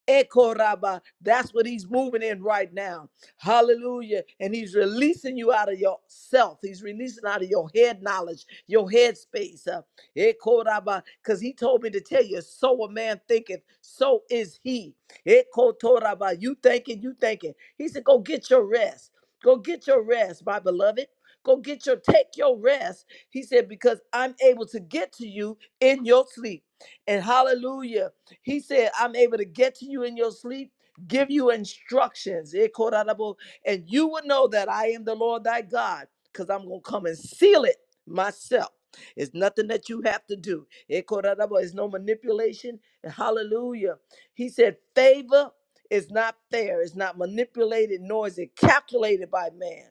Ekoraba. That's what he's moving in right now. Hallelujah. And he's releasing you out of yourself. He's releasing out of your head knowledge, your head space. Uh, Ekoraba. Because he told me to tell you, so a man thinketh, so is he. Ekotoraba. You thinking, you thinking. He said, go get your rest. Go get your rest, my beloved. Go get your, take your rest. He said, because I'm able to get to you in your sleep. And hallelujah. He said, I'm able to get to you in your sleep, give you instructions, eh, Korarabo, and you will know that I am the Lord thy God, because I'm going to come and seal it myself. It's nothing that you have to do. Eh, Korarabo, It's no manipulation. And Hallelujah. He said, favor is not fair, it's not manipulated, nor is it calculated by man.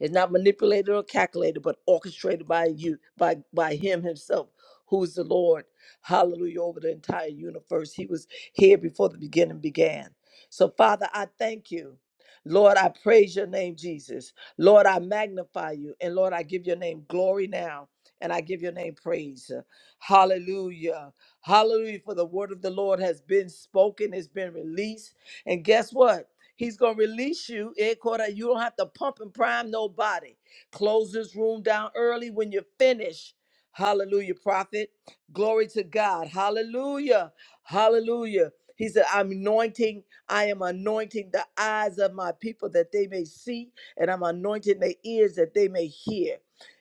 It's not manipulated or calculated, but orchestrated by you, by by Him Himself, who is the Lord. Hallelujah over the entire universe. He was here before the beginning began. So, Father, I thank you. Lord, I praise your name, Jesus. Lord, I magnify you. And Lord, I give your name glory now. And I give your name praise. Hallelujah. Hallelujah. For the word of the Lord has been spoken, it's been released. And guess what? He's gonna release you. Eh, Cora, You don't have to pump and prime nobody. Close this room down early when you're finished. Hallelujah, prophet. Glory to God. Hallelujah. Hallelujah. He said, I'm anointing, I am anointing the eyes of my people that they may see, and I'm anointing their ears that they may hear.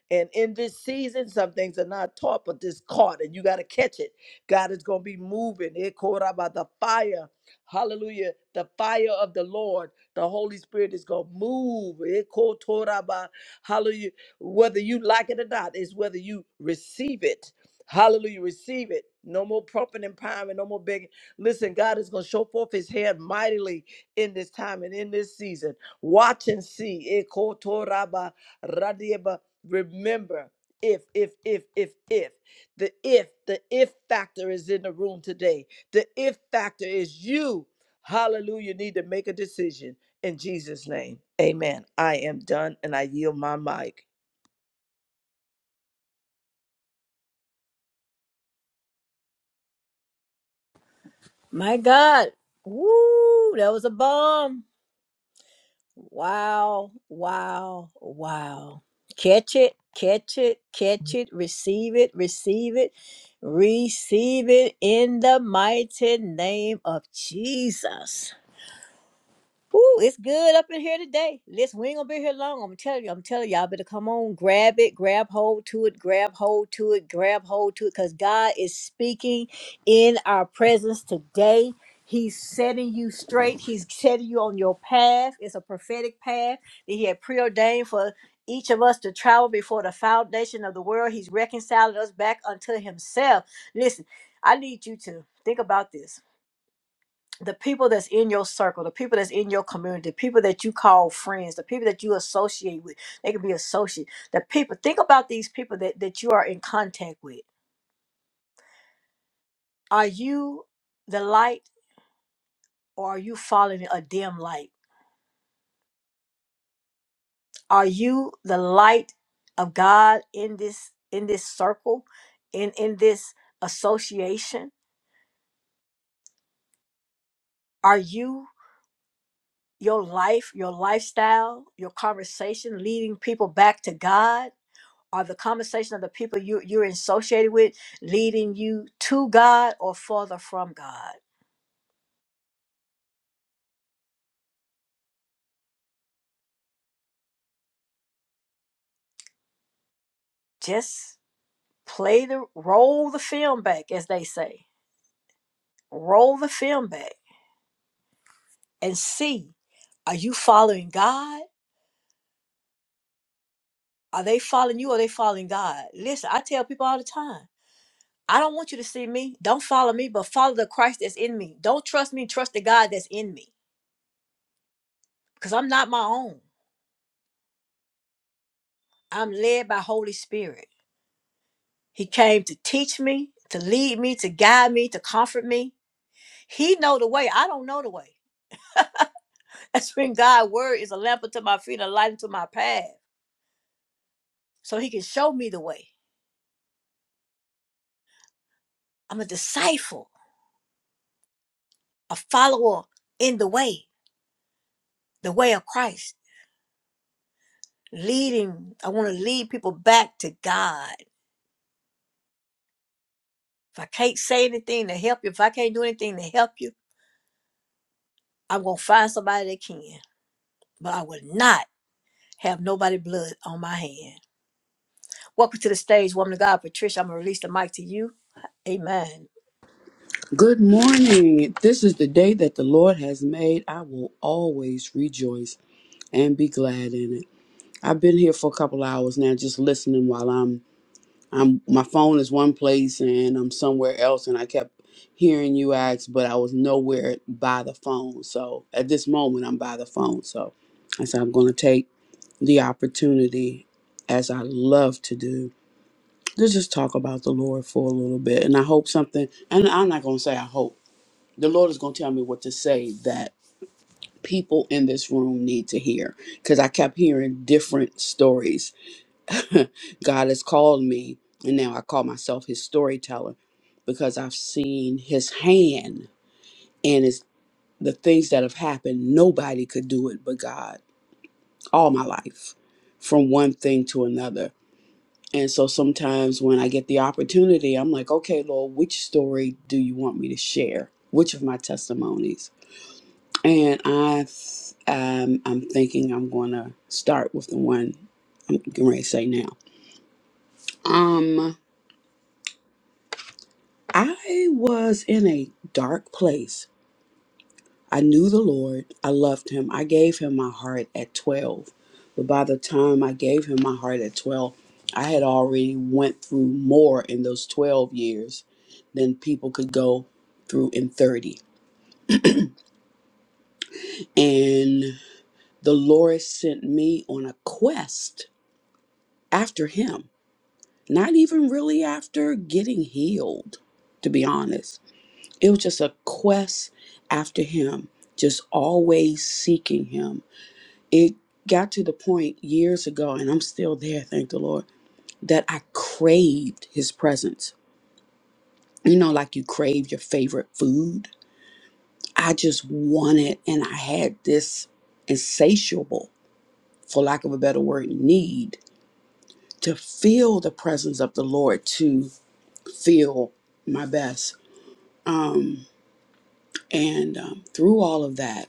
And in this season, some things are not taught, but this caught, and you got to catch it. God is going to be moving. It caught by the fire. Hallelujah. The fire of the Lord, the Holy Spirit is going to move. Ekotoraba. Hallelujah. Whether you like it or not, is whether you receive it. Hallelujah. Receive it. No more pumping and priming, no more begging. Listen, God is going to show forth his hand mightily in this time and in this season. Watch and see. Ekotoraba radieba. Remember, if, if, if, if, if. The if, the if factor is in the room today. The if factor is you, hallelujah, need to make a decision in Jesus' name. Amen. I am done and I yield my mic.
My God. Woo, that was a bomb. Wow, wow, wow. Catch it, catch it, catch it, receive it, receive it, receive it in the mighty name of Jesus. Ooh, it's good up in here today. Listen, we ain't gonna be here long. I'm telling you, I'm telling y'all better come on, grab it, grab hold to it, grab hold to it, grab hold to it, because God is speaking in our presence today. He's setting you straight, He's setting you on your path. It's a prophetic path that He had preordained for each of us to travel before the foundation of the world. He's reconciling us back unto Himself. Listen, I need you to think about this the people that's in your circle, the people that's in your community, the people that you call friends, the people that you associate with, they can be associates. The people, think about these people that, that you are in contact with. Are you the light or are you following a dim light? Are you the light of God in this in this circle, in in this association? Are you your life, your lifestyle, your conversation leading people back to God? are the conversation of the people you, you're associated with leading you to God or further from God? Just play the roll the film back, as they say. Roll the film back and see are you following God? Are they following you or are they following God? Listen, I tell people all the time. I don't want you to see me. Don't follow me, but follow the Christ that's in me. Don't trust me, trust the God that's in me. Because I'm not my own. I'm led by Holy Spirit. He came to teach me, to lead me, to guide me, to comfort me. He know the way. I don't know the way. That's when God's word is a lamp unto my feet, a light unto my path. So he can show me the way. I'm a disciple, a follower in the way, the way of Christ. Leading, I want to lead people back to God. If I can't say anything to help you, if I can't do anything to help you, I'm going to find somebody that can. But I will not have nobody blood on my hand. Welcome to the stage, woman of God. Patricia, I'm going to release the mic to you. Amen.
Good morning. This is the day that the Lord has made. I will always rejoice and be glad in it. I've been here for a couple hours now just listening while I'm I'm my phone is one place and I'm somewhere else and I kept hearing you ask but I was nowhere by the phone. So at this moment I'm by the phone. So I said I'm going to take the opportunity as I love to do to just talk about the Lord for a little bit and I hope something and I'm not going to say I hope the Lord is going to tell me what to say that people in this room need to hear because I kept hearing different stories. God has called me, and now I call myself his storyteller because I've seen his hand and it's the things that have happened. Nobody could do it but God all my life from one thing to another. And so sometimes when I get the opportunity, I'm like, okay, Lord, which story do you want me to share? Which of my testimonies? And I, th- um, I'm thinking I'm gonna start with the one I'm getting ready to say now. Um, I was in a dark place. I knew the Lord. I loved Him. I gave Him my heart at 12, but by the time I gave Him my heart at 12, I had already went through more in those 12 years than people could go through in 30. And the Lord sent me on a quest after Him not even really after getting healed, to be honest. It was just a quest after him, just always seeking him. It got to the point years ago, and I'm still there, thank the Lord, that I craved his presence. You know, like you crave your favorite food. I just wanted, and I had this insatiable, for lack of a better word, need to feel the presence of the Lord, to feel my best. Um, And um, through all of that,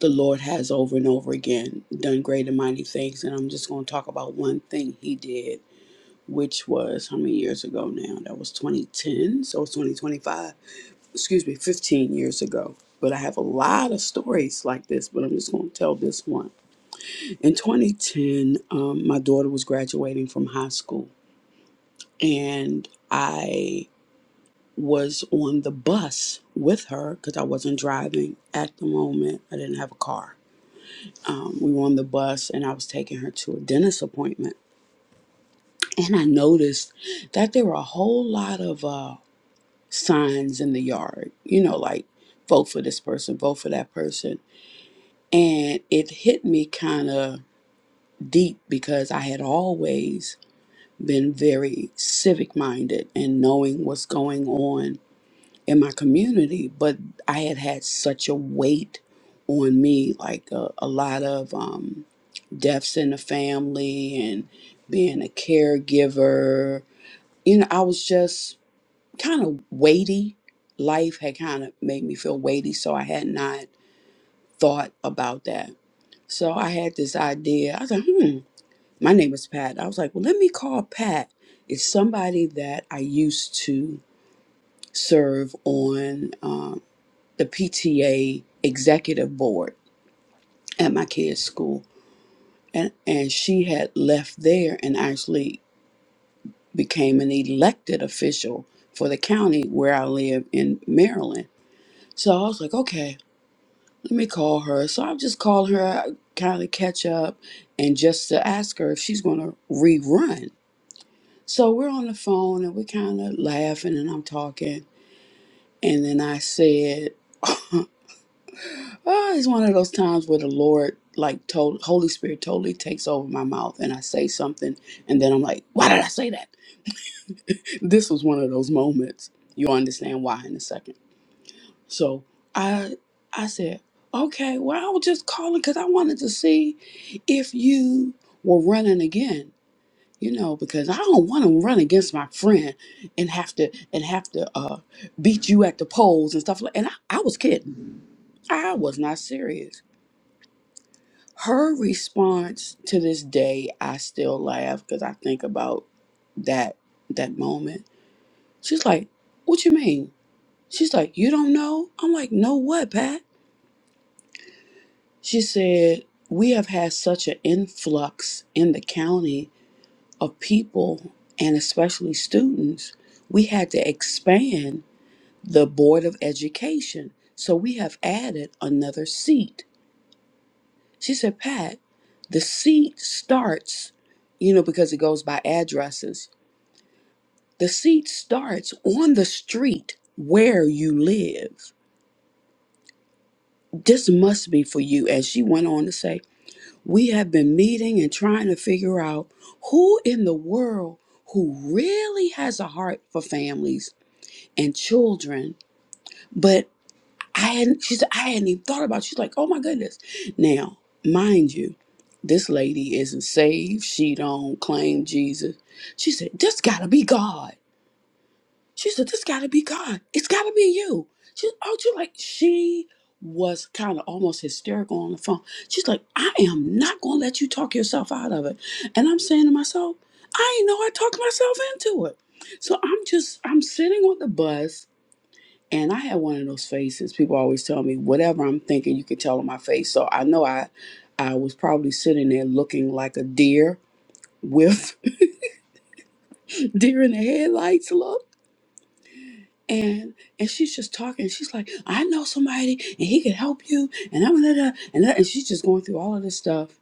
the Lord has over and over again done great and mighty things. And I'm just going to talk about one thing He did, which was how many years ago now? That was 2010. So it's 2025. Excuse me, 15 years ago. But I have a lot of stories like this, but I'm just going to tell this one. In 2010, um, my daughter was graduating from high school, and I was on the bus with her because I wasn't driving at the moment. I didn't have a car um, we were on the bus and I was taking her to a dentist appointment. And I noticed that there were a whole lot of uh, signs in the yard, you know, like vote for this person, vote for that person. And it hit me kind of deep because I had always been very civic minded and knowing what's going on in my community. But I had had such a weight on me, like a, a lot of, um, deaths in the family and being a caregiver. You know, I was just kind of weighty. Life had kind of made me feel weighty, so I had not thought about that. So I had this idea. I was like, hmm, my name is Pat. I was like, well, let me call Pat. It's somebody that I used to serve on um, the PTA executive board at my kids' school. And, and she had left there and actually became an elected official for the county where I live in Maryland. So I was like, okay, let me call her. So I just called her, kind of catch up, and just to ask her if she's going to rerun. So we're on the phone and we're kind of laughing and I'm talking. And then I said, oh, it's one of those times where the Lord, like, told, Holy Spirit totally takes over my mouth and I say something. And then I'm like, why did I say that? This was one of those moments. You'll understand why in a second. So I I said, okay, well I was just calling because I wanted to see if you were running again, you know, because I don't want to run against my friend and have to and have to uh, beat you at the polls and stuff like. And I, I was kidding. I was not serious. Her response to this day, I still laugh because I think about that that moment. She's like, "What you mean?" She's like, "You don't know." I'm like, "No, what, Pat?" She said, We have had such an influx in the county of people and especially students. We had to expand the Board of Education. So we have added another seat. She said, Pat, the seat starts, you know, because it goes by addresses. The seat starts on the street where you live. This must be for you. And she went on to say, We have been meeting and trying to figure out who in the world who really has a heart for families and children. But I hadn't, she said, I hadn't even thought about it. She's like, oh my goodness. Now, mind you, this lady isn't saved. She don't claim Jesus. She said, this gotta be God. She said, This gotta be God. It's gotta be you. She oh, she like she was kind of almost hysterical on the phone. She's like, I am not gonna let you talk yourself out of it. And I'm saying to myself, I ain't know I talked myself into it. So I'm just I'm sitting on the bus and I had one of those faces. People always tell me, whatever I'm thinking, you can tell on my face. So I know I I was probably sitting there looking like a deer with deer in the headlights look. and and she's just talking. She's like, I know somebody, and he could help you, and I'm da da and that, and she's just going through all of this stuff.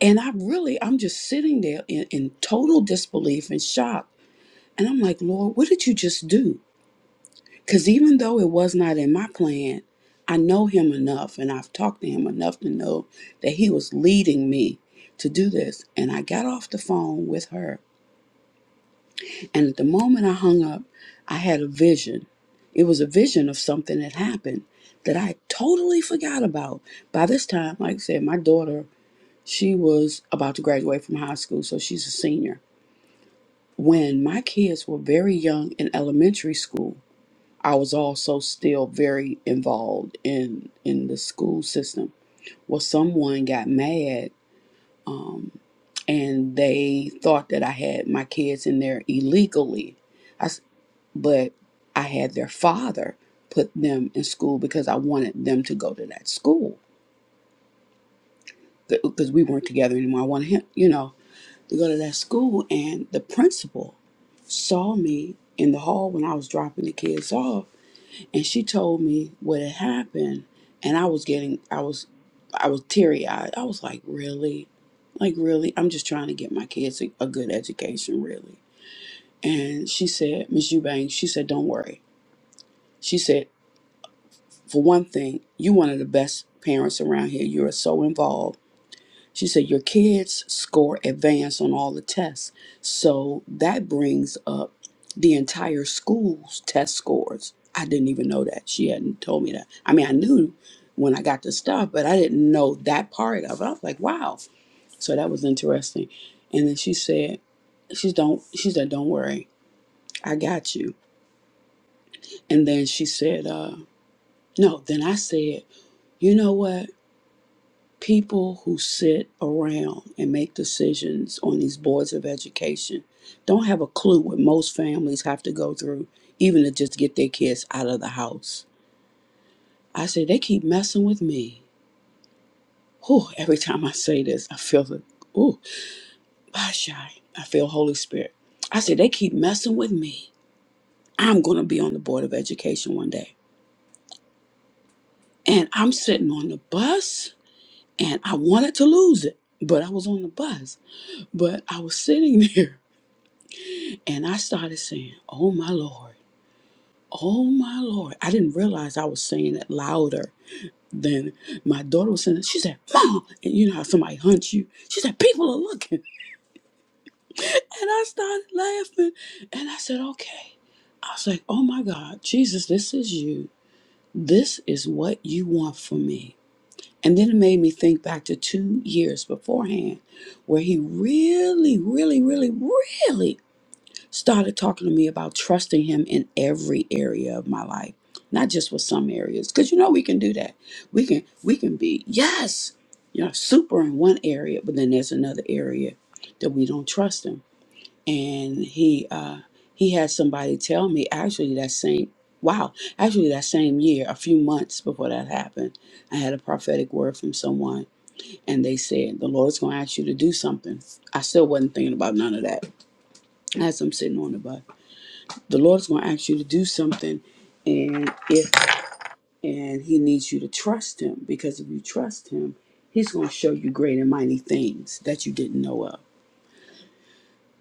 And I really, I'm just sitting there in, in total disbelief and shock. And I'm like, Lord, what did you just do? Because even though it was not in my plan, I know him enough, and I've talked to him enough to know that he was leading me to do this. And I got off the phone with her And at the moment I hung up, I had a vision. It was a vision of something that happened that I totally forgot about. By this time, like I said, my daughter, she was about to graduate from high school, so she's a senior. When my kids were very young in elementary school, I was also still very involved in in the school system. Well, someone got mad um, and they thought that I had my kids in there illegally but I had their father put them in school because I wanted them to go to that school because we weren't together anymore. I wanted him, you know, to go to that school. And the principal saw me in the hall when I was dropping the kids off, and she told me what had happened. And I was getting, I was, I was teary eyed. I was like, really, like really, I'm just trying to get my kids a, a good education, really. And she said, Miss Eubanks, she said, don't worry. She said. For one thing, you are one of the best parents around here. You're so involved. She said your kids score advanced on all the tests. So that brings up the entire school's test scores. I didn't even know that. She hadn't told me that. I mean, I knew when I got the stuff, but I didn't know that part of it. I was like, wow. So that was interesting. And then she said, she's don't she said, Don't worry, I got you. And then she said, uh, no, then I said, you know what? people who sit around and make decisions on these boards of education don't have a clue what most families have to go through even to just get their kids out of the house i say they keep messing with me Whew, every time i say this i feel the ooh bye shy i feel holy spirit i say they keep messing with me i'm going to be on the board of education one day and i'm sitting on the bus and i wanted to lose it but i was on the bus but i was sitting there And I started saying, Oh my Lord, oh my Lord. I didn't realize I was saying it louder than my daughter was saying it. She said, Mom. And you know how somebody hunts you? She said, People are looking. And I started laughing. And I said, Okay. I was like, Oh my God, Jesus, this is you. This is what you want from me. And then it made me think back to two years beforehand where he really, really, really, really started talking to me about trusting him in every area of my life not just with some areas because you know we can do that we can we can be yes you know super in one area but then there's another area that we don't trust him and he uh he had somebody tell me actually that same wow actually that same year a few months before that happened i had a prophetic word from someone and they said the lord's going to ask you to do something i still wasn't thinking about none of that as i'm sitting on the bus the Lord's going to ask you to do something, and if and He needs you to trust Him because if you trust Him, He's going to show you great and mighty things that you didn't know of.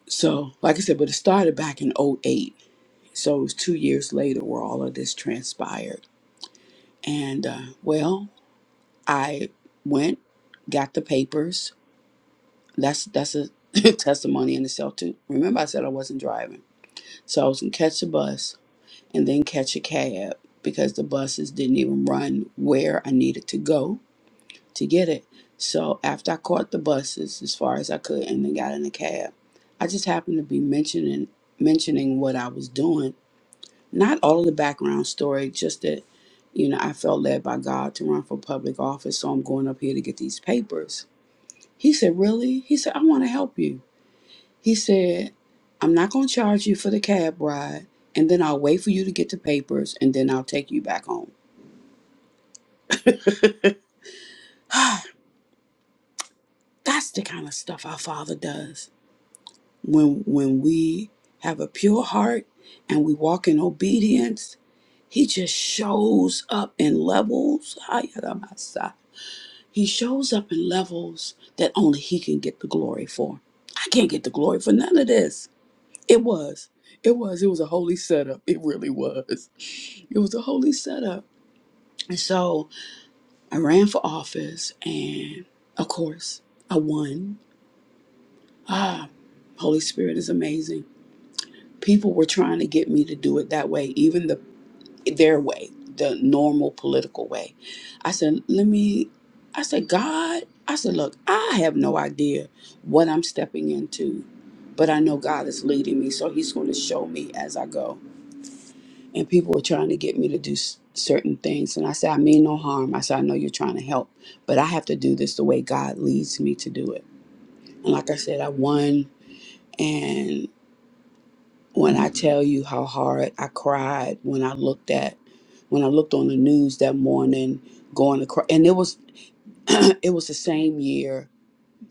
So, like I said, but it started back in '08, So it was two years later where all of this transpired. And uh, well, I went, got the papers. That's that's a testimony in itself too. Remember, I said I wasn't driving, so I was gonna catch the bus and then catch a cab because the buses didn't even run where I needed to go to get it. So after I caught the buses as far as I could and then got in a cab, I just happened to be mentioning mentioning what I was doing. Not all of the background story, just that, you know, I felt led by God to run for public office, so I'm going up here to get these papers. He said, Really? He said, I want to help you. He said, I'm not going to charge you for the cab ride, and then I'll wait for you to get the papers, and then I'll take you back home. That's the kind of stuff our Father does. When, when we have a pure heart and we walk in obedience, He just shows up in levels. Ayaramasa. He shows up in levels that only He can get the glory for. I can't get the glory for none of this. It was. It was. It was a holy setup. It really was. It was a holy setup. And so I ran for office and of course I won. Ah, Holy Spirit is amazing. People were trying to get me to do it that way, even the their way, the normal political way. I said, let me I said, God, I said, look, I have no idea what I'm stepping into, but I know God is leading me, so He's going to show me as I go. and people were trying to get me to do s- certain things and i said i mean no harm i said i know you're trying to help but i have to do this the way god leads me to do it and like i said i won and when i tell you how hard i cried when i looked at when i looked on the news that morning going across and it was it was the same year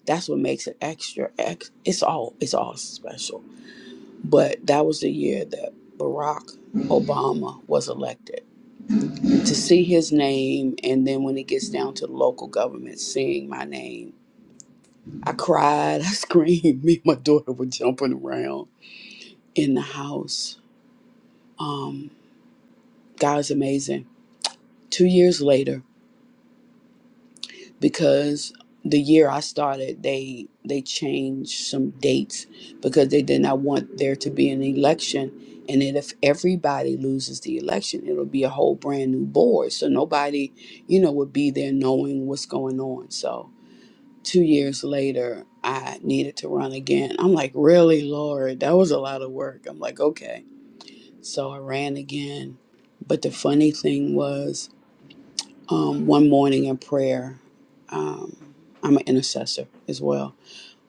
that's what makes it extra ex- it's all it's all special but that was the year that barack obama was elected to see his name and then when it gets down to local government seeing my name i cried i screamed me and my daughter were jumping around in the house um god's amazing two years later because the year i started they they changed some dates because they did not want there to be an election and then if everybody loses the election it'll be a whole brand new board so nobody you know would be there knowing what's going on so two years later, I needed to run again. I'm like, really, Lord, that was a lot of work. I'm like, okay. So I ran again. But the funny thing was, um, one morning in prayer, um, I'm an intercessor as well.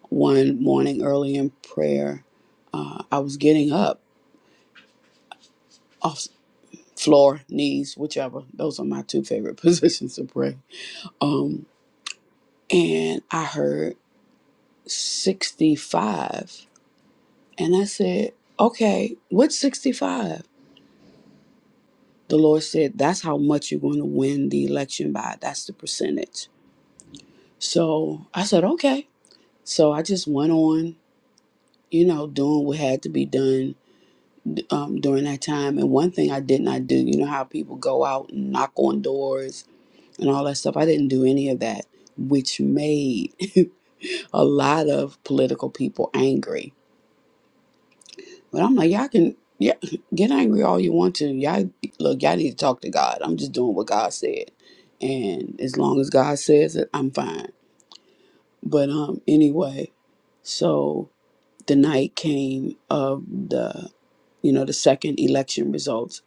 One morning early in prayer, uh, I was getting up off floor, knees, whichever. Those are my two favorite positions to pray. Um, and I heard 65 And I said, okay, what's 65? The Lord said, that's how much you're going to win the election by. That's the percentage. So I said, okay. So I just went on, you know, doing what had to be done um, during that time. And one thing I did not do, you know, how people go out and knock on doors and all that stuff. I didn't do any of that, which made a lot of political people angry But I'm like, y'all can yeah, get angry all you want to. Y'all look, y'all need to talk to God. I'm just doing what God said. And as long as God says it, I'm fine. But um anyway, so the night came of the you know, the second election results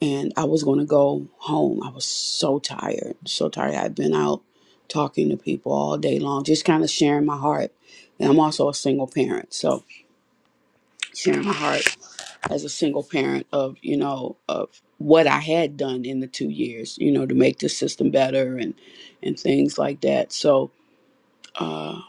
and I was gonna go home. I was so tired, so tired. I'd been out talking to people all day long, just kind of sharing my heart. And I'm also a single parent, so sharing my heart as a single parent of you know of what I had done in the two years, you know, to make the system better and and things like that. So uh,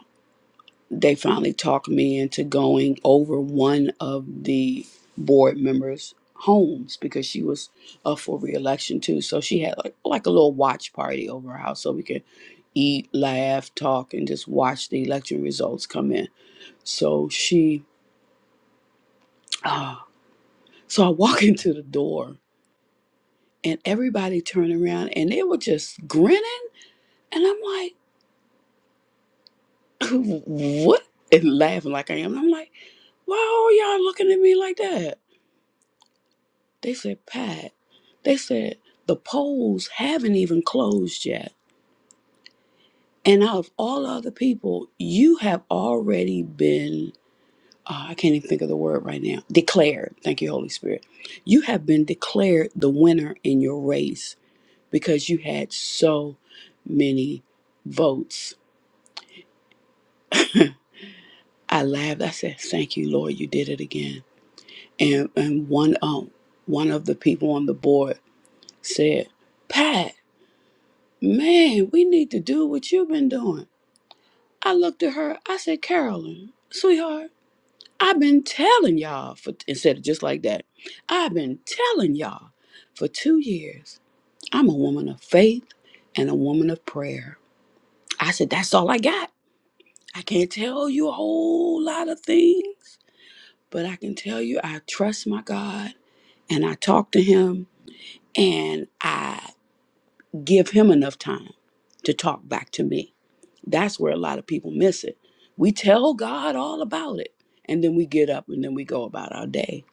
they finally talked me into going over one of the board members' homes because she was up for reelection too. So she had like like a little watch party over her house so we could eat, laugh, talk, and just watch the election results come in. So she, uh, so I walk into the door and everybody turned around and they were just grinning and i'm like what and laughing like i am and i'm like why are y'all looking at me like that they said pat they said the polls haven't even closed yet and out of all other people you have already been uh, i can't even think of the word right now declared thank you holy spirit you have been declared the winner in your race because you had so many votes I laughed. I said, "Thank you, Lord, you did it again." And and one um one of the people on the board said, "Pat, man, we need to do what you've been doing." I looked at her. I said, "Carolyn, sweetheart, I've been telling y'all for instead of just like that, I've been telling y'all for two years. I'm a woman of faith and a woman of prayer." I said, "That's all I got. I can't tell you a whole lot of things." But I can tell you, I trust my God and I talk to him and I give him enough time to talk back to me. That's where a lot of people miss it. We tell God all about it and then we get up and then we go about our day.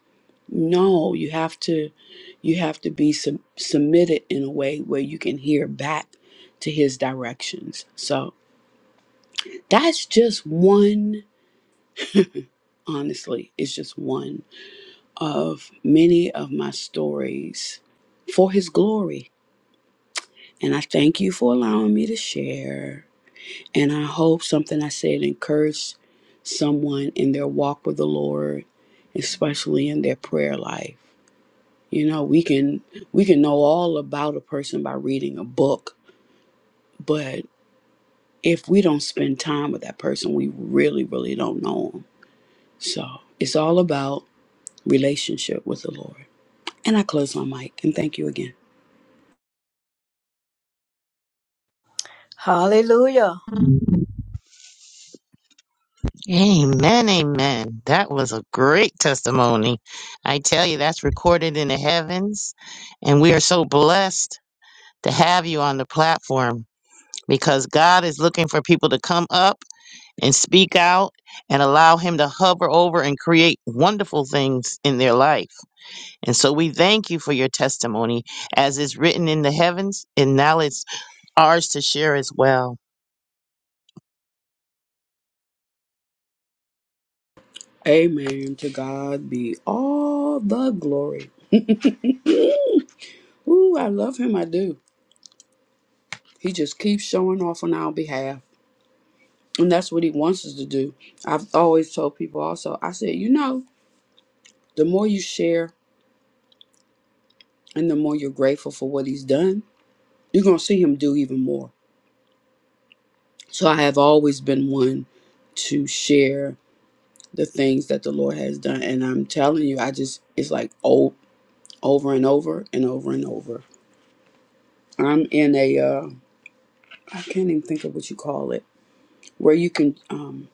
No, you have to you have to be sub- submitted in a way where you can hear back to his directions. So, that's just one honestly, it's just one of many of my stories for his glory And I thank you for allowing me to share. And I hope something I said encouraged someone in their walk with the Lord, especially in their prayer life. You know, we can we can know all about a person by reading a book, but if we don't spend time with that person, we really, really don't know them. So it's all about relationship with the Lord. And I close my mic and thank you again.
Hallelujah.
Amen, amen. That was a great testimony. I tell you, that's recorded in the heavens. And we are so blessed to have you on the platform because God is looking for people to come up and speak out and allow Him to hover over and create wonderful things in their life. And so we thank you for your testimony. As is written in the heavens, and now it's ours to share as well.
Amen. To God be all the glory. Ooh, I love him. I do. He just keeps showing off on our behalf. And that's what he wants us to do. I've always told people also, I said, you know, the more you share and the more you're grateful for what he's done, you're going to see him do even more. So I have always been one to share the things that the Lord has done. And I'm telling you, I just, it's like old, over and over and over and over. I'm in a, uh, I can't even think of what you call it, where you can, um,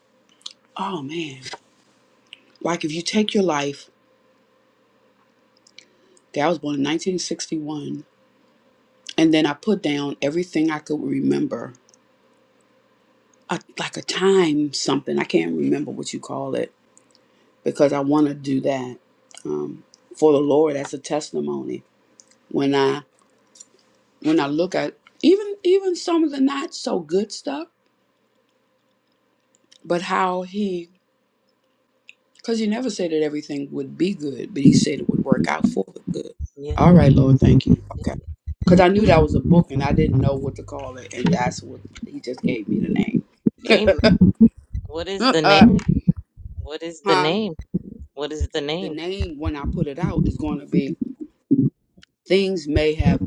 oh man, like if you take your life Okay, I was born in 1961. And then I put down everything I could remember, a, like a time something. I can't remember what you call it because I want to do that um, for the Lord as a testimony. When I when I look at even even some of the not so good stuff, but how He Because you never said that everything would be good, but he said it would work out for the good.
Yeah.
All right, Lord, thank you. Okay. Because I knew that was a book and I didn't know what to call it. And that's what he just gave me the name.
Amen. What is the
uh,
name? What is the
huh?
name? What is the
The
name?
name, when I put it out, is going to be Things May Have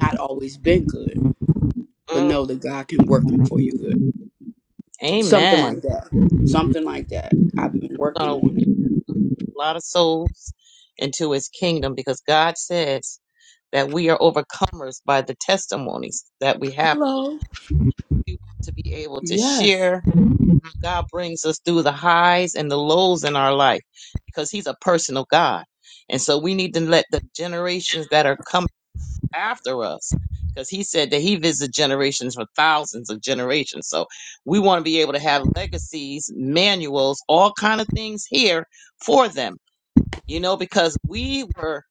Not Always Been Good, but Know
Mm,
That God Can Work Them For You Good. Something like
amen.
that. Something like that. I've been
It's
working
gonna win
on it.
a lot of souls into his kingdom because God says that we are overcomers by the testimonies that we have.
Hello.
We want to be able to
Yes.
share how God brings us through the highs and the lows in our life because he's a personal God. And so we need to let the generations that are coming. after us because he said that he visited generations for thousands of generations so we want to be able to have legacies manuals all kind of things here for them you know because we were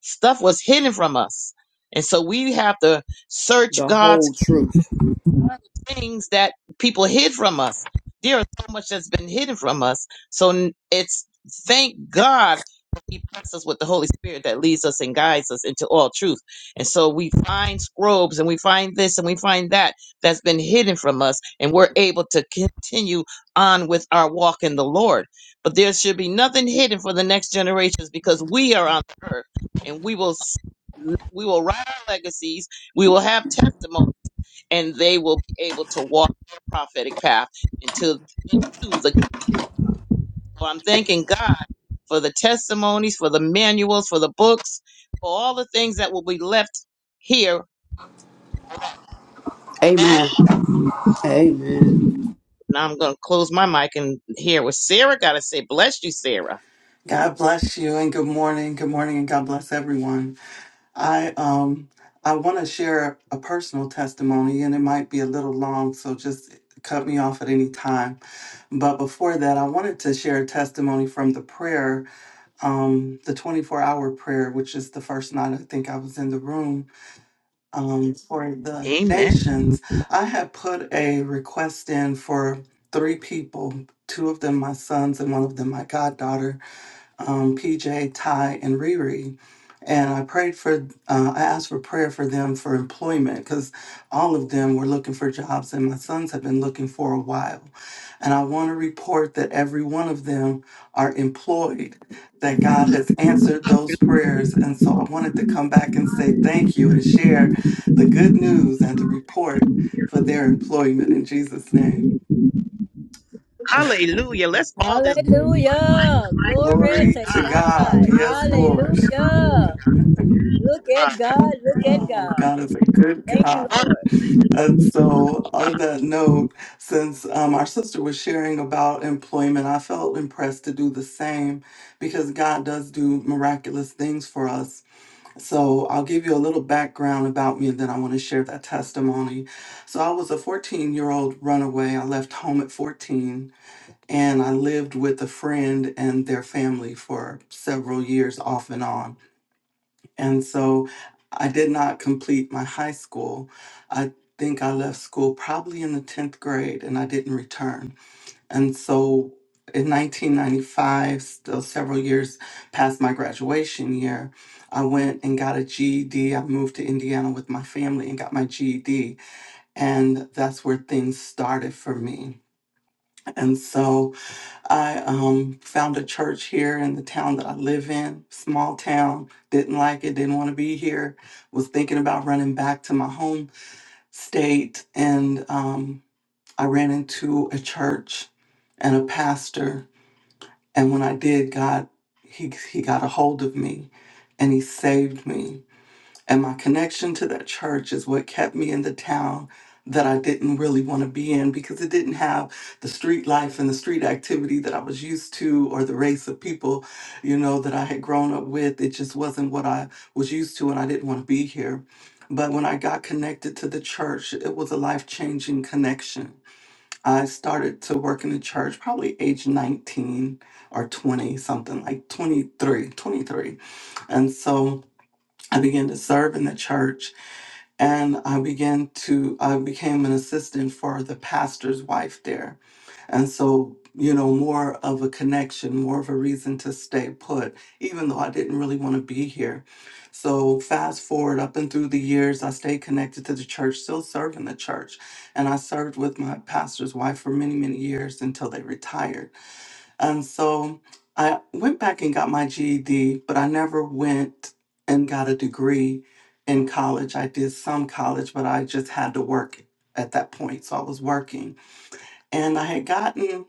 stuff was hidden from us and so we have to search
The
god's
whole truth.
things that people hid from us. There is so much that's been hidden from us. So n- it's thank God that He blessed us with the Holy Spirit that leads us and guides us into all truth. And so we find scrobes and we find this and we find that that's been hidden from us, and we're able to continue on with our walk in the Lord. But there should be nothing hidden for the next generations because we are on the earth and we will. s- We will write our legacies. We will have testimony and they will be able to walk the prophetic path into into the so I'm thanking God for the testimonies, for the manuals, for the books, for all the things that will be left here.
Amen.
Now
Amen.
I'm gonna close my mic and hear what Sarah gotta say. Bless you, Sarah.
God bless you and good morning. Good morning and God bless everyone. I um I want to share a personal testimony and it might be a little long, so just cut me off at any time. But before that, I wanted to share a testimony from the prayer, um, the 24-hour prayer, which is the first night I think I was in the room um, for the
Amen.
nations. I had put a request in for three people, two of them my sons and one of them my goddaughter um, PJ, Ty, and Riri. And I prayed for, uh, I asked for prayer for them for employment because all of them were looking for jobs and my sons have been looking for a while. And I want to report that every one of them are employed, that God has answered those prayers. And so I wanted to come back and say thank you and share the good news and the report for their employment in Jesus' name.
Hallelujah. Let's all just
Hallelujah. Glory
Glory
to
to
God.
God. Yes, Lord.
Hallelujah. Look
uh,
at God. Look at
Oh,
God.
God is a good
Thank you,
God.
what,
Lord.
And so, on that note, since um, our sister was sharing about employment, I felt impressed to do the same because God does do miraculous things for us. So, I'll give you a little background about me and then I want to share that testimony. So, I was a 14 year old runaway. I left home at 14 and I lived with a friend and their family for several years off and on. And so I did not complete my high school. I think I left school probably in the 10th grade and I didn't return. And so in 1995, still several years past my graduation year, I went and got a GED. I moved to Indiana with my family and got my GED. And that's where things started for me. And so I um, found a church here in the town that I live in, small town, didn't like it, didn't want to be here, was thinking about running back to my home state. And um, I ran into a church and a pastor. And when I did, God, he, he got a hold of me and he saved me. And my connection to that church is what kept me in the town that I didn't really want to be in because it didn't have the street life and the street activity that I was used to or the race of people, you know, that I had grown up with. It just wasn't what I was used to and I didn't want to be here. But when I got connected to the church, it was a life changing connection. I started to work in the church probably age 19 or 20, something like 23, 23, And so I began to serve in the church and I began to I became an assistant for the pastor's wife there. And so, you know, more of a connection, more of a reason to stay put, even though I didn't really want to be here. So fast forward up and through the years, I stayed connected to the church, still serving the church. And I served with my pastor's wife for many, many years until they retired. And so I went back and got my GED, but I never went and got a degree in college. I did some college, but I just had to work at that point. So I was working. And I had gotten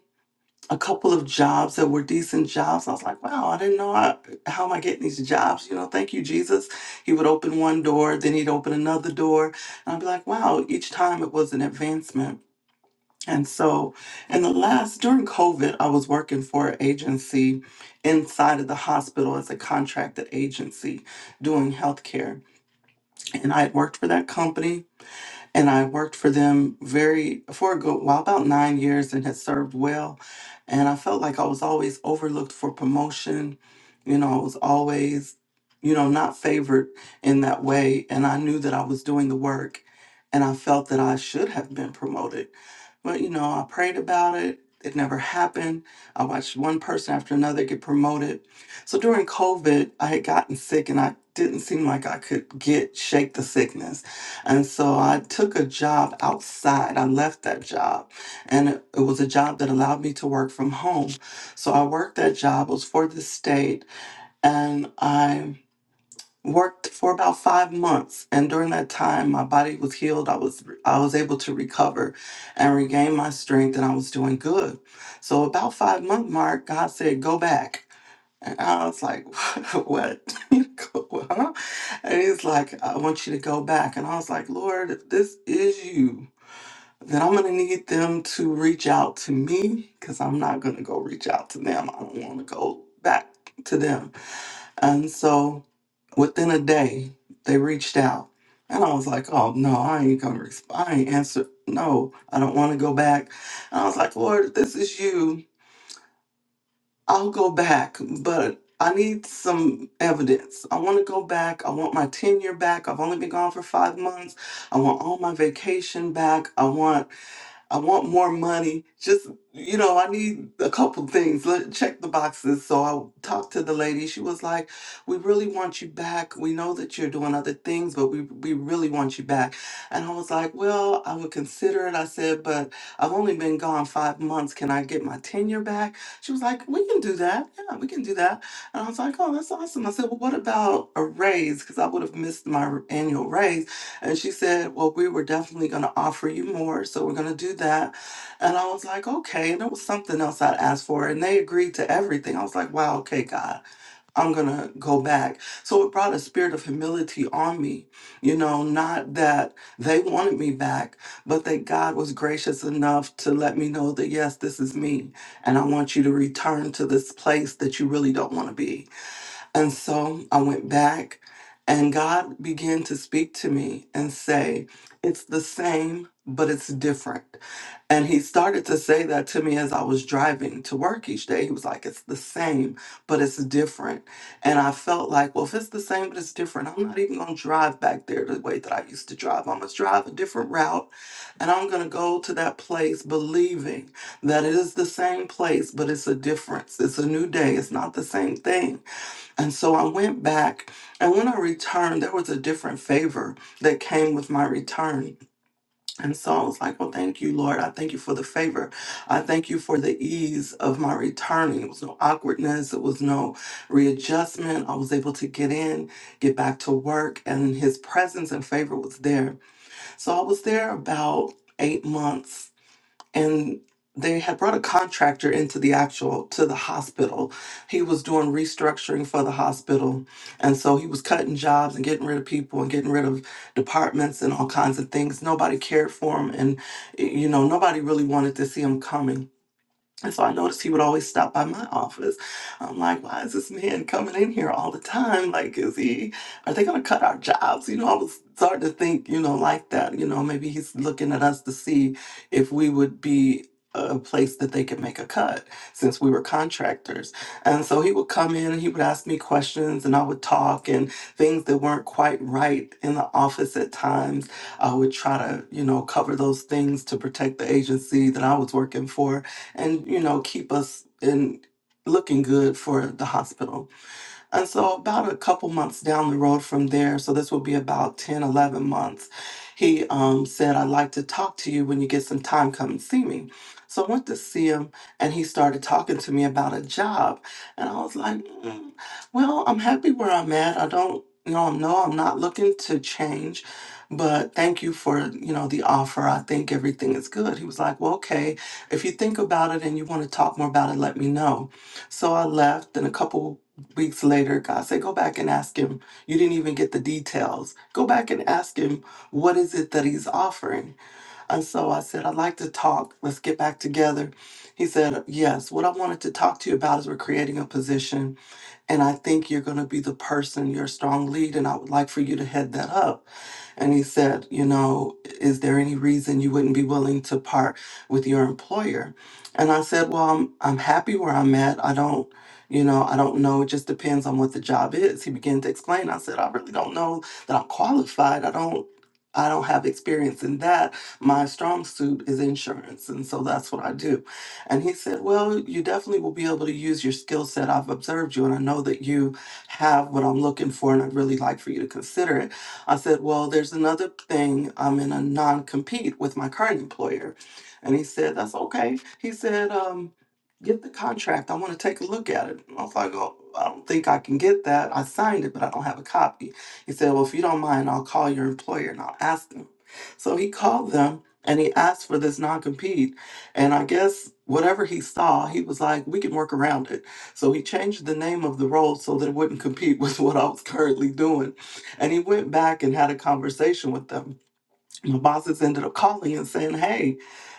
a couple of jobs that were decent jobs. I was like, wow, I didn't know I, how am I getting these jobs? You know, thank you, Jesus. He would open one door, then he'd open another door. And I'd be like, wow, each time it was an advancement. And so, in the last, during COVID, I was working for an agency inside of the hospital as a contracted agency doing healthcare. And I had worked for that company and I worked for them very for a good while, about nine years, and had served well. And I felt like I was always overlooked for promotion. You know, I was always, you know, not favored in that way. And I knew that I was doing the work, and I felt that I should have been promoted. But you know, I prayed about it. It never happened. I watched one person after another get promoted. So during COVID, I had gotten sick and I didn't seem like I could get shake the sickness. And so I took a job outside. I left that job. And it, it was a job that allowed me to work from home. So I worked that job. It was for the state. And I worked for about five months. And during that time my body was healed. I was I was able to recover and regain my strength and I was doing good. So about five month mark, God said, go back. And I was like, what? Huh? and he's like, I want you to go back. And I was like, Lord, if this is you, then I'm going to need them to reach out to me because I'm not going to go reach out to them. I don't want to go back to them. And so within a day, they reached out. And I was like, oh, no, I ain't going to respond. I ain't answer. No, I don't want to go back. And I was like, Lord, if this is you. I'll go back, but I need some evidence. I want to go back. I want my tenure back. I've only been gone for five months. I want all my vacation back. I want I want more money. Just, you know, I need a couple things. Let check the boxes. So I talked to the lady. She was like, "We really want you back. We know that you're doing other things, but we we really want you back." And I was like, "Well, I would consider it." I said, "But I've only been gone 5 months. Can I get my tenure back?" She was like, "We can do that. Yeah, we can do that." And I was like, "Oh, that's awesome." I said, "Well, what about a raise cuz I would have missed my annual raise." And she said, Well, we were definitely going to offer you more. So we're going to do that. And I was like, Okay. And there was something else I'd asked for. And they agreed to everything. I was like, Wow, okay, God, I'm going to go back. So it brought a spirit of humility on me. You know, not that they wanted me back, but that God was gracious enough to let me know that, yes, this is me. And I want you to return to this place that you really don't want to be. And so I went back, and God began to speak to me and say, It's the same, but it's different. And He started to say that to me as I was driving to work each day. He was like, It's the same, but it's different. And I felt like, Well, if it's the same, but it's different, I'm not even going to drive back there the way that I used to drive. I'm going to drive a different route, and I'm going to go to that place believing that it is the same place, but it's a difference. It's a new day, it's not the same thing. And so I went back, and when I returned, there was a different favor that came with my return. And so I was like, Well, thank you, Lord. I thank you for the favor. I thank you for the ease of my returning. It was no awkwardness, it was no readjustment. I was able to get in, get back to work, and his presence and favor was there. So I was there about eight months and they had brought a contractor into the actual to the hospital. He was doing restructuring for the hospital, and so he was cutting jobs and getting rid of people and getting rid of departments and all kinds of things. Nobody cared for him, and you know nobody really wanted to see him coming. And so I noticed he would always stop by my office. I'm like, why is this man coming in here all the time? Like, is he, are they going to cut our jobs? You know, I was starting to think, you know, like that. You know, maybe he's looking at us to see if we would be a place that they could make a cut since we were contractors. And so he would come in and he would ask me questions and I would talk and things that weren't quite right in the office at times. I would try to, you know, cover those things to protect the agency that I was working for and you know keep us in looking good for the hospital and so, about a couple months down the road from there, so this will be about 10, 11 months, he um, said, I'd like to talk to you when you get some time, come and see me. So, I went to see him and he started talking to me about a job. And I was like, "Mm, Well, I'm happy where I'm at. I don't, you know, no, I'm not looking to change. But thank you for, you know, the offer. I think everything is good. He was like, Well, okay. If you think about it and you want to talk more about it, let me know. So I left, and a couple weeks later, God said, Go back and ask him. You didn't even get the details. Go back and ask him, What is it that he's offering? And so I said, I'd like to talk. Let's get back together. He said, Yes, what I wanted to talk to you about is we're creating a position and I think you're going to be the person, you're a strong lead, and I would like for you to head that up. And he said, You know, is there any reason you wouldn't be willing to part with your employer? And I said, Well, I'm, I'm happy where I'm at. I don't, you know, I don't know. It just depends on what the job is. He began to explain. I said, I really don't know that I'm qualified. I don't. I don't have experience in that. My strong suit is insurance. And so that's what I do. And he said, Well, you definitely will be able to use your skill set. I've observed you and I know that you have what I'm looking for and I'd really like for you to consider it. I said, Well, there's another thing. I'm in a non compete with my current employer. And he said, That's okay. He said, um, Get the contract. I want to take a look at it. And I was like, Oh, I don't think I can get that. I signed it, but I don't have a copy. He said, Well, if you don't mind, I'll call your employer and I'll ask them. So he called them and he asked for this non compete and I guess whatever he saw, he was like, we can work around it. So he changed the name of the role so that it wouldn't compete with what I was currently doing. And he went back and had a conversation with them. My bosses ended up calling and saying, hey,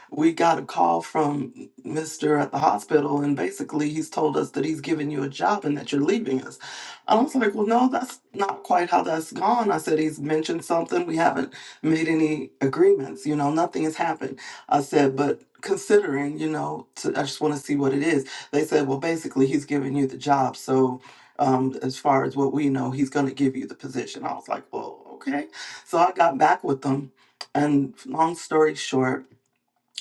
we got a call from Mr. at the hospital, and basically he's told us that he's giving you a job and that you're leaving us. I was like, well, no, that's not quite how that's gone. I said, he's mentioned something. We haven't made any agreements, you know, nothing has happened. I said, but considering, you know, to, I just want to see what it is. They said, well, basically he's giving you the job. So, um, as far as what we know, he's going to give you the position. I was like, well, okay. So I got back with them. And long story short,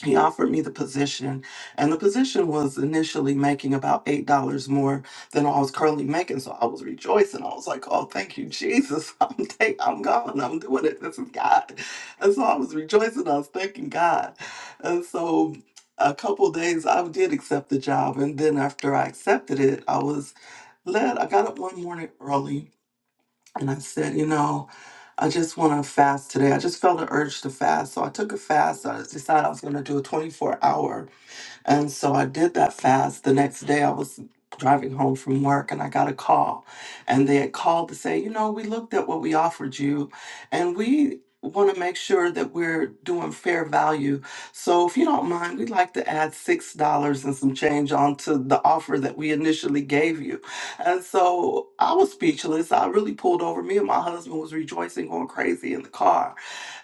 he offered me the position and the position was initially making about eight dollars more than i was currently making so i was rejoicing i was like oh thank you jesus i'm take, i'm going i'm doing it this is god and so i was rejoicing i was thanking god and so a couple days i did accept the job and then after i accepted it i was led i got up one morning early and I said, you know, I just want to fast today. I just felt an urge to fast. So I took a fast. I decided I was going to do a 24 hour and so I did that fast. The next day I was driving home from work and I got a call. And they had called to say, you know, we looked at what we offered you and we want to make sure that we're doing fair value. So if you don't mind, we'd like to add $6 and some change onto the offer that we initially gave you. And so I was speechless. I really pulled over. Me and my husband was rejoicing, going crazy in the car.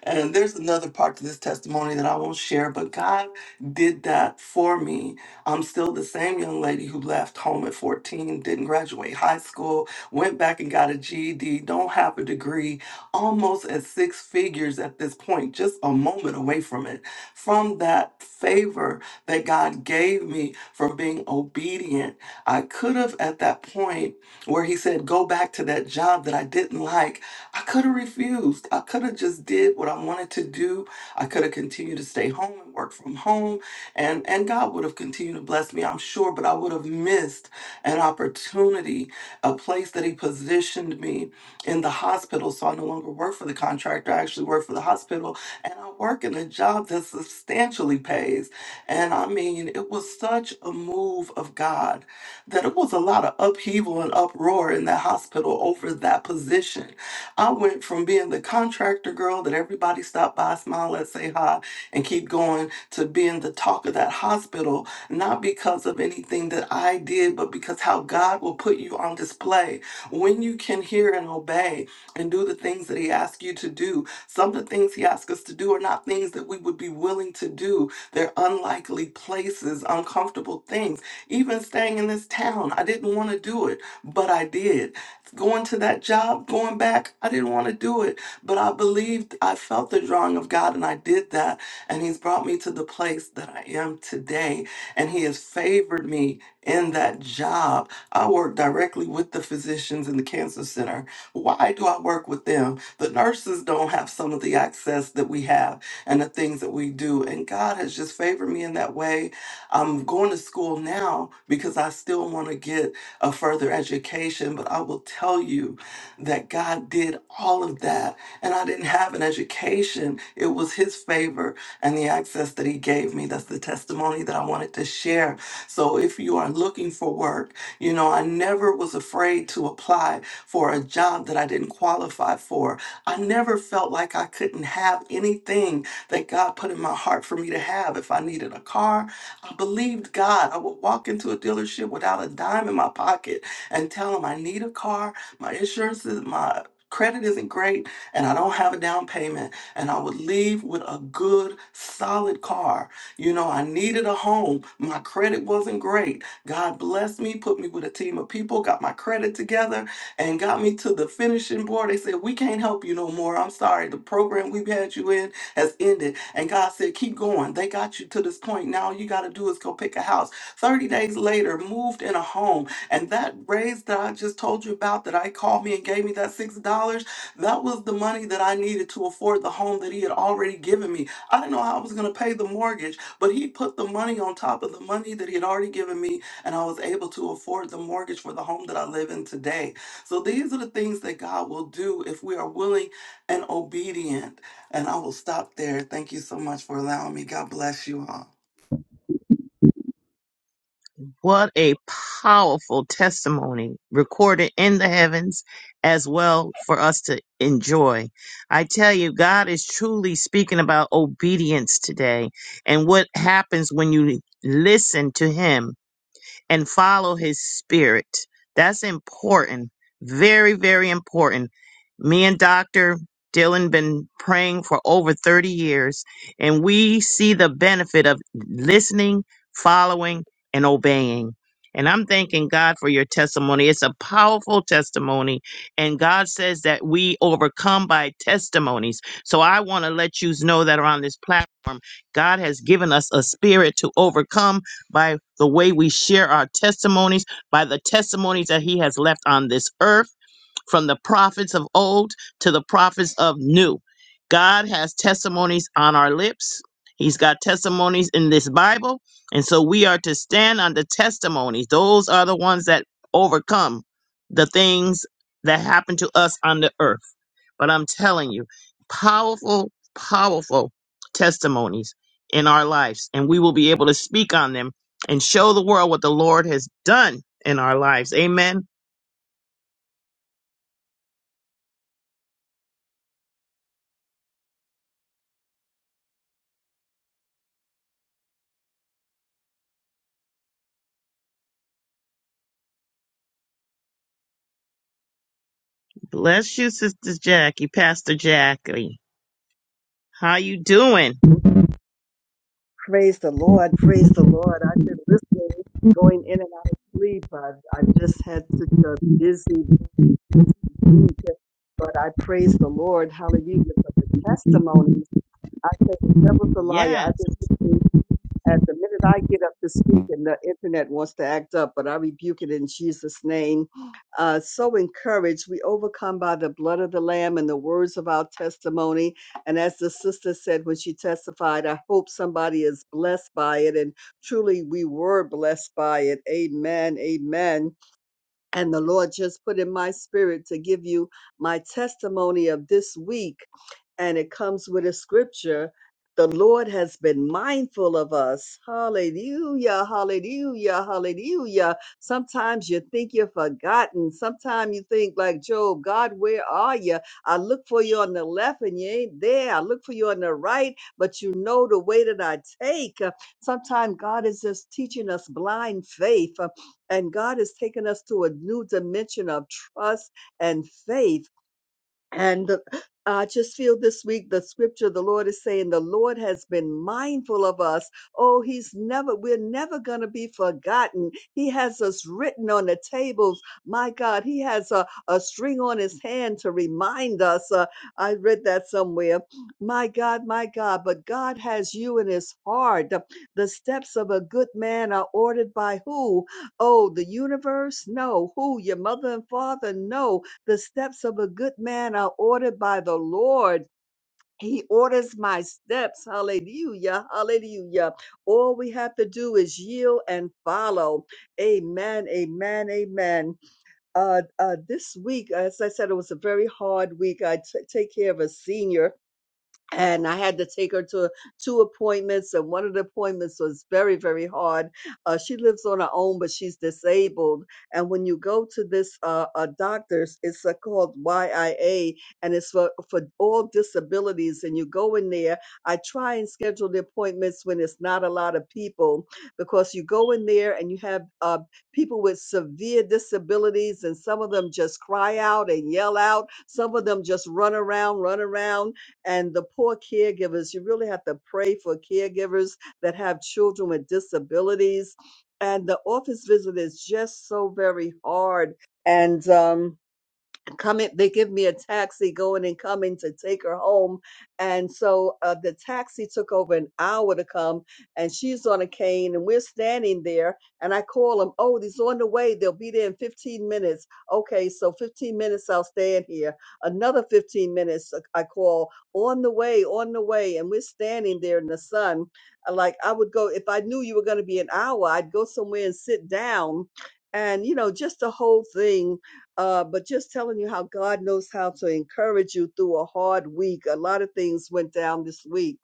And there's another part to this testimony that I won't share, but God did that for me. I'm still the same young lady who left home at 14, didn't graduate high school, went back and got a GED, don't have a degree, almost at six figures at this point, just a moment away from it. From that favor that God gave me from being obedient, I could have at that point where he said, go back to that job that I didn't like, I could have refused. I could have just did what I wanted to do. I could have continued to stay home and work from home and and God would have continued to bless me, I'm sure, but I would have missed an opportunity, a place that He positioned me in the hospital. So I no longer work for the contractor. I actually work for the hospital, and I work in a job that substantially pays. And I mean, it was such a move of God that it was a lot of upheaval and uproar in that hospital over that position. I went from being the contractor girl that everybody stopped by, smile, let say hi, and keep going to being the talk of that hospital, not because of anything that I did, but because how God will put you on display. When you can hear and obey and do the things that He asks you to do, some of the things He asks us to do are not things that we would be willing to do. They're unlikely places, uncomfortable things. Even staying in this town, I didn't want to do it, but I did. Going to that job, going back, I didn't want to do it, but I believed, I felt the drawing of God and I did that and he's brought me to the place that I am today. And he has favored me in that job. I work directly with the physicians in the cancer center. Why do I work with them? The nurses don't have some of the access that we have and the things that we do. And God has just favored me in that way. I'm going to school now because I still want to get a further education. But I will tell you that God did all of that and I didn't have an education. It was His favor and the access that He gave me. That's the testimony that I wanted to share. So if you are looking for work, you know, I never was afraid to apply for a job that I didn't qualify for. I never felt like I couldn't have anything that God put in my heart for me to have. If I needed a car, I believed God. I would walk into a dealership without a dime in my pocket and tell them I need a car, my insurance is my credit isn't great and I don't have a down payment and I would leave with a good, solid car. You know, I needed a home. My credit wasn't great. God blessed me, put me with a team of people, got my credit together, and got me to the finishing board. They said, We can't help you no more. I'm sorry. The program we've had you in has ended. And God said, Keep going. They got you to this point. Now all you got to do is go pick a house. 30 days later, moved in a home. And that raise that I just told you about that I called me and gave me that $6 that was the money that I needed to afford the home that he had already given me. I didn't know how I was going to pay the mortgage, but he put the money on top of the money that he had already given me, and I was able to afford the mortgage for the home that I live in today. So these are the things that God will do if we are willing and obedient. And I will stop there. Thank you so much for allowing me. God bless you all.
what a powerful testimony recorded in the heavens as well for us to enjoy. I tell you, God is truly speaking about obedience today and what happens when you listen to Him. and follow his spirit. That's important. Very, very important. Me and Dr. Dylan been praying for over 30 years and we see the benefit of listening, following, and obeying. And I'm thanking God for your testimony. It's a powerful testimony. And God says that we overcome by testimonies. So I want to let you know that around this platform God has given us a spirit to overcome by the way we share our testimonies, by the testimonies that He has left on this earth, from the prophets of old to the prophets of new. God has testimonies on our lips. He's got testimonies in this Bible. And so we are to stand on the testimonies. Those are the ones that overcome the things that happen to us on the earth. But I'm telling you, powerful, powerful testimonies in our lives. And we will be able to speak on them and show the world what the Lord has done in our lives. Amen. Bless you, Sister Jackie, Pastor Jackie. How you doing?
Praise the Lord. Praise the Lord. I've been listening, going in and out of sleep. I've, I've just had such a busy, busy week, but I praise the Lord. Hallelujah for the testimonies. I say the devil's a liar.
Yes.
I've been listening at the minute I get up to speak and the internet wants to act up, but I rebuke it in Jesus' name. Uh, so encouraged, we overcome by the blood of the Lamb and the words of our testimony. And as the sister said when she testified, I hope somebody is blessed by it. And truly, we were blessed by it. Amen. Amen. And the Lord just put in my spirit to give you my testimony of this week and it comes with a scripture. The Lord has been mindful of us. Hallelujah, hallelujah, hallelujah. Sometimes you think you're forgotten. Sometimes you think, like Job, God, where are you? I look for you on the left and you ain't there. I look for you on the right, but you know the way that I take. Sometimes God is just teaching us blind faith. And God has taken us to a new dimension of trust and faith and I just feel this week the scripture the Lord is saying the Lord has been mindful of us. Oh, he's never, we're never going to be forgotten. He has us written on the tables. My God, he has a, a string on his hand to remind us. Uh, I read that somewhere. My God, my God, but God has you in his heart. The, the steps of a good man are ordered by who? Oh, the universe? No. Who? Your mother and father? No the steps of a good man are ordered by the Lord. He orders my steps. Hallelujah. Hallelujah. All we have to do is yield and follow. Amen. Amen. Amen. Uh, uh, this week, as I said, it was a very hard week. I t- take care of a senior and I had to take her to two appointments, and one of the appointments was very, very hard. Uh, she lives on her own, but she's disabled. And when you go to this uh, uh, doctor's, it's uh, called YIA, and it's for, for all disabilities. And you go in there. I try and schedule the appointments when it's not a lot of people, because you go in there and you have uh, people with severe disabilities, and some of them just cry out and yell out. Some of them just run around, run around and the poor caregivers. You really have to pray for caregivers that have children with disabilities. And the office visit is just so very hard. And um, coming they give me a taxi going and coming to take her home and so uh, the taxi took over an hour to come and she's on a cane and we're standing there and i call him oh he's on the way they'll be there in 15 minutes okay so 15 minutes i'll stand here another 15 minutes uh, i call on the way on the way and we're standing there in the sun Uh, like i would go if i knew you were going to be an hour i'd go somewhere and sit down and you know just the whole thing uh, but just telling you how God knows how to encourage you through a hard week. A lot of things went down this week,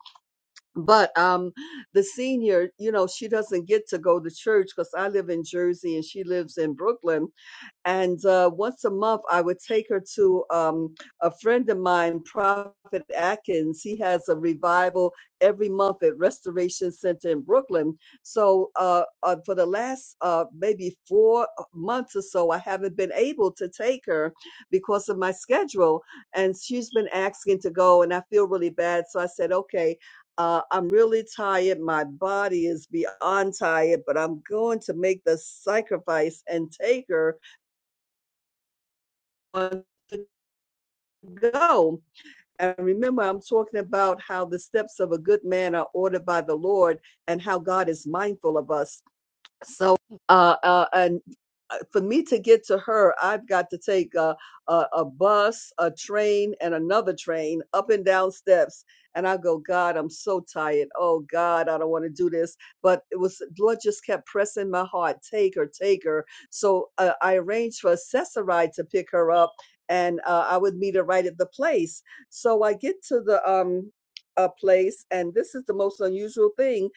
but um, the senior, you know, she doesn't get to go to church because I live in Jersey and she lives in Brooklyn. And uh, once a month, I would take her to um, a friend of mine, Prophet Atkins. He has a revival every month at Restoration Center in Brooklyn. So uh, uh, for the last uh, maybe four uh, months or so, I haven't been able to take her because of my schedule. And she's been asking to go, and I feel really bad. So I said, okay. Uh, I'm really tired. My body is beyond tired, but I'm going to make the sacrifice and take her months ago. And remember, I'm talking about how the steps of a good man are ordered by the Lord and how God is mindful of us. So, uh, uh, and uh, for me to get to her, I've got to take a, a, a bus, a train, and another train up and down steps. And I go, God, I'm so tired. Oh, God, I don't want to do this. But it was, Lord just kept pressing my heart, take her, take her. So uh, I arranged for a Cesaride to pick her up, and uh, I would meet her right at the place. So I get to the, um, a place, and this is the most unusual thing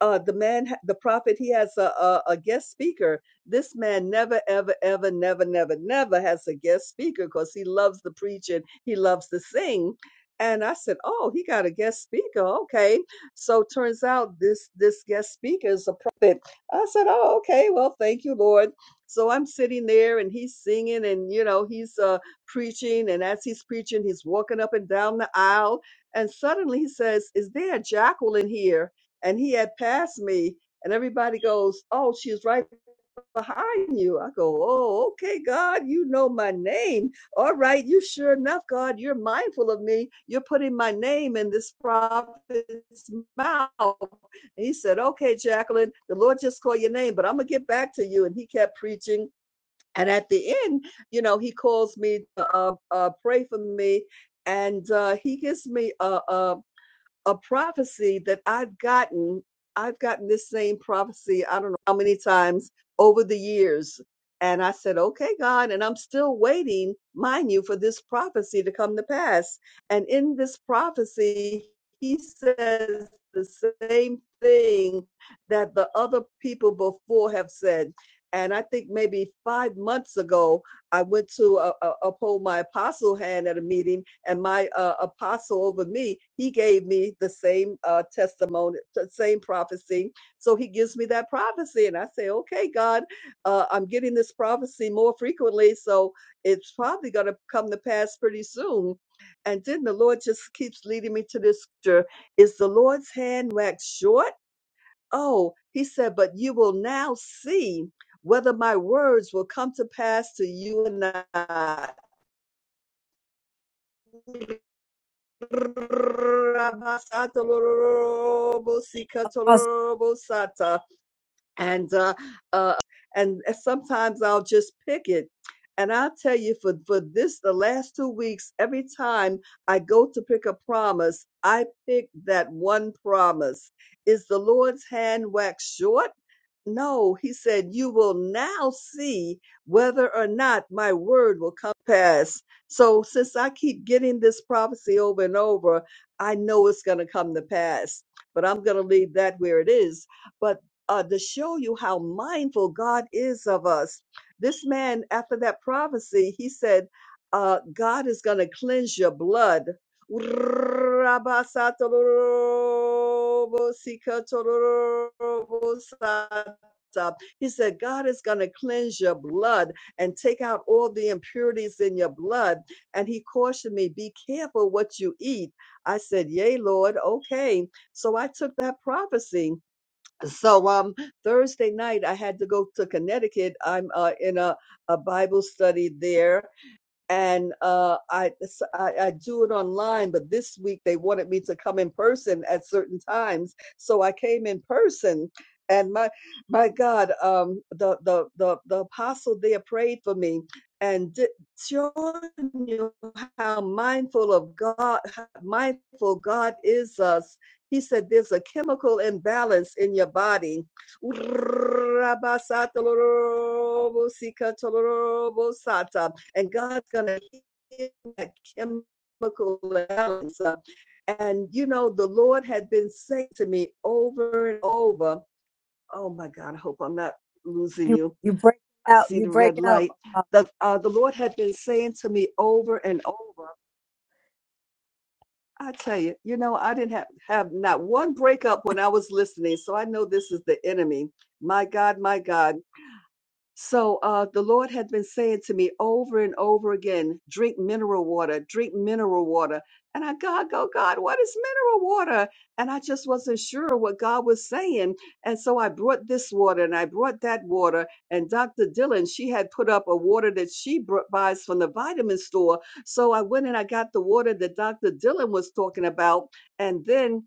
uh, the man, the prophet, he has a, a, a guest speaker. This man never, ever, ever, never, never, never has a guest speaker because he loves to preach and he loves to sing. And I said, "Oh, he got a guest speaker, okay." So turns out this this guest speaker is a prophet. I said, "Oh, okay. Well, thank you, Lord." So I'm sitting there, and he's singing, and you know, he's uh, preaching, and as he's preaching, he's walking up and down the aisle, and suddenly he says, "Is there a jackal in here?" and he had passed me and everybody goes oh she's right behind you i go oh okay god you know my name all right you sure enough god you're mindful of me you're putting my name in this prophet's mouth and he said okay jacqueline the lord just called your name but i'm gonna get back to you and he kept preaching and at the end you know he calls me to uh, uh, pray for me and uh, he gives me a, a, a prophecy that I've gotten. I've gotten this same prophecy, I don't know how many times over the years. And I said, okay, God. And I'm still waiting, mind you, for this prophecy to come to pass. And in this prophecy, he says the same thing that the other people before have said. And I think maybe five months ago, I went to uh, uh, uphold my apostle hand at a meeting, and my uh, apostle over me, he gave me the same uh, testimony, the same prophecy. So he gives me that prophecy, and I say, "Okay, God, uh, I'm getting this prophecy more frequently, so it's probably going to come to pass pretty soon." And then the Lord just keeps leading me to this scripture: "Is the Lord's hand waxed short?" Oh, he said, but you will now see whether my words will come to pass to you or not.
Apostle,
And uh, uh, and sometimes I'll just pick it. And I'll tell you for, for this, the last two weeks, every time I go to pick a promise, I pick that one promise. Is the Lord's hand waxed short? No, he said, you will now see whether or not my word will come to pass. So since I keep getting this prophecy over and over, I know it's going to come to pass, but I'm going to leave that where it is. But uh, to show you how mindful God is of us, this man, after that prophecy, he said, uh, God is going to cleanse your blood. up. He said, God is going to cleanse your blood and take out all the impurities in your blood. And he cautioned me, be careful what you eat. I said, Yea, Lord, okay. So I took that prophecy. So um Thursday night I had to go to Connecticut. I'm uh, in a, a Bible study there and uh, I I I do it online. But this week they wanted me to come in person at certain times, so I came in person. And my my God, um, the the the the apostle there prayed for me and did, showing you how mindful of God, how mindful God is us. He said, "There's a chemical imbalance in your body." and God's going to heal that chemical balance. up. And you know, the Lord had been saying to me over and over, "Oh my God, I hope I'm not losing
you
you."
you breaking
I
out,
see
you
the red
breaking
light.
up. Apostle.
The uh, the Lord had been saying to me over and over. I tell you, you know, I didn't have have not one breakup when I was listening, so I know this is the enemy. My God, my God So uh, the Lord had been saying to me over and over again, drink mineral water, drink mineral water. And I, God, go, God, what is mineral water? And I just wasn't sure what God was saying. And so I brought this water and I brought that water. And Dr. Dillon, she had put up a water that she br- buys from the vitamin store. So I went and I got the water that Dr. Dillon was talking about. And then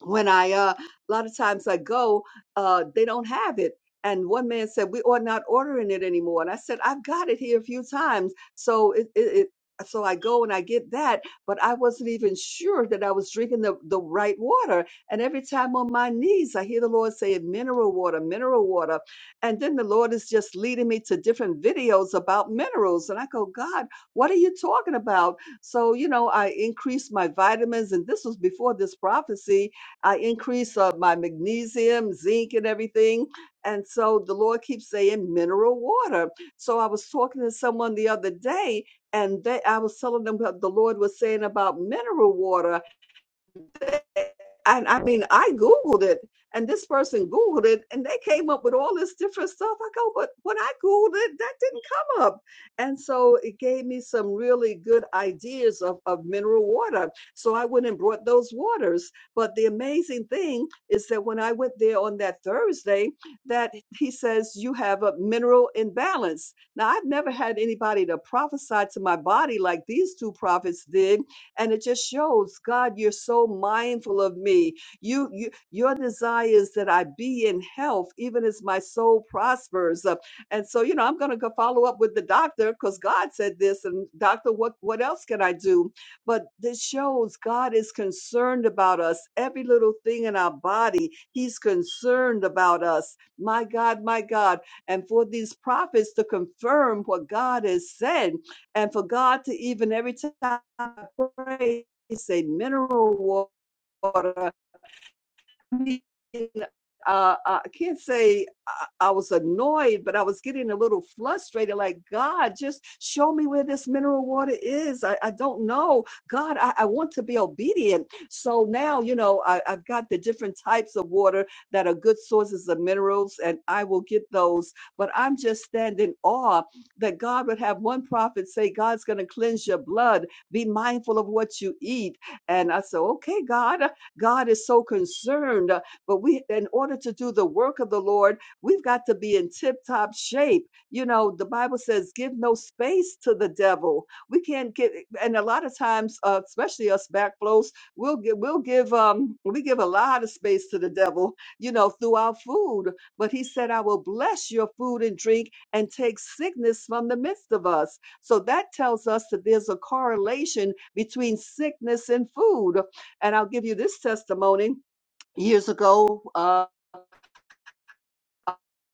when I uh, a lot of times I go, uh, they don't have it. And one man said, "We are not ordering it anymore." And I said, "I've got it here a few times." So it, it, it so I go and I get that, but I wasn't even sure that I was drinking the the right water. And every time on my knees, I hear the Lord say, "Mineral water, mineral water," and then the Lord is just leading me to different videos about minerals, and I go, "God, what are you talking about?" So you know, I increased my vitamins, and this was before this prophecy I increase uh, my magnesium, zinc, and everything. And so the Lord keeps saying mineral water. So I was talking to someone the other day, and they, I was telling them what the Lord was saying about mineral water and I mean, I Googled it, and this person Googled it, and they came up with all this different stuff. I go, but when I Googled it, that didn't come up. And so it gave me some really good ideas of, of mineral water. So I went and brought those waters. But the amazing thing is that when I went there on that Thursday, that he says, you have a mineral imbalance. Now, I've never had anybody to prophesy to my body like these two prophets did and it just shows god you're so mindful of me you, you your desire is that i be in health even as my soul prospers Uh, and so you know i'm going to go follow up with the doctor because god said this and doctor what what else can i do but this shows god is concerned about us every little thing in our body he's concerned about us my god my god and for these prophets to confirm what god has said and for god to even every time I praise a mineral water mean, uh, I can't say I, I was annoyed, but I was getting a little frustrated. Like, God, just show me where this mineral water is. I, I don't know. God, I, I want to be obedient. So now, you know, I, I've got the different types of water that are good sources of minerals, and I will get those. But I'm just standing in awe that God would have one prophet say, God's going to cleanse your blood. Be mindful of what you eat. And I said, Okay, God. God is so concerned. uh, But we, in order to do the work of the Lord, we've got to be in tip top shape. You know, the Bible says, give no space to the devil. We can't get, and a lot of times, uh, especially us back blows, we'll give, we'll give, um, we give a lot of space to the devil, you know, through our food. But he said, I will bless your food and drink and take sickness from the midst of us. So that tells us that there's a correlation between sickness and food. And I'll give you this testimony years ago. uh,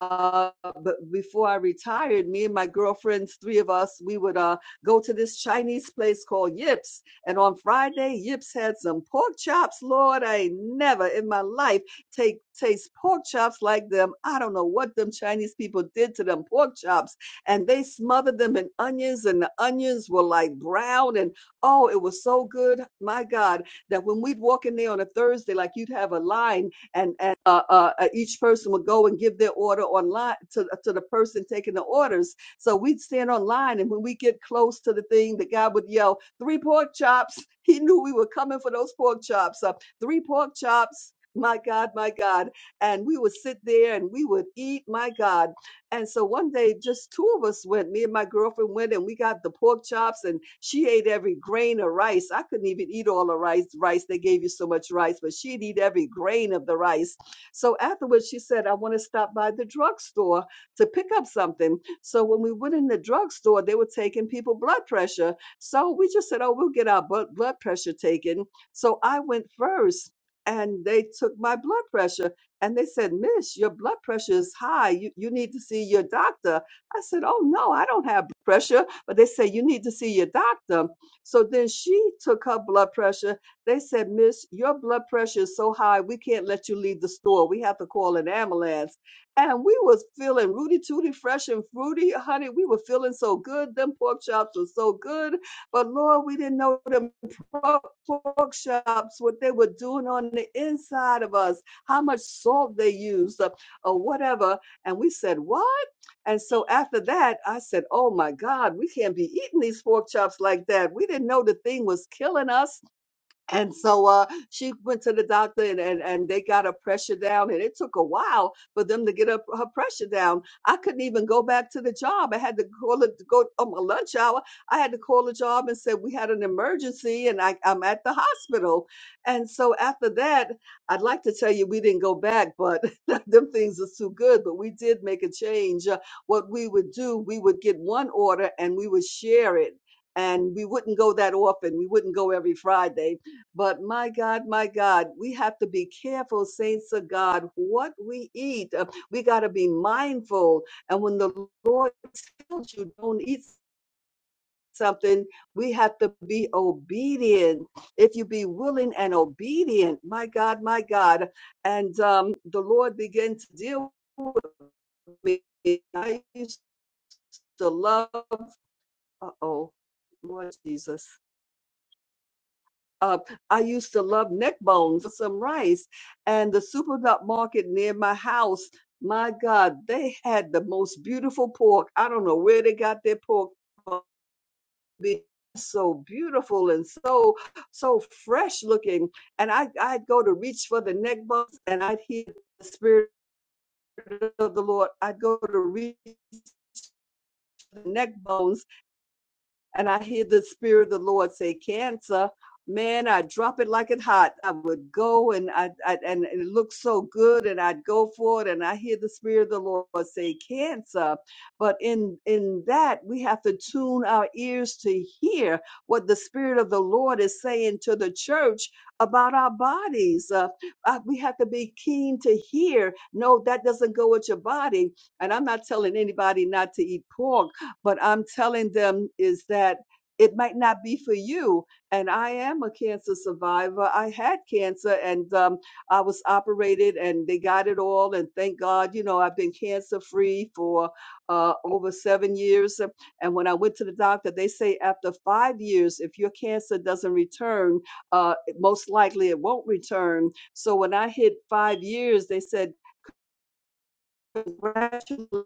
uh, but before I retired, me and my girlfriends, three of us, we would uh, go to this Chinese place called Yips. And on Friday, Yips had some pork chops. Lord, I ain't never in my life take taste pork chops like them. I don't know what them Chinese people did to them pork chops. And they smothered them in onions, and the onions were like brown. And oh, it was so good, my God, that when we'd walk in there on a Thursday, like you'd have a line and and uh, uh, uh, each person would go and give their order online to to the person taking the orders. So we'd stand online, and when we get close to the thing, the guy would yell, "Three pork chops." He knew we were coming for those pork chops. Uh, three pork chops. My God, my God. And we would sit there and we would eat, my God. And so one day, just two of us went. Me and my girlfriend went, and we got the pork chops, and she ate every grain of rice. I couldn't even eat all the rice. Rice they gave you so much rice, but she'd eat every grain of the rice. So afterwards, she said, "I want to stop by the drugstore to pick up something." So when we went in the drugstore, they were taking people blood pressure. So we just said, "Oh, we'll get our blood blood pressure taken." So I went first. And they took my blood pressure. And they said, Miss, your blood pressure is high. You, you need to see your doctor. I said, Oh, no, I don't have blood pressure. But they said, You need to see your doctor. So then she took her blood pressure. They said, Miss, your blood pressure is so high, we can't let you leave the store. We have to call an ambulance. And we was feeling rooty tooty, fresh and fruity, honey. We were feeling so good. Them pork chops were so good. But Lord, we didn't know them pork pork chops, what they were doing on the inside of us how much salt they used, uh, or whatever. And we said, What? And so after that, I said, Oh my God, we can't be eating these pork chops like that. We didn't know the thing was killing us and so uh, she went to the doctor and, and, and they got her pressure down. And it took a while for them to get her, her pressure down. I couldn't even go back to the job. I had to call it, go on my lunch hour. I had to call the job and said, We had an emergency and I, I'm at the hospital. And so after that, I'd like to tell you we didn't go back, but them things is too good. But we did make a change. Uh, what we would do, we would get one order and we would share it. And we wouldn't go that often. We wouldn't go every Friday but my God, my God, we have to be careful, saints of God, what we eat. Uh, We got to be mindful. And when the Lord tells you don't eat something, we have to be obedient. If you be willing and obedient, my God, my God. And um, the Lord began to deal with me. I used to love, uh oh, Lord Jesus. Uh, I used to love neck bones for some rice, and the supermarket near my house. My God, they had the most beautiful pork. I don't know where they got their pork. from. Be So beautiful and so so fresh looking, and I I'd go to reach for the neck bones, and I'd hear the spirit of the Lord. I'd go to reach for the neck bones And I hear the Spirit of the Lord say, Cancer, man, I drop it like it hot. I would go and I, I and it looks so good and I'd go for it. And I hear the Spirit of the Lord say, Cancer. But in in that we have to tune our ears to hear what the Spirit of the Lord is saying to the church about our bodies. Uh, uh, we have to be keen to hear. No, that doesn't go with your body. And I'm not telling anybody not to eat pork but I'm telling them is that it might not be for you. And I am a cancer survivor. I had cancer and um, I was operated and they got it all. And thank God, you know, I've been cancer free for uh, over seven years. uh, And when I went to the doctor, they say after five years, if your cancer doesn't return, uh, most likely it won't return. So when I hit five years, they said, congratulations.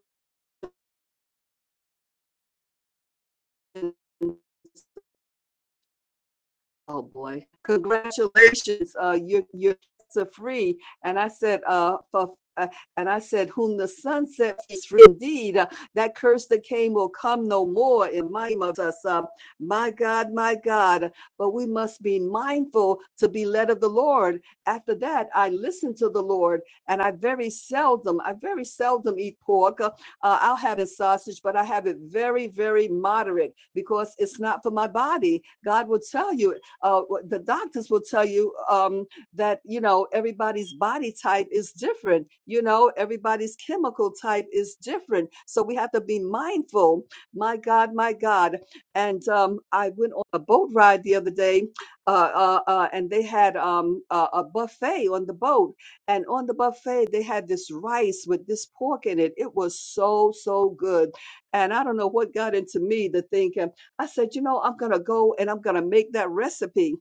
Oh, boy. Congratulations, uh, you, you're cancer free. And I said, uh, for, uh, and I said, whom the sun sets is free indeed. Uh, that curse that came will come no more in my name of us. Uh, my God, my God. But we must be mindful to be led of the Lord. After that, I listen to the Lord and I very seldom, I very seldom eat pork. Uh, uh, I'll have a sausage, but I have it very, very moderate because it's not for my body. God will tell you uh, the doctors will tell you um, that you know everybody's body type is different. You know everybody's chemical type is different, so we have to be mindful. My God, my God! And um, I went on a boat ride the other day, uh, uh, uh, and they had um, a, a buffet on the boat, and on the buffet they had this rice with this pork in it. It was so so good, and I don't know what got into me to think. um, I said, you know, I'm going to go and I'm going to make that recipe.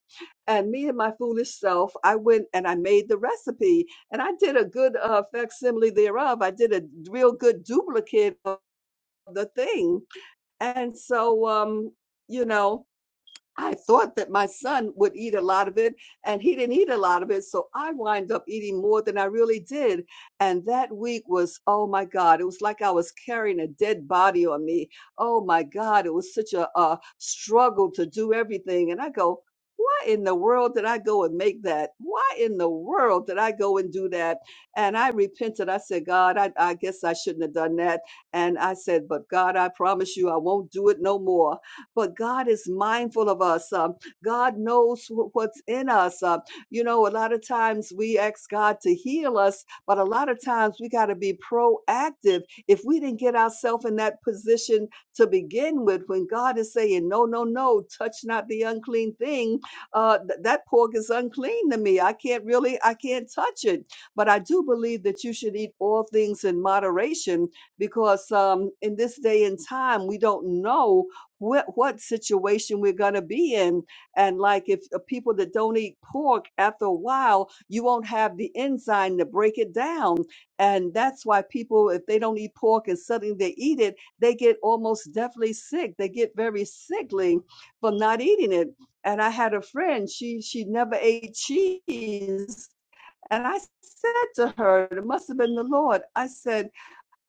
And me and my foolish self, I went and I made the recipe and I did a good uh, facsimile thereof. I did a real good duplicate of the thing. And so, um, you know, I thought that my son would eat a lot of it, and he didn't eat a lot of it. So I wind up eating more than I really did. And that week was, oh my God, it was like I was carrying a dead body on me. Oh my God, it was such a, a struggle to do everything. And I go, why in the world did I go and make that? Why in the world did I go and do that? And I repented. I said, God, I, I guess I shouldn't have done that. And I said, but God, I promise you, I won't do it no more but God is mindful of us. Um, God knows wh- what's in us. Uh, you know, a lot of times we ask God to heal us, but a lot of times we got to be proactive. If we didn't get ourselves in that position to begin with, when God is saying, no, no, no, touch not the unclean thing, uh, th- that pork is unclean to me. I can't really, I can't touch it. But I do believe that you should eat all things in moderation because um, in this day and time, we don't know what what situation we're going to be in and like if uh, people that don't eat pork after a while you won't have the enzyme to break it down and that's why people if they don't eat pork and suddenly they eat it they get almost definitely sick they get very sickly from not eating it and i had a friend she she never ate cheese and i said to her it must have been the lord i said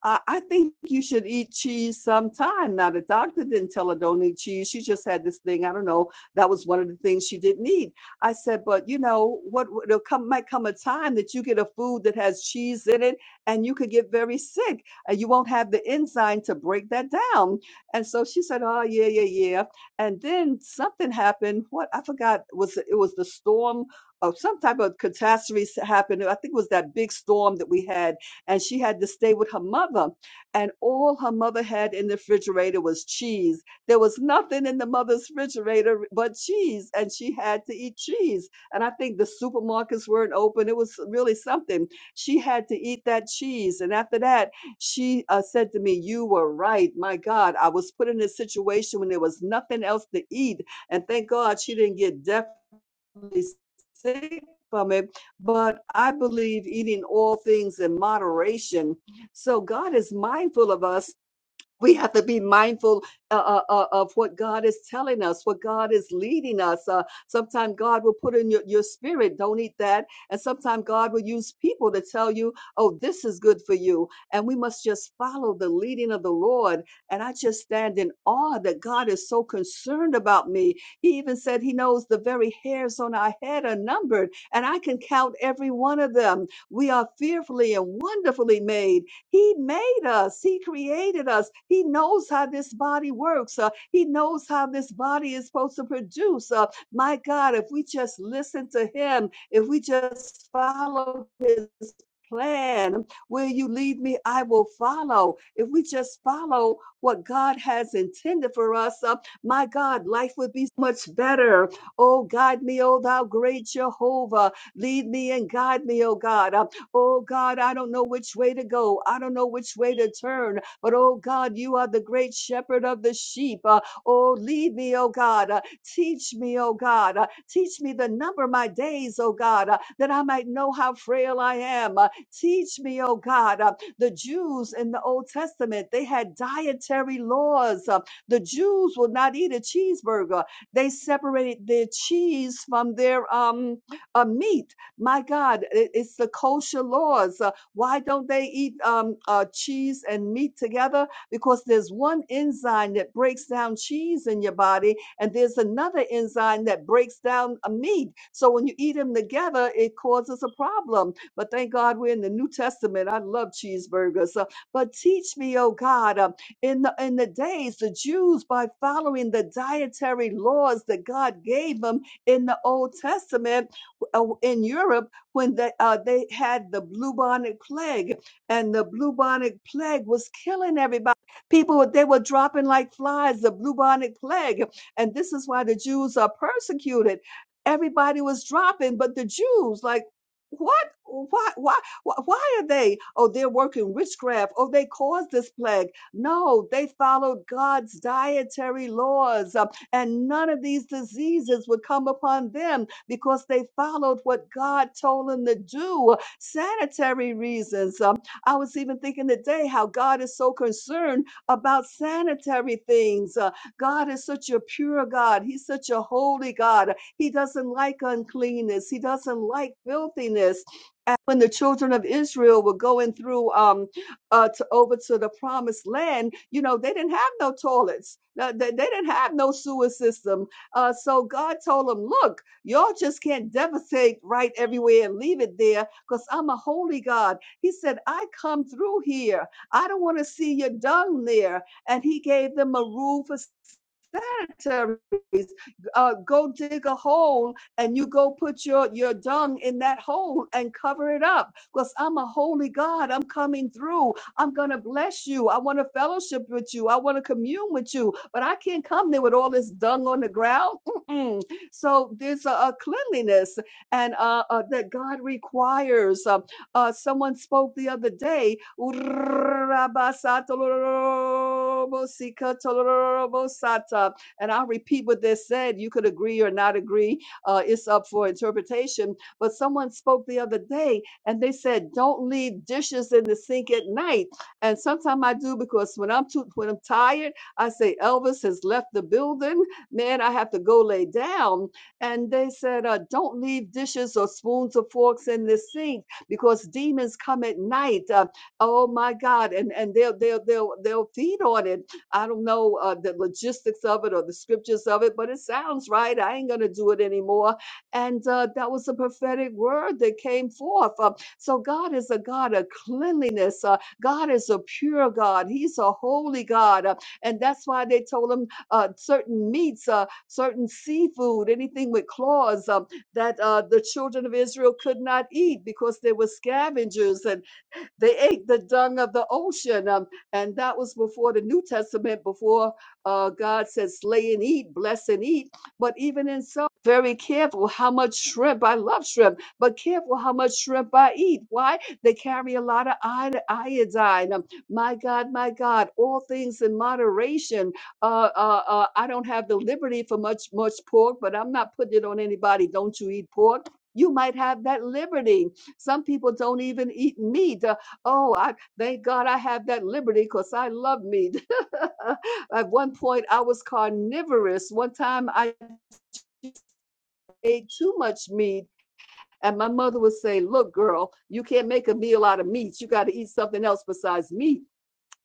I, I think you should eat cheese sometime. Now, the doctor didn't tell her don't eat cheese. She just had this thing. I don't know. That was one of the things she didn't eat. I said, but you know what? w- There'll come might come a time that you get a food that has cheese in it, and you could get very sick, and you won't have the enzyme to break that down. And so she said, oh yeah, yeah, yeah. And then something happened. What I forgot was it was the storm. Of some type of catastrophe happened. I think it was that big storm that we had and she had to stay with her mother. And all her mother had in the refrigerator was cheese. There was nothing in the mother's refrigerator but cheese, and she had to eat cheese. And I think the supermarkets weren't open. It was really something. She had to eat that cheese. And after that, she uh, said to me, You were right. My God, I was put in a situation when there was nothing else to eat. And thank God she didn't get deaf really sick from it, but I believe eating all things in moderation. So God is mindful of us we have to be mindful uh, uh, uh, of what God is telling us, what God is leading us. Uh, sometimes God will put in your, your spirit, don't eat that. And sometimes God will use people to tell you, oh, this is good for you. And we must just follow the leading of the Lord. And I just stand in awe that God is so concerned about me. He even said he knows the very hairs on our head are numbered, and I can count every one of them. We are fearfully and wonderfully made he made us. He created us. He knows how this body works. Uh, he knows how this body is supposed to produce. Uh, my God, if we just listen to Him, if we just follow His plan, where you lead me, I will follow. If we just follow what God has intended for us, uh, my God, life would be so much better. Oh, guide me, oh, thou great Jehovah. Lead me and guide me, oh God. Uh, Oh God, I don't know which way to go. I don't know which way to turn. But oh God, you are the great shepherd of the sheep. Uh, oh, lead me, oh God. Uh, teach me, oh God. Uh, teach me the number of my days, oh God, uh, that I might know how frail I am. Uh, teach me, oh God. Uh, the Jews in the Old Testament, they had dietary laws. Uh, the Jews would not eat a cheeseburger. They separated their cheese from their um, uh, meat my God, it- it's the kosher laws. Uh, why don't they eat um, uh, cheese and meat together? Because there's one enzyme that breaks down cheese in your body, and there's another enzyme that breaks down a meat. So when you eat them together, it causes a problem. But thank God we're in the New Testament. I love cheeseburgers. Uh, but teach me, oh God, uh, in the in the days the Jews by following the dietary laws that God gave them in the Old Testament uh, in Europe when they uh, they had the bubonic plague, and the bubonic plague was killing everybody. People they were dropping like flies. The bubonic plague, and this is why the Jews are persecuted. Everybody was dropping, but the Jews like. What? Why? Why? Why why are they? Oh, they're working witchcraft. Oh, they caused this plague. No, they followed God's dietary laws. Uh, and none of these diseases would come upon them because they followed what God told them to do. Sanitary reasons. Um, I was even thinking today how God is so concerned about sanitary things. Uh, God is such a pure God. He's such a holy God. He doesn't like uncleanness. He doesn't like filthiness when the children of Israel were going through um uh to over to the promised land, you know, they didn't have no toilets. No, They, they didn't have no sewer system. Uh so God told them, look, y'all just can't devastate right everywhere and leave it there because I'm a holy God. He said, I come through here. I don't want to see your dung there. And he gave them a rule for cemeteries. Uh, go dig a hole and you go put your, your dung in that hole and cover it up because I'm a holy God. I'm coming through. I'm going to bless you. I want to fellowship with you. I want to commune with you, but I can't come there with all this dung on the ground. Mm-mm. So there's a, a cleanliness and uh, uh, that God requires. Um, uh, someone spoke the other day. And I'll repeat what they said. You could agree or not agree. Uh, it's up for interpretation. But someone spoke the other day and they said, don't leave dishes in the sink at night. And sometimes I do because when I'm too, when I'm tired, I say, Elvis has left the building. Man, I have to go lay down. And they said, uh, don't leave dishes or spoons or forks in the sink because demons come at night. Uh, oh my God. And, and they'll, they'll, they'll, they'll feed on it I don't know uh, the logistics of it or the scriptures of it, but it sounds right. I ain't going to do it anymore. And uh, that was a prophetic word that came forth. Uh, so God is a God of cleanliness. Uh, God is a pure God. He's a holy God. Uh, and that's why they told him uh, certain meats, uh, certain seafood, anything with claws um, that uh, the children of Israel could not eat because there were scavengers and. They ate the dung of the ocean. Um, and that was before the New Testament, before uh, God said, slay and eat, bless and eat. But even in some, very careful how much shrimp. I love shrimp, but careful how much shrimp I eat. Why? They carry a lot of iod- iodine. Um, my God, my God, all things in moderation uh, uh, uh, I don't have the liberty for much much pork, but I'm not putting it on anybody. Don't you eat pork? You might have that liberty. Some people don't even eat meat. Oh, I thank God I have that liberty because I love meat. At one point, I was carnivorous. One time, I ate too much meat, and my mother would say, "Look, girl, you can't make a meal out of meat. You got to eat something else besides meat."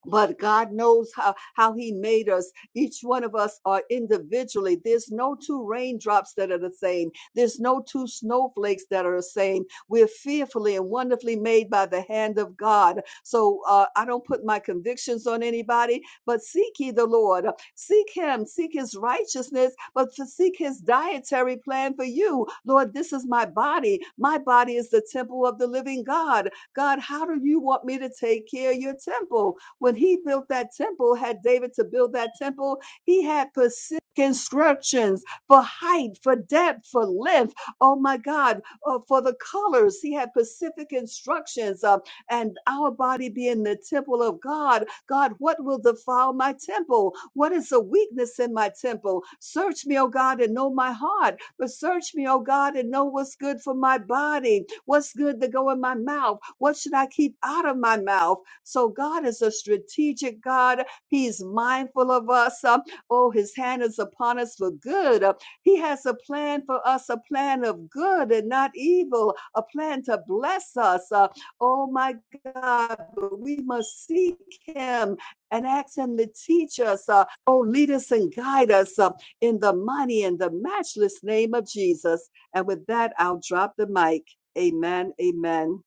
but God knows how, how He made us. Each one of us are individually. There's no two raindrops that are the same, there's no two snowflakes that are the same. We're fearfully and wonderfully made by the hand of God. So uh, I don't put my convictions on anybody, but seek ye the Lord. Seek Him, seek His righteousness, but to seek His dietary plan for you. Lord, this is my body. My body is the temple of the living God. God, how do you want me to take care of your temple? when he built that temple, had David to build that temple, he had specific instructions for height, for depth, for length. Oh my God, uh, for the colors, he had specific instructions. Uh, and our body being the temple of God, God, what will defile my temple? What is the weakness in my temple? Search me, O God, and know my heart. But search me, O God, and know what's good for my body. What's good to go in my mouth? What should I keep out of my mouth? So God is a strategic God. He's mindful of us. Uh, Oh, his hand is upon us for good. Uh, He has a plan for us, a plan of good and not evil, a plan to bless us. Uh, Oh my God, but we must seek him and ask him to teach us. Uh, oh, lead us and guide us uh, in the mighty and the matchless name of Jesus. And with that, I'll drop the mic. Amen. Amen.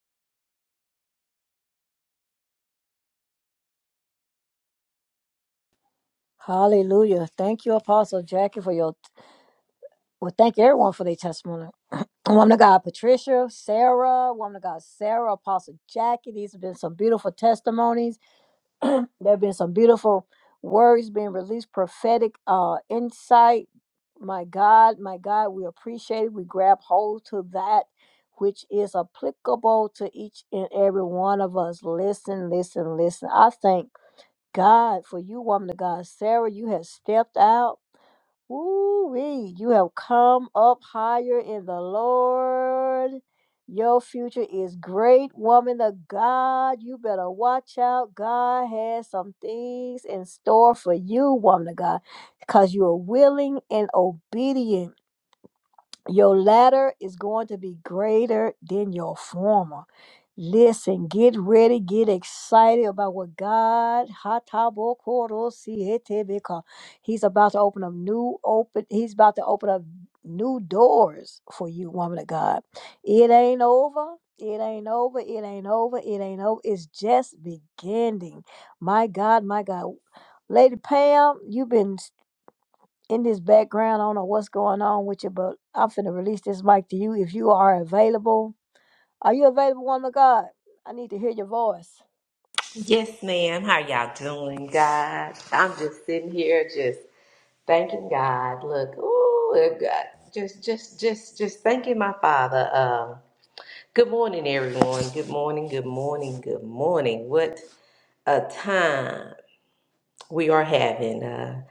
Hallelujah. Thank you, Apostle Jackie, for your well, thank everyone for their testimony. Woman of God, Patricia, Sarah, woman of God, Sarah, Apostle Jackie. These have been some beautiful testimonies. there have been some beautiful words being released, prophetic uh, insight. My God, my God, we appreciate it. We grab hold to that which is applicable to each and every one of us. Listen, listen, listen. I thank God for you, woman of God. Sarah, you have stepped out. Woo-wee, you have come up higher in the Lord. Your future is great, woman of God. You better watch out. God has some things in store for you, woman of God, because you are willing and obedient. Your latter is going to be greater than your former. Listen, get ready, get excited about what God Hatabokoro-sihetebeka, He's about to open up new open he's about to open up new doors for you, woman of God. It ain't over. It ain't over. It ain't over. It ain't over. It's just beginning. My God, my God. Lady Pam, you've been in this background. I don't know what's going on with you, but I'm finna release this mic to you if you are available. Are you available, woman of God? I need to hear your voice.
Yes, ma'am. How y'all doing, God? I'm just sitting here, just thanking God. Look, ooh, look, God, just, just, just, just thanking my Father. Um, good morning, everyone. Good morning. Good morning. Good morning. What a time we are having. Uh,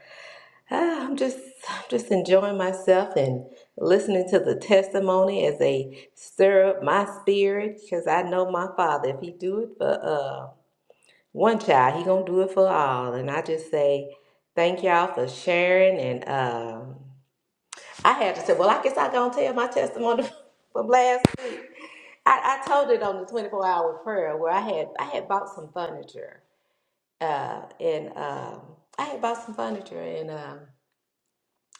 ah, I'm just, I'm just enjoying myself and listening to the testimony as they stir up my spirit, because I know my Father. If He do it for, uh one child he gonna do it for all and i just say thank y'all for sharing and um i had to say well i guess i gonna tell my testimony from last week i, I told it on the 24 hour prayer where i had i had bought some furniture uh and um i had bought some furniture and. um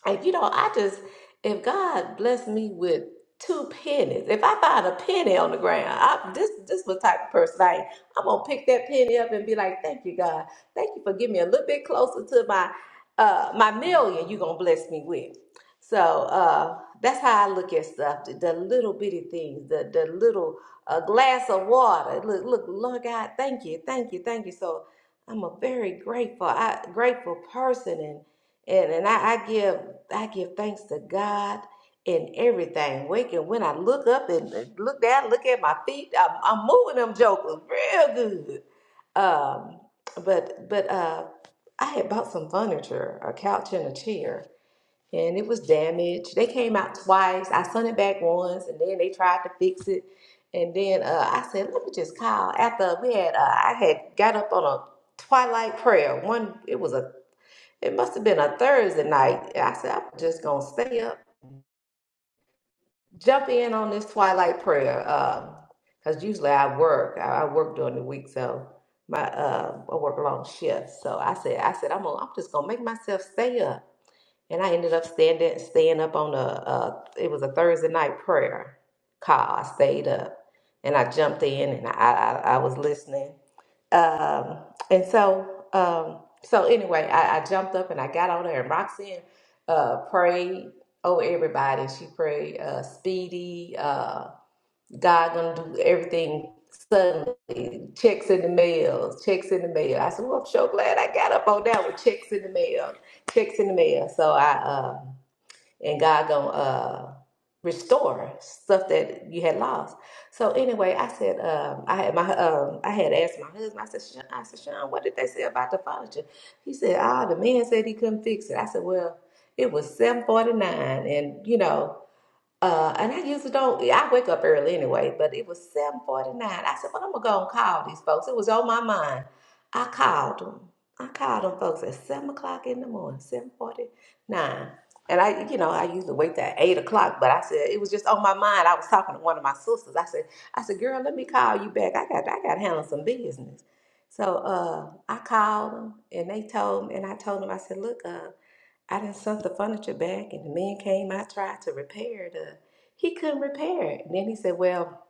if you know, I just, if God blessed me with two pennies, if I find a penny on the ground, I, this this was the type of person I am. I'm gonna pick that penny up and be like, thank you, God. Thank you for getting me a little bit closer to my uh my million you're gonna bless me with. So uh that's how I look at stuff, the, the little bitty things, the the little uh, glass of water. Look, look, Lord God, thank you, thank you, thank you. So I'm a very grateful, I, grateful person, and. And and I, I give I give thanks to God in everything. Waking when I look up and, and look down, look at my feet, I'm, I'm moving them jokers real good. Um, but but uh, I had bought some furniture, a couch and a chair, and it was damaged. They came out twice. I sent it back once, and then they tried to fix it. And then uh, I said, let me just call. After we had, uh, I had got up on a twilight prayer. One, it was a it must have been a Thursday night. I said, I'm just gonna stay up, jump in on this twilight prayer. Um, because usually I work. I, I work during the week, so my uh I work long shifts. So I said, I said, I'm gonna, I'm just gonna make myself stay up. And I ended up standing staying up on a uh it was a Thursday night prayer call. I stayed up and I jumped in and I I, I was listening um, and so, um, so anyway, I, I jumped up and I got on there and Roxanne uh, prayed over everybody. She prayed uh, speedy, uh, God gonna do everything suddenly. Checks in the mail, checks in the mail. I said, well, I'm so glad I got up on that with checks in the mail, checks in the mail. So I, um, and God gonna uh, restore stuff that you had lost. So anyway, I said um, I had my um, I had asked my husband. I said, Sean, I said, Sean, what did they say about the furniture? He said, Ah, oh, the man said he couldn't fix it. I said, Well, it was seven forty nine, and you know. Uh, and I usually don't. yeah, I wake up early anyway, but it was seven forty nine. I said, "Well, I'm gonna go and call these folks." It was on my mind. I called them. I called them folks at seven o'clock in the morning, seven forty nine. And I, you know, I usually wait till eight o'clock, but I said it was just on my mind. I was talking to one of my sisters. I said, "I said, girl, let me call you back. I got, I got to handle some business." So uh, I called them, and they told me, and I told them, I said, "Look, uh." I done sent the furniture back, and the man came. I tried to repair it. Uh, he couldn't repair it. And then he said, "Well,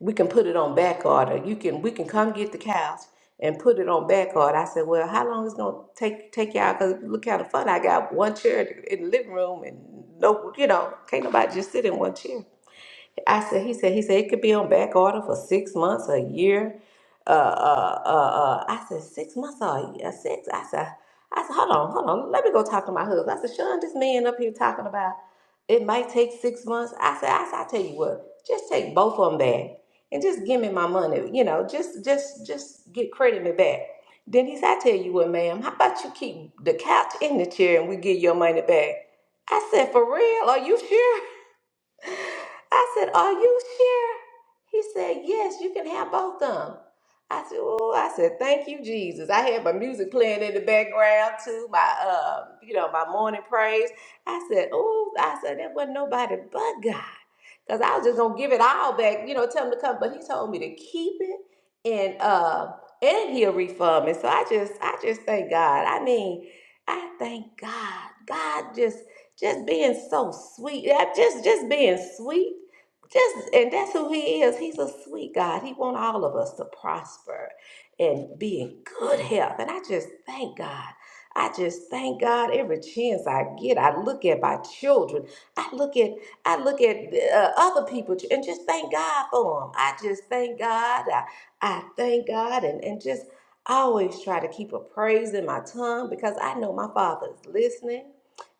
we can put it on back order. You can we can come get the couch and put it on back order." I said, "Well, how long is it gonna take take y'all? Cause look how the fun I got one chair in the living room, and no, you know, can't nobody just sit in one chair." I said, he said, he said it could be on back order for six months, a year. Uh, uh, uh, uh. I said six months or a year, six. I said, I said, hold on, hold on. Let me go talk to my husband. I said, Sean, this man up here talking about it might take six months. I said, I said, I tell you what, just take both of them back and just give me my money. You know, just, just, just get credit me back. Then he said, I tell you what, ma'am, how about you keep the couch in the chair and we get your money back? I said, for real? Are you sure? I said, Are you sure? He said, Yes, you can have both of them. I said, Oh, I said, Thank you, Jesus. I had my music playing in the background too, my um, you know, my morning praise. I said, Oh, I said, that wasn't nobody but God. Because I was just gonna give it all back, you know, tell him to come. But he told me to keep it and uh and he'll refund me. So I just I just thank God. I mean, I thank God. God just just being so sweet. Yeah, Just just being sweet just and that's who he is he's a sweet god he wants all of us to prosper and be in good health and i just thank god i just thank god every chance i get i look at my children i look at i look at uh, other people ch- and just thank god for them i just thank god i, I thank god and, and just always try to keep a praise in my tongue because i know my Father is listening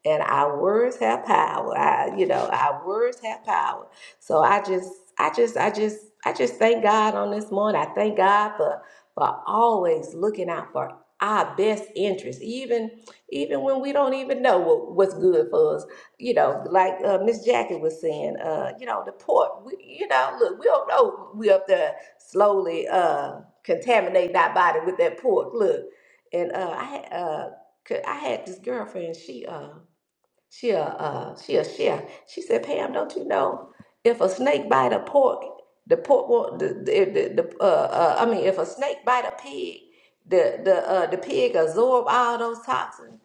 and our words have power I, you know our words have power so I just, I just, I just, I just thank God on this morning. I thank God for for always looking out for our best interest, even even when we don't even know what, what's good for us. You know, like uh, Miss Jackie was saying, uh, you know, the port. We, you know, look, we don't know we up there slowly uh, contaminating our body with that pork. Look, and uh, I had uh, c- I had this girlfriend. She uh, she a uh, she a chef. She said, Pam, don't you know if a snake bite a pork, the pork won't. The, the, the, the uh, uh, I mean, if a snake bite a pig, the the uh, the pig absorb all those toxins.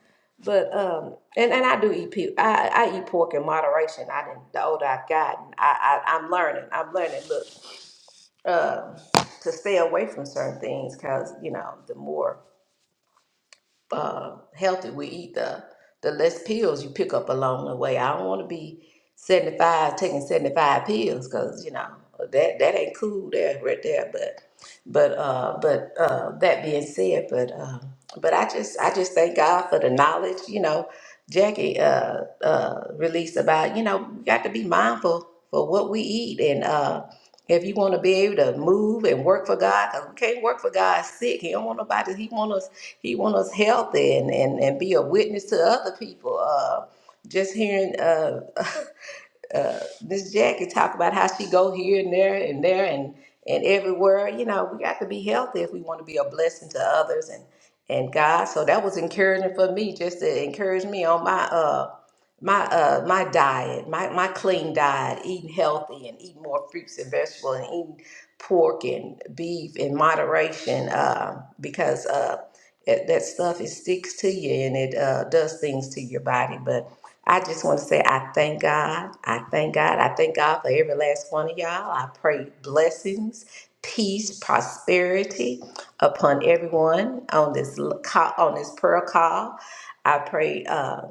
But um, and and I do eat pe- I I eat pork in moderation. I didn't. The older I've gotten, I, I I'm learning. I'm learning. Look, um, to stay away from certain things because you know the more uh, healthy we eat, the the less pills you pick up along the way. I don't want to be seventy five taking seventy five pills because you know that that ain't cool there right there. But but uh, but uh, that being said, but uh, but I just I just thank God for the knowledge. You know, Jackie uh, uh, released about you know we got to be mindful for what we eat and. Uh, if you want to be able to move and work for God, because we can't work for God sick. He don't want nobody. He want us. He want us healthy and, and, and be a witness to other people. Uh, just hearing. Uh, uh, this Jack could talk about how she go here and there and there and and everywhere. You know, we got to be healthy if we want to be a blessing to others and and God. So that was encouraging for me, just to encourage me on my uh my uh my diet, my my clean diet, eating healthy and eating more fruits and vegetables and eating pork and beef in moderation, uh, because uh. That that stuff it sticks to you and it uh, does things to your body. But I just want to say I thank God. I thank God. I thank God for every last one of y'all. I pray blessings, peace, prosperity upon everyone on this l- call, on this prayer call. I pray uh,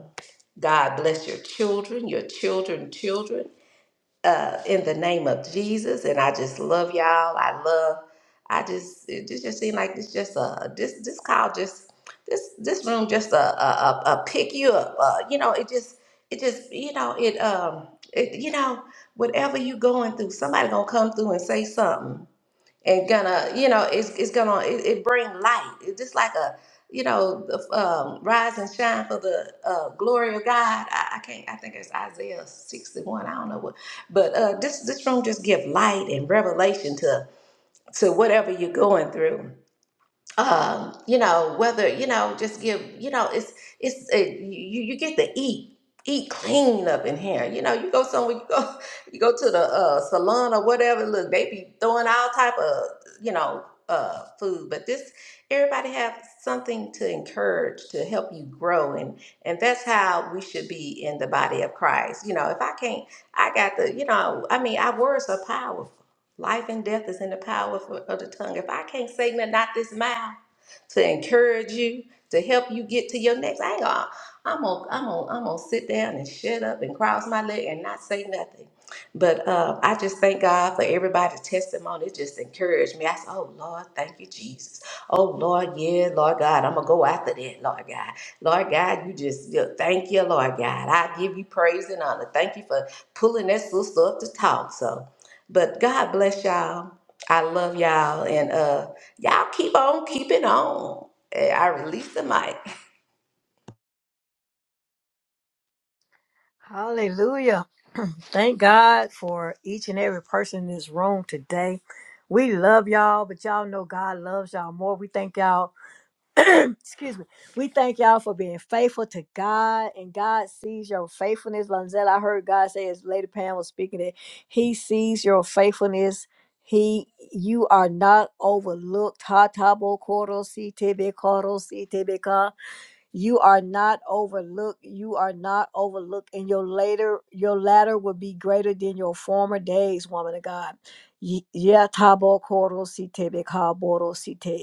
God bless your children, your children, children uh, in the name of Jesus. And I just love y'all. I love. I just it just, just seemed like this just uh this this call just this this room just a a a uh pick you up. Uh, you know it just it just you know it um it you know whatever you going through somebody gonna come through and say something and gonna you know it's, it's gonna it, it bring light it's just like a you know the um, rise and shine for the uh, glory of god I, I can't i think it's isaiah 61 i don't know what but uh this this room just give light and revelation to to whatever you're going through um, you know, whether you know, just give, you know, it's it's it, you you get to eat eat clean up in here. You know, you go somewhere, you go you go to the uh, salon or whatever. Look, they be throwing all type of you know uh, food, but this everybody have something to encourage to help you grow, and and that's how we should be in the body of Christ. You know, if I can't, I got the you know, I mean, our words are powerful Life and death is in the power of, of the tongue. If I can't say nothing out this mouth to encourage you, to help you get to your next, I ain't gonna, I'm gonna, I'm gonna, I'm gonna sit down and shut up and cross my leg and not say nothing. But uh, I just thank God for everybody's testimony. It just encouraged me. I said, Oh Lord, thank you, Jesus. Oh Lord, yeah, Lord God, I'm gonna go after that, Lord God. Lord God, you just yeah, thank you, Lord God. I give you praise and honor. Thank you for pulling that sister up to talk. So but God bless y'all. I love y'all. And uh y'all keep on keeping on. Eh, I release the mic.
Hallelujah. Thank God for each and every person in this room today. We love y'all, but y'all know God loves y'all more. We thank y'all excuse me. We thank y'all for being faithful to God, and God sees your faithfulness. Lanzette, I heard God say as Lady Pam was speaking that He sees your faithfulness. He, you are not overlooked. Ha tabo koro si tebe koro si tebe ka. You are not overlooked. You are not overlooked, and your later, your latter will be greater than your former days, woman of God. Ye- Yeah, tabo koro si tebe ka boro si te.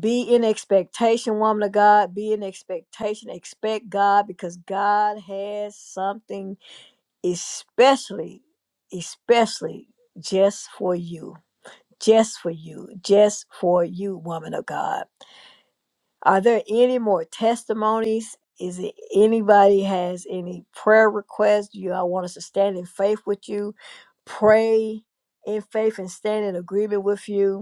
be in expectation, woman of God. Be in expectation. Expect God because God has something especially, especially just for you. Just for you. Just for you, woman of God. Are there any more testimonies? Is it anybody has any prayer requests? You I want us to stand in faith with you, pray in faith and stand in agreement with you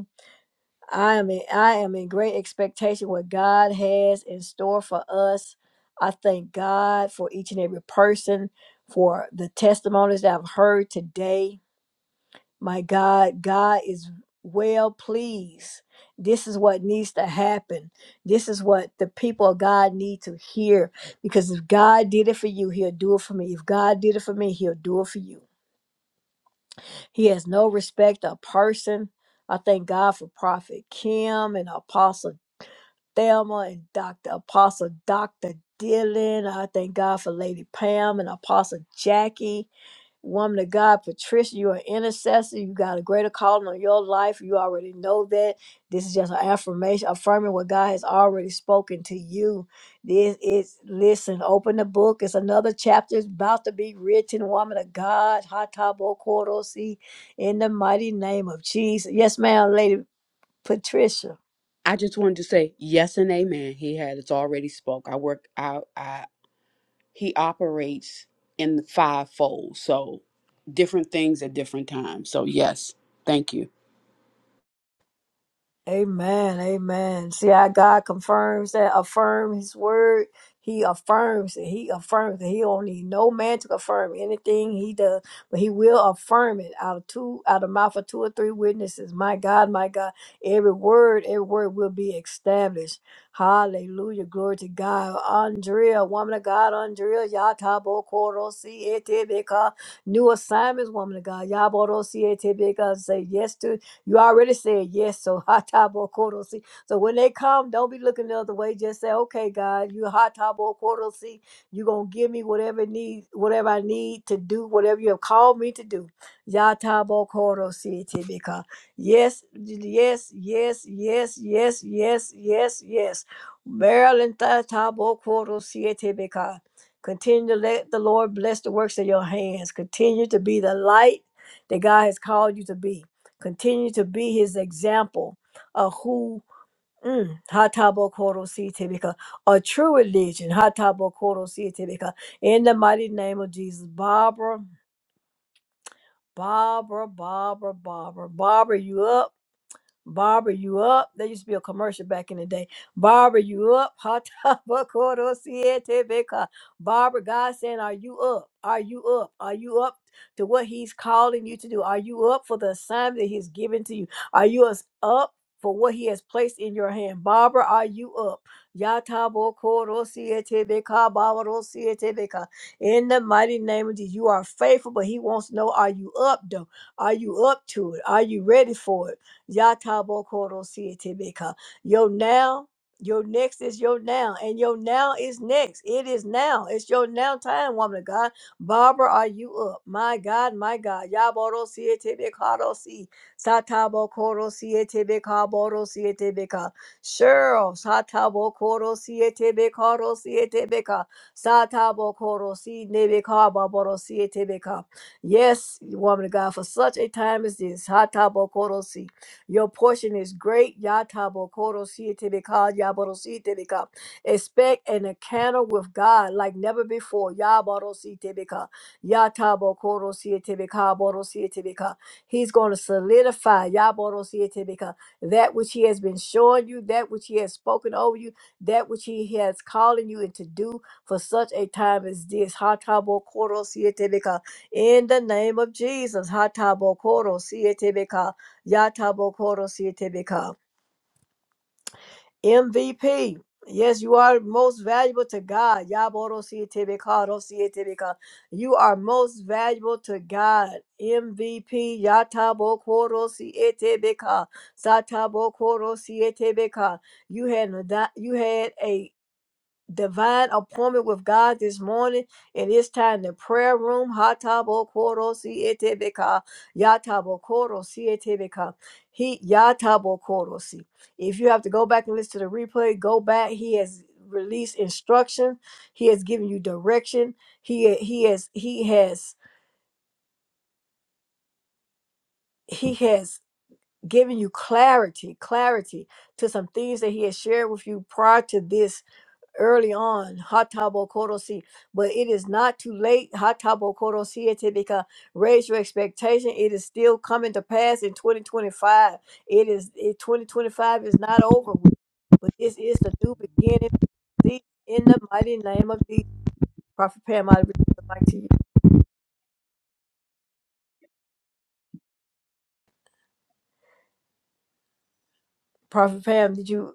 I am in, I am in great expectation what God has in store for us. I thank God for each and every person for the testimonies that I've heard today. My God, God is well pleased. This is what needs to happen. This is what the people of God need to hear because if God did it for you, he'll do it for me. If God did it for me, he'll do it for you. He has no respect of person. I thank God for Prophet Kim and Apostle Thelma and Dr. Apostle Dr. Dylan. I thank God for Lady Pam and Apostle Jackie. Woman of God, Patricia, you're intercessor. You got a greater calling on your life. You already know that. This is just an affirmation, affirming what God has already spoken to you. This is, listen, open the book. It's another chapter. It's about to be written. Woman of God, Hatabo Korosi, in the mighty name of Jesus. Yes, ma'am, Lady Patricia.
I just wanted to say yes and amen. He had it's already spoke. I work out. I, I- he operates in the fivefold, so different things at different times. So yes, thank you,
Amen. Amen. See how God confirms that, affirm his word. He affirms it. He affirms it. He don't need no man to confirm anything he does, but he will affirm it out of two, out of mouth of two or three witnesses. My God, my God, every word, every word will be established. Hallelujah. Glory to God. Andrea, woman of God, Andrea, Yatabo Koro Sietebeka. New assignments, woman of God. Yaboro Sietebeka. Say yes to you already said yes, so hatabokorosi. So when they come, don't be looking the other way. Just say, okay, God, you hatabokorosi. You're gonna give me whatever need, whatever I need to do, whatever you have called me to do. Yatabokorosi tibika. Yes, yes, yes, yes, yes, yes, yes, yes. Maryland tatabokorosi tibika. Continue to let the Lord bless the works of your hands. Continue to be the light that God has called you to be continue to be his example of who mm, Hatabokoro a true religion Hatabokoro in the mighty name of Jesus Barbara Barbara Barbara Barbara Barbara you up Barbara, you up? There used to be a commercial back in the day. Barbara, you up? Hot Barbara, God saying, Are you up? Are you up? Are you up to what He's calling you to do? Are you up for the assignment that He's given to you? Are you as up? For what he has placed in your hand. Barbara, are you up? Yatabo Koro Siete Beca, Barbaro Siete In the mighty name of Jesus, you are faithful, but he wants to know, are you up though? Are you up to it? Are you ready for it? Yatabokoro sietebeka. Your now, your next is your now, and your now is next. It is now. It's your now time, woman of God. Barbara, are you up? My God, my God. Yaboro sietebekaro si. Satabokoro sietebeka boro sietebeka. Cheryl, satabokoro sietebekaro sietebeka. Satabokoro si nebekaba boro sietebeka. Yes, woman of God, for such a time as this. Hatabokoro your portion is great. Yatabo koro sietebeka, yaboro sietebeka. Expect an encounter with God like never before. Yaboro sietebeka, yatabo koro sietebeka, boro sietebeka. He's going to solidify yaboro sietebeka, that which He has been showing you, that which He has spoken over you, that which He has calling you into do for such a time as this. Hatabo koro sietebeka. In the name of Jesus, hatabo koro sietebeka. Yatabokoro Tibika. MVP. Yes, you are most valuable to God. Yaboro Tibika Tibika. You are most valuable to God. MVP. Yatabokoro Tibika. Satabokoro Tibika. You had not- you had a divine appointment with God this morning. It is time the prayer room. Hatabo koro si etebeka. Yatabo koro si etebeka. He yatabo koro si. If you have to go back and listen to the replay, go back. He has released instruction. He has given you direction. He he has he has he has given you clarity, clarity to some things that he has shared with you prior to this early on. Hatabo korosi. But it is not too late. Hatabo korosi ete because raise your expectation. It is still coming to pass in 2025. It is it, 2025 is not over with. But this is the new beginning. See, in the mighty name of Jesus. Prophet Pam, I release the mic to you. Prophet Pam, did you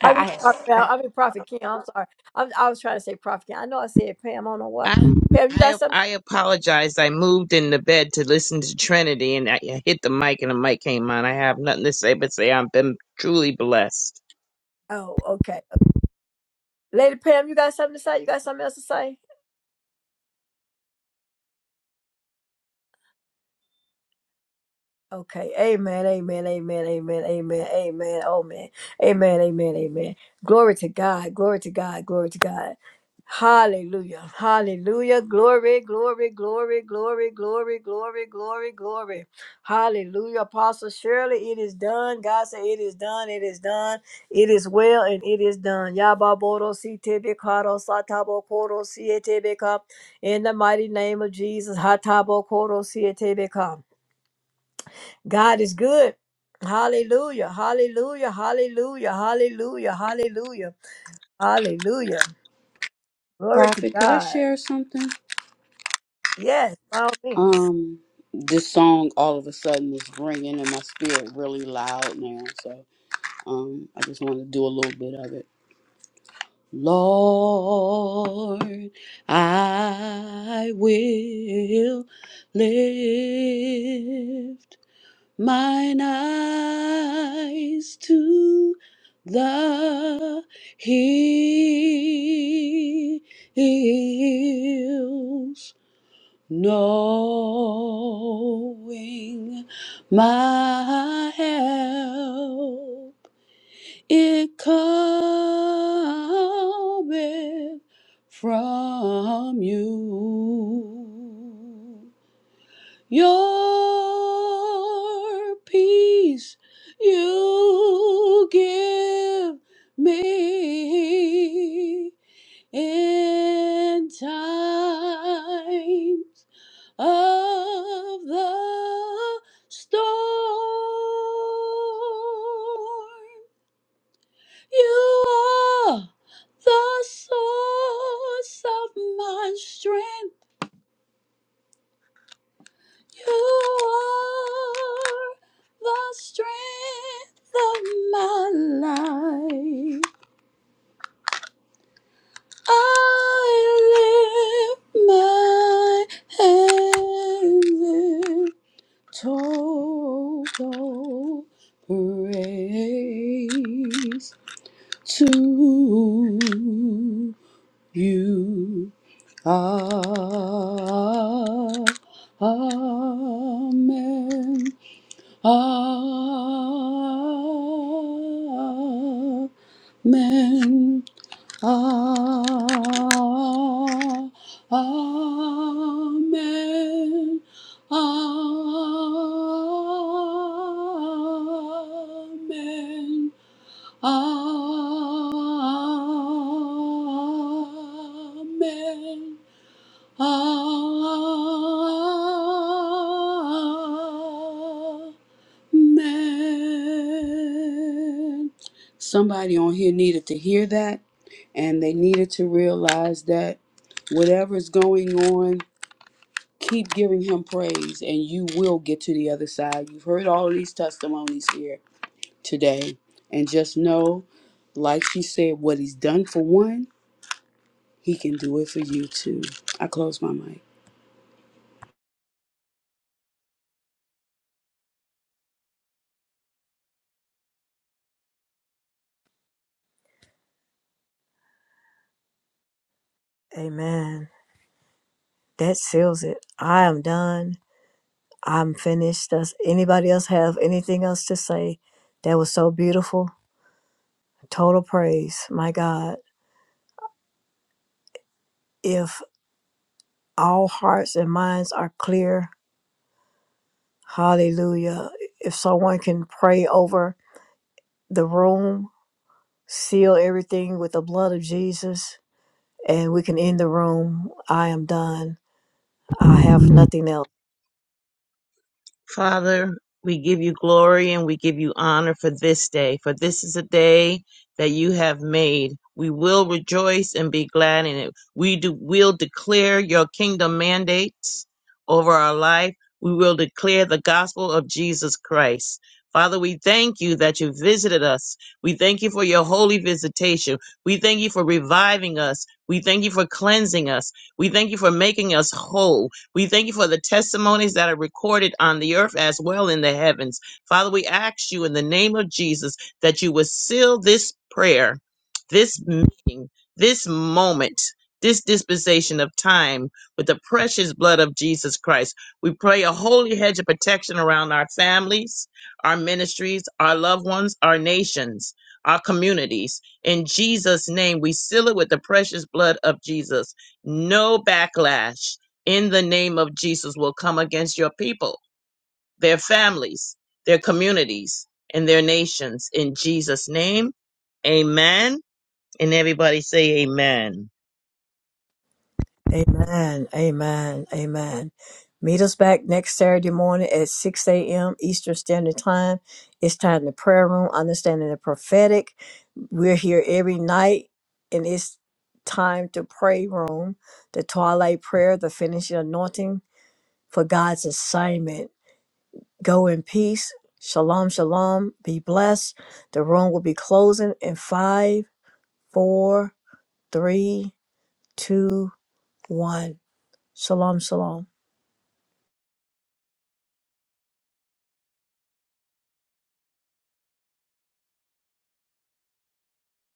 I,
I mean,
I had
Prophet Pam, I mean Prophet Kim, I'm sorry. I'm, I was trying to say Prophet Kim. I know I said Pam, I don't know why.
I
Pam, you got
I
something?
I apologize. I moved in the bed to listen to Trinity and I, I hit the mic and the mic came on. I have nothing to say but say I've been truly blessed.
Oh, okay. Lady Pam, you got something to say? You got something else to say? Okay. Amen. Amen. Amen. Amen. Amen. Amen. Oh man. Amen. Amen. Amen. Glory to God. Glory to God. Glory to God. Hallelujah. Hallelujah. Glory, glory, glory, glory, glory, glory, glory, glory. Hallelujah. Apostle surely it is done. God said it is done. It is done. It is well and it is done. Yababoro sitebekaro satabo koro sietebeka. In the mighty name of Jesus. Hatabo koro sietebeka. God is good. Hallelujah. Hallelujah. Hallelujah. Hallelujah. Hallelujah. Hallelujah. Glory to
Prophet. Could I
God.
share something?
Yes, by all means.
Um, this song all of a sudden is ringing in my spirit really loud now. So um, I just wanted to do a little bit of it. Lord, I will live mine eyes to the hills, knowing my help, it cometh from you. Your peace you give me in times of the storm. You are the source of my strength You are the strength of my life. I lift my hands in total praise to you. Ah, amen. Amen. Ah, Amen. Amen. Amen. Amen man. Somebody on here needed to hear that and they needed to realize that whatever's going on, keep giving him praise and you will get to the other side. You've heard all these testimonies here today. And just know, like she said, what he's done for one, he can do it for you too. I close my mic.
Amen. That seals it. I am done. I'm finished. Does anybody else have anything else to say? That was so beautiful. Total praise. My God. If all hearts and minds are clear, hallelujah. If someone can pray over the room, seal everything with the blood of Jesus, and we can end the room. I am done. I have nothing else.
Father, we give you glory and we give you honor for this day, for this is a day that you have made. We will rejoice and be glad in it. We do, will declare your kingdom mandates over our life. We will declare the gospel of Jesus Christ. Father, we thank you that you visited us. We thank you for your holy visitation. We thank you for reviving us. We thank you for cleansing us. We thank you for making us whole. We thank you for the testimonies that are recorded on the earth as well in the heavens. Father, we ask you in the name of Jesus that you would seal this prayer, this meeting, this moment, this dispensation of time with the precious blood of Jesus Christ. We pray a holy hedge of protection around our families, our ministries, our loved ones, our nations, our communities. In Jesus' name, we seal it with the precious blood of Jesus. No backlash in the name of Jesus will come against your people, their families, their communities, and their nations. In Jesus' name, amen. And everybody say amen.
Amen. Amen. Amen. Meet us back next Saturday morning at 6 a.m. Eastern Standard Time. It's time to prayer room, understanding the prophetic. We're here every night, and it's time to pray room, the twilight prayer, the finishing anointing for God's assignment. Go in peace. Shalom, shalom. Be blessed. The room will be closing in five, four, three, two, one. Shalom, shalom.